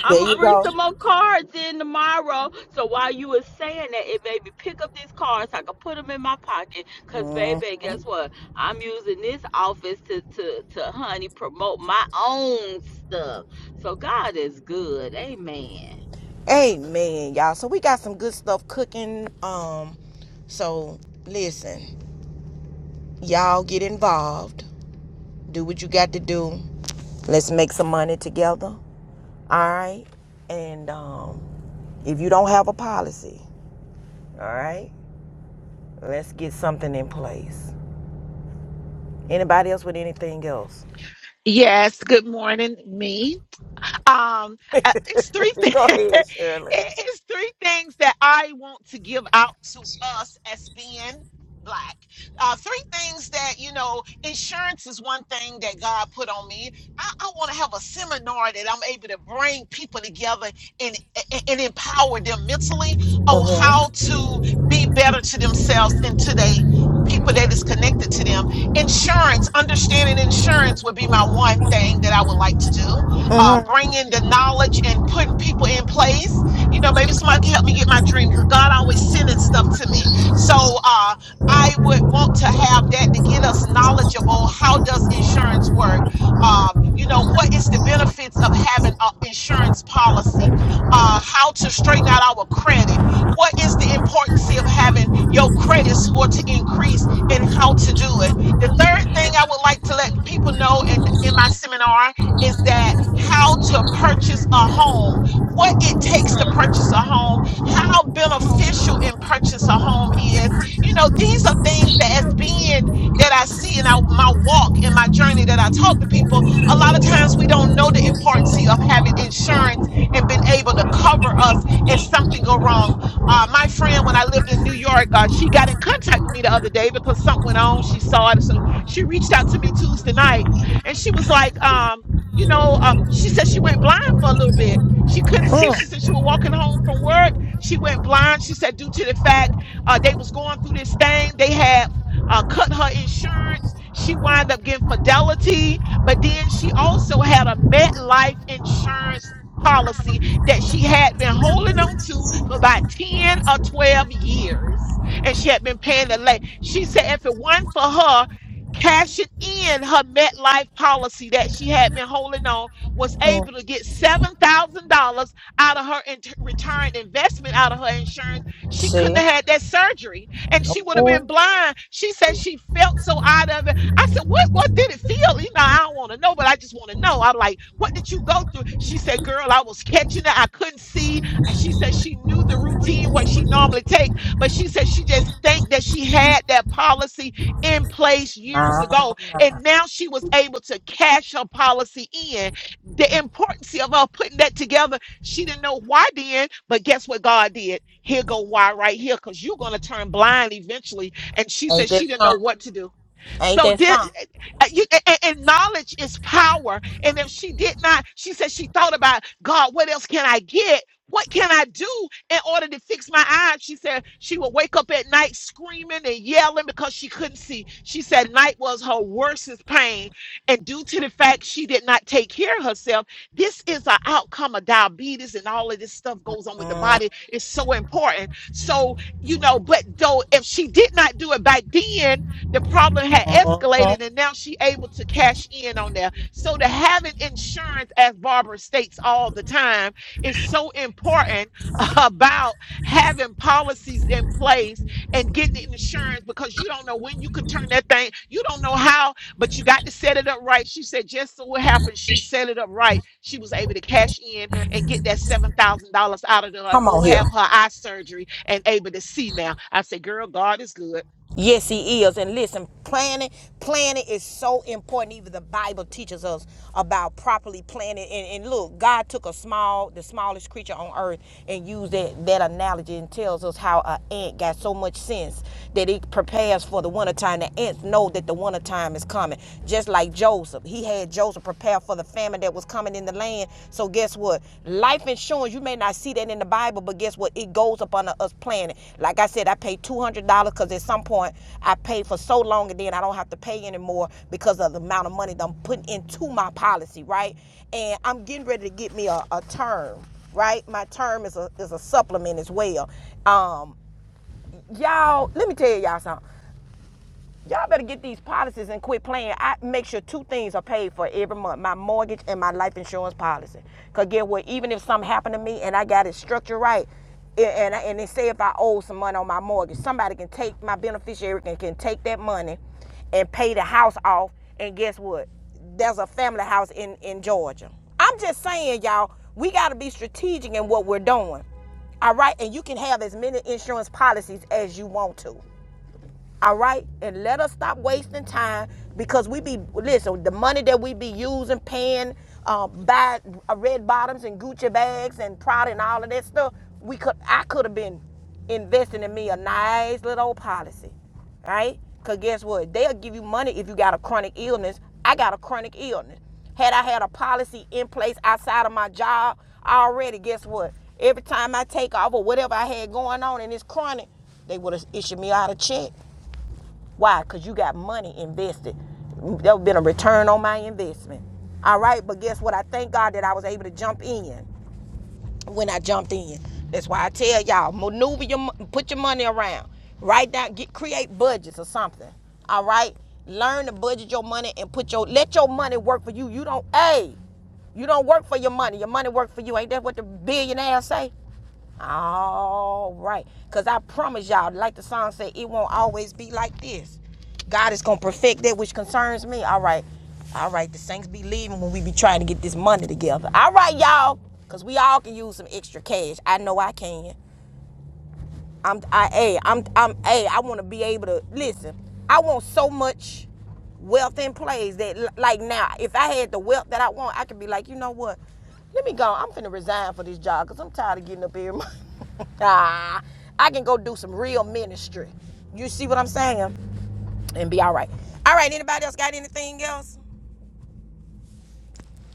B: I'm
A: There
B: gonna
A: you
B: bring
A: go.
B: some more cards in tomorrow. So while you was saying that, it made me pick up these cards. So I could put them in my pocket. Cause baby, guess
A: Mhm.
B: what? I'm using this office to to to honey promote my own stuff. So God is good. Amen.
A: Amen, y'all. So we got some good stuff cooking. Um, so listen. Y'all get involved. Do what you got to do. Let's make some money together. All right. And um, if you don't have a policy, all right, let's get something in place. Anybody else with anything else?
G: Yes, good morning, me. Um, uh, it's three things.
A: Go ahead, Shirley.
G: it's three things that I want to give out to us as being black. Uh, three things that you know, insurance is one thing that God put on me. I, I want to have a seminar that I'm able to bring people together and, and and empower them mentally on
A: Uh-huh.
G: how to be better to themselves and to they people that is connected to them. Insurance, understanding insurance would be my one thing that I would like to do uh, bringing the knowledge and putting people in place. You know, maybe somebody can help me get my dream because God always sending stuff to me. So uh, I would want to have that to get us knowledgeable. How does insurance work? Um, you know, what is the benefits of having an insurance policy? Uh, how to straighten out our credit? What is the importance of having your credit score to increase and how to do it? The third thing I would like to let people
A: Uh-huh.
G: know in, in my seminar is that how to purchase a home, what it takes to purchase a home, how beneficial in purchase a home is. You know, these are things that as being that I see in our- my walk and my journey that I talk to people, a lot of times we don't know the importance of having insurance and being able to cover us if something go wrong. Uh, my friend, when I lived in New York, uh, she got in contact with me the other day because something went on. She saw it. So she reached out to me Tuesday night and she was like, um, you know, um, she said she went blind for a little bit. She couldn't see.
A: Hmm.
G: She said she was walking home from work. She went blind. She said due to the fact uh, they was going through this thing, they had uh, cut her insurance. She wound up getting fidelity, but then she also had a MetLife insurance policy that she had been holding on to for about 10 or 12 years and she had been paying the late she said if it weren't for her cashing in her MetLife policy that she had been holding on, was able to get $7,000 out of her int- retirement investment, out of her insurance. She couldn't
A: See?
G: have had that surgery and she would
A: Ooh.
G: have been blind. She said she felt so out of it. I said, What, what did it feel? You know, I don't want to know, but I just want to know. I'm like, What did you go through? She said, Girl, I was catching it. I couldn't see. And She said she knew the routine, what she normally take, but she said she just thanked that she had that policy in place years ago. And now she was able to cash her policy in. The importance of her putting that together, she didn't know why then, but guess what God did? Here go why right here, because you're going to turn blind eventually. And she said she didn't know what to do.
A: Ain't
G: So
A: that?
G: did uh, you- a- a- and, knowledge is power. And if she did not, she said she thought about God, what else can I get? What can I do in order to fix my eyes? She said she would wake up at night screaming and yelling because she couldn't see. She said night was her worstest pain. And due to the fact she did not take care of herself, this is an outcome of diabetes and all of this stuff goes on with the body. It's so important. So, you know, but though if she did not do it back then, the problem had
A: Uh-huh.
G: escalated, and now she able to cash in on there. So to having insurance, as Barbara states all the time, is so important about having policies in place and getting insurance because you don't know when you can turn that thing. You don't know how, but you got to set it up right. She said, just so what happened, she set it up right. She was able to cash in and get that seven thousand dollars out of there and
A: Come
G: go
A: on here.
G: have her eye surgery and able to see now. I said, girl, God is good.
A: Yes, he is. And listen, planning, planning is so important. Even the Bible teaches us about properly planning. And, and look, God took a small, the smallest creature on earth, and used that that analogy and tells us how an ant got so much sense that it prepares for the wintertime. The ants know that the wintertime is coming. Just like Joseph, he had Joseph prepare for the famine that was was coming in the land. So guess what? Life insurance, you may not see that in the Bible, but guess what? It goes up under us planning. Like I said, I paid $200 because at some point I paid for so long and then I don't have to pay anymore because of the amount of money that I'm putting into my policy, right? And I'm getting ready to get me a, a term, right? My term is a, is a supplement as well. Um, y'all, let me tell y'all something. Y'all better get these policies and quit playing. I make sure two things are paid for every month: my mortgage and my life insurance policy. Cause get what? Even if something happened to me and I got it structured right, and and, and they say if I owe some money on my mortgage, somebody can take my beneficiary can, can take that money, and pay the house off. And guess what? There's a family house in in Georgia. I'm just saying, y'all, we gotta be strategic in what we're doing. All right, and you can have as many insurance policies as you want to. All right? And let us stop wasting time because we be, listen, the money that we be using, paying, uh, buy uh, red bottoms and Gucci bags and Prada and all of that stuff, we could, I could have been investing in me a nice little old policy. All right? Because guess what? They'll give you money if you got a chronic illness. I got a chronic illness. Had I had a policy in place outside of my job already, guess what? Every time I take off or whatever I had going on and it's chronic, they would have issued me out a check. Why? Because you got money invested. There would have been a return on my investment. All right, but guess what? I thank God that I was able to jump in when I jumped in. That's why I tell y'all, maneuver your, put your money around. Write down, get create budgets or something. All right, learn to budget your money and put your let your money work for you. You don't, hey, you don't work for your money. Your money work for you. Ain't that what the billionaires say? All right. Because I promise y'all, like the song said, it won't always be like this. God is going to perfect that which concerns me. All right. All right. The saints be leaving when we be trying to get this money together. All right, y'all. Because we all can use some extra cash. I know I can. I'm I hey, I'm I'm hey, I want to be able to listen. I want so much wealth in plays that l- like now, if I had the wealth that I want, I could be like, you know what? Let me go. I'm finna resign for this job because I'm tired of getting up every month. ah, I can go do some real ministry. You see what I'm saying? And be all right. All right. Anybody else got anything else?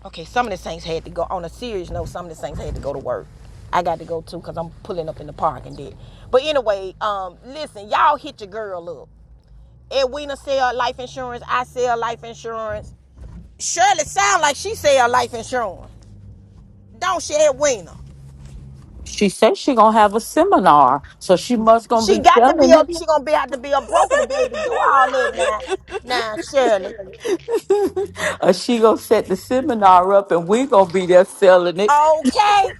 A: Okay, some of the saints had to go. On a serious note, some of the saints had to go to work. I got to go too because I'm pulling up in the park and did. But anyway, um, listen, y'all hit your girl up. Edwina sell life insurance. I sell life insurance. Shirley sound like she sell life insurance. Don't she, Edwina?
B: She says she gonna have a seminar, so she must gonna
A: She
B: be
A: got to be
B: selling
A: a.
B: it.
A: She gonna be have to be a broker to be able to do all that now. Now, Shirley.
B: or she gonna set the seminar up, and we gonna be there selling
A: Okay.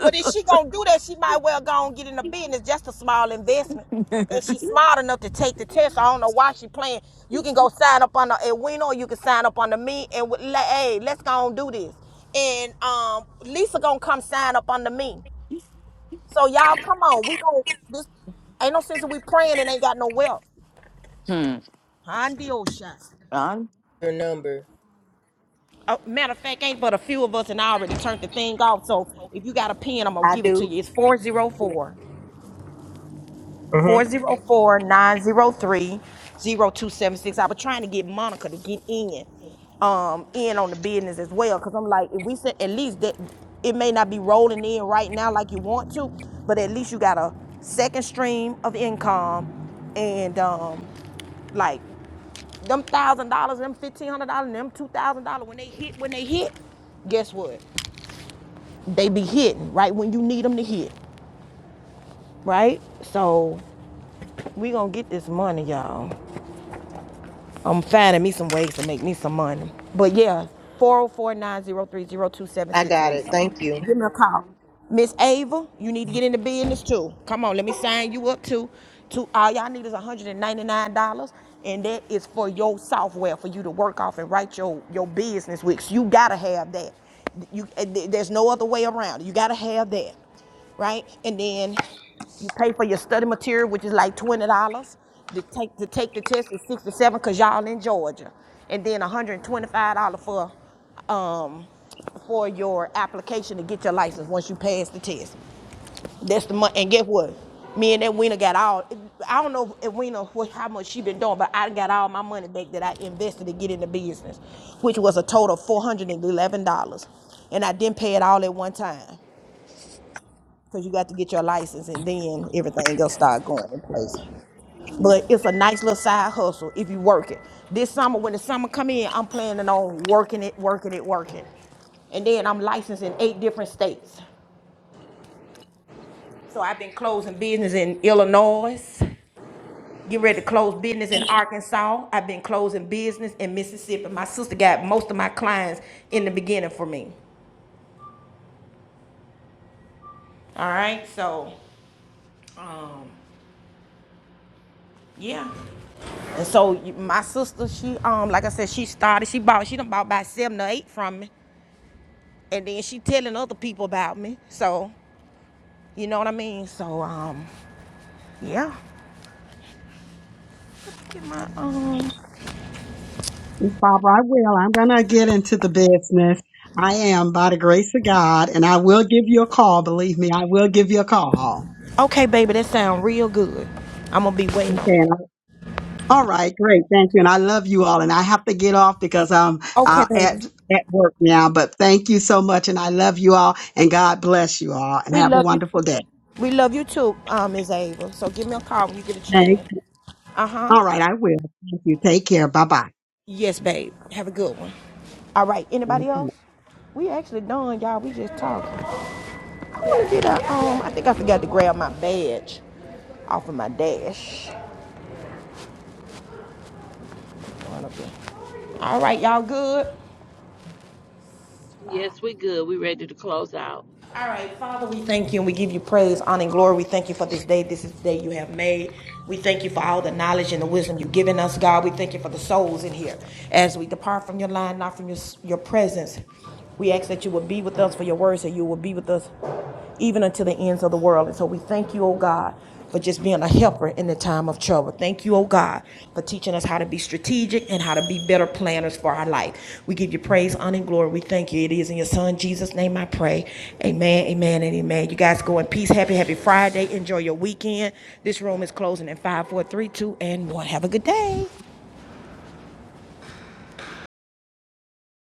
A: But if she gonna do that, she might well go and get in the business. Just a small investment,
B: it.
A: and she's smart enough to take the test. I don't know why she playing. You can go sign up under Edwina, or you can sign up under me, and we- like, hey, let's go and do this. And um, Lisa gonna come sign up under me. So y'all, come on, we gonna this ain't no sense that we praying and ain't got no wealth.
B: Hmm.
A: Handio shot.
B: Ron?
J: Your number.
A: Uh, matter of fact, ain't but a few of us, and I already turned the thing off. So if you got a pen, I'm gonna
J: I
A: give it to
J: do.
A: you. It's 404
J: Mm-hmm.
A: Four zero four nine zero three zero two seven six. I was trying to get Monica to get in, um, in on the business as well. Cause I'm like, if we said at least that it may not be rolling in right now like you want to, but at least you got a second stream of income and um like them thousand dollars, them fifteen hundred dollars, them two thousand dollars when they hit, when they hit, guess what? They be hitting right when you need them to hit, right? So we gonna get this money, y'all. I'm finding me some ways to make me some money. But yeah, four zero four nine zero three zero two seven
J: I
A: six,
J: got it.
A: Lisa.
J: Thank you.
A: Give me a call. Miss Ava, you need to get into business too. Come on, let me sign you up too. To all y'all need is $199, and that is for your software for you to work off and write your, your business with. So you gotta have that. You eh, there's no other way around. You gotta have that right? And then you pay for your study material, which is like twenty dollars. To take to take the test is sixty-seven dollars because y'all in Georgia, and then one hundred and twenty-five dollars for um for your application to get your license once you pass the test. That's the money. And guess what? Me and that Weena got all. I don't know if Weena how much she been doing, but I got all my money back that I invested to get in the business, which was a total of four hundred and eleven dollars, and I didn't pay it all at one time because you got to get your license and then everything else start going in place. But it's a nice little side hustle if you work it. This summer, when the summer come in, I'm planning on working it, working it, working. And then I'm licensed in eight different states. So I've been closing business in Illinois, get ready to close business in Arkansas. I've been closing business in Mississippi. My sister got most of my clients in the beginning for me. All right, so um, yeah. And so my sister, she um, like I said, she started. She bought. She done bought about seven or eight from me, and then she telling other people about me. So you know what I mean. So um, yeah. Get my um.
H: Miss Barbara, I will. I'm going to get into the business. I am, by the grace of God, and I will give you a call. Believe me, I will give you a call.
A: Okay, baby, that sound real good. I'm gonna be waiting
H: Okay.
A: on. it.
H: and I- All right. Great. Thank you. And I love you all. And I have to get off because I'm
A: Okay,
H: uh,
A: baby.
H: at at work now. But thank you so much, and I love you all. And God bless you all. And
A: We
H: have a
A: love you too.
H: wonderful day.
A: We love you too, um, Ms. Ava. So give me a call when you get a
H: Thank
A: chance. Uh huh.
H: All right, I will. Thank you. Take care. Bye bye.
A: Yes, babe. Have a good one. All right. Anybody
H: Thank you.
A: else? We actually done, y'all. We just talking. Where did I, want to get a, um, I think I forgot to grab my badge off of my dash. alright you All right, y'all good?
B: Yes, we good. We ready to close out.
A: All right, Father, we thank you and we give you praise, honor, and glory. We thank you for this day. This is the day you have made. We thank you for all the knowledge and the wisdom you've given us, God. We thank you for the souls in here. As we depart from your line, not from your, your presence, we ask that you will be with us for your words, that you will be with us even until the ends of the world. And so we thank you, oh God, for just being a helper in the time of trouble. Thank you, oh God, for teaching us how to be strategic and how to be better planners for our life. We give you praise, honor, and glory. We thank you. It is in your Son, Jesus' name I pray. Amen, amen, and amen. You guys go in peace. Happy, happy Friday. Enjoy your weekend. This room is closing in five, four, three, two, and 1. Have a good day.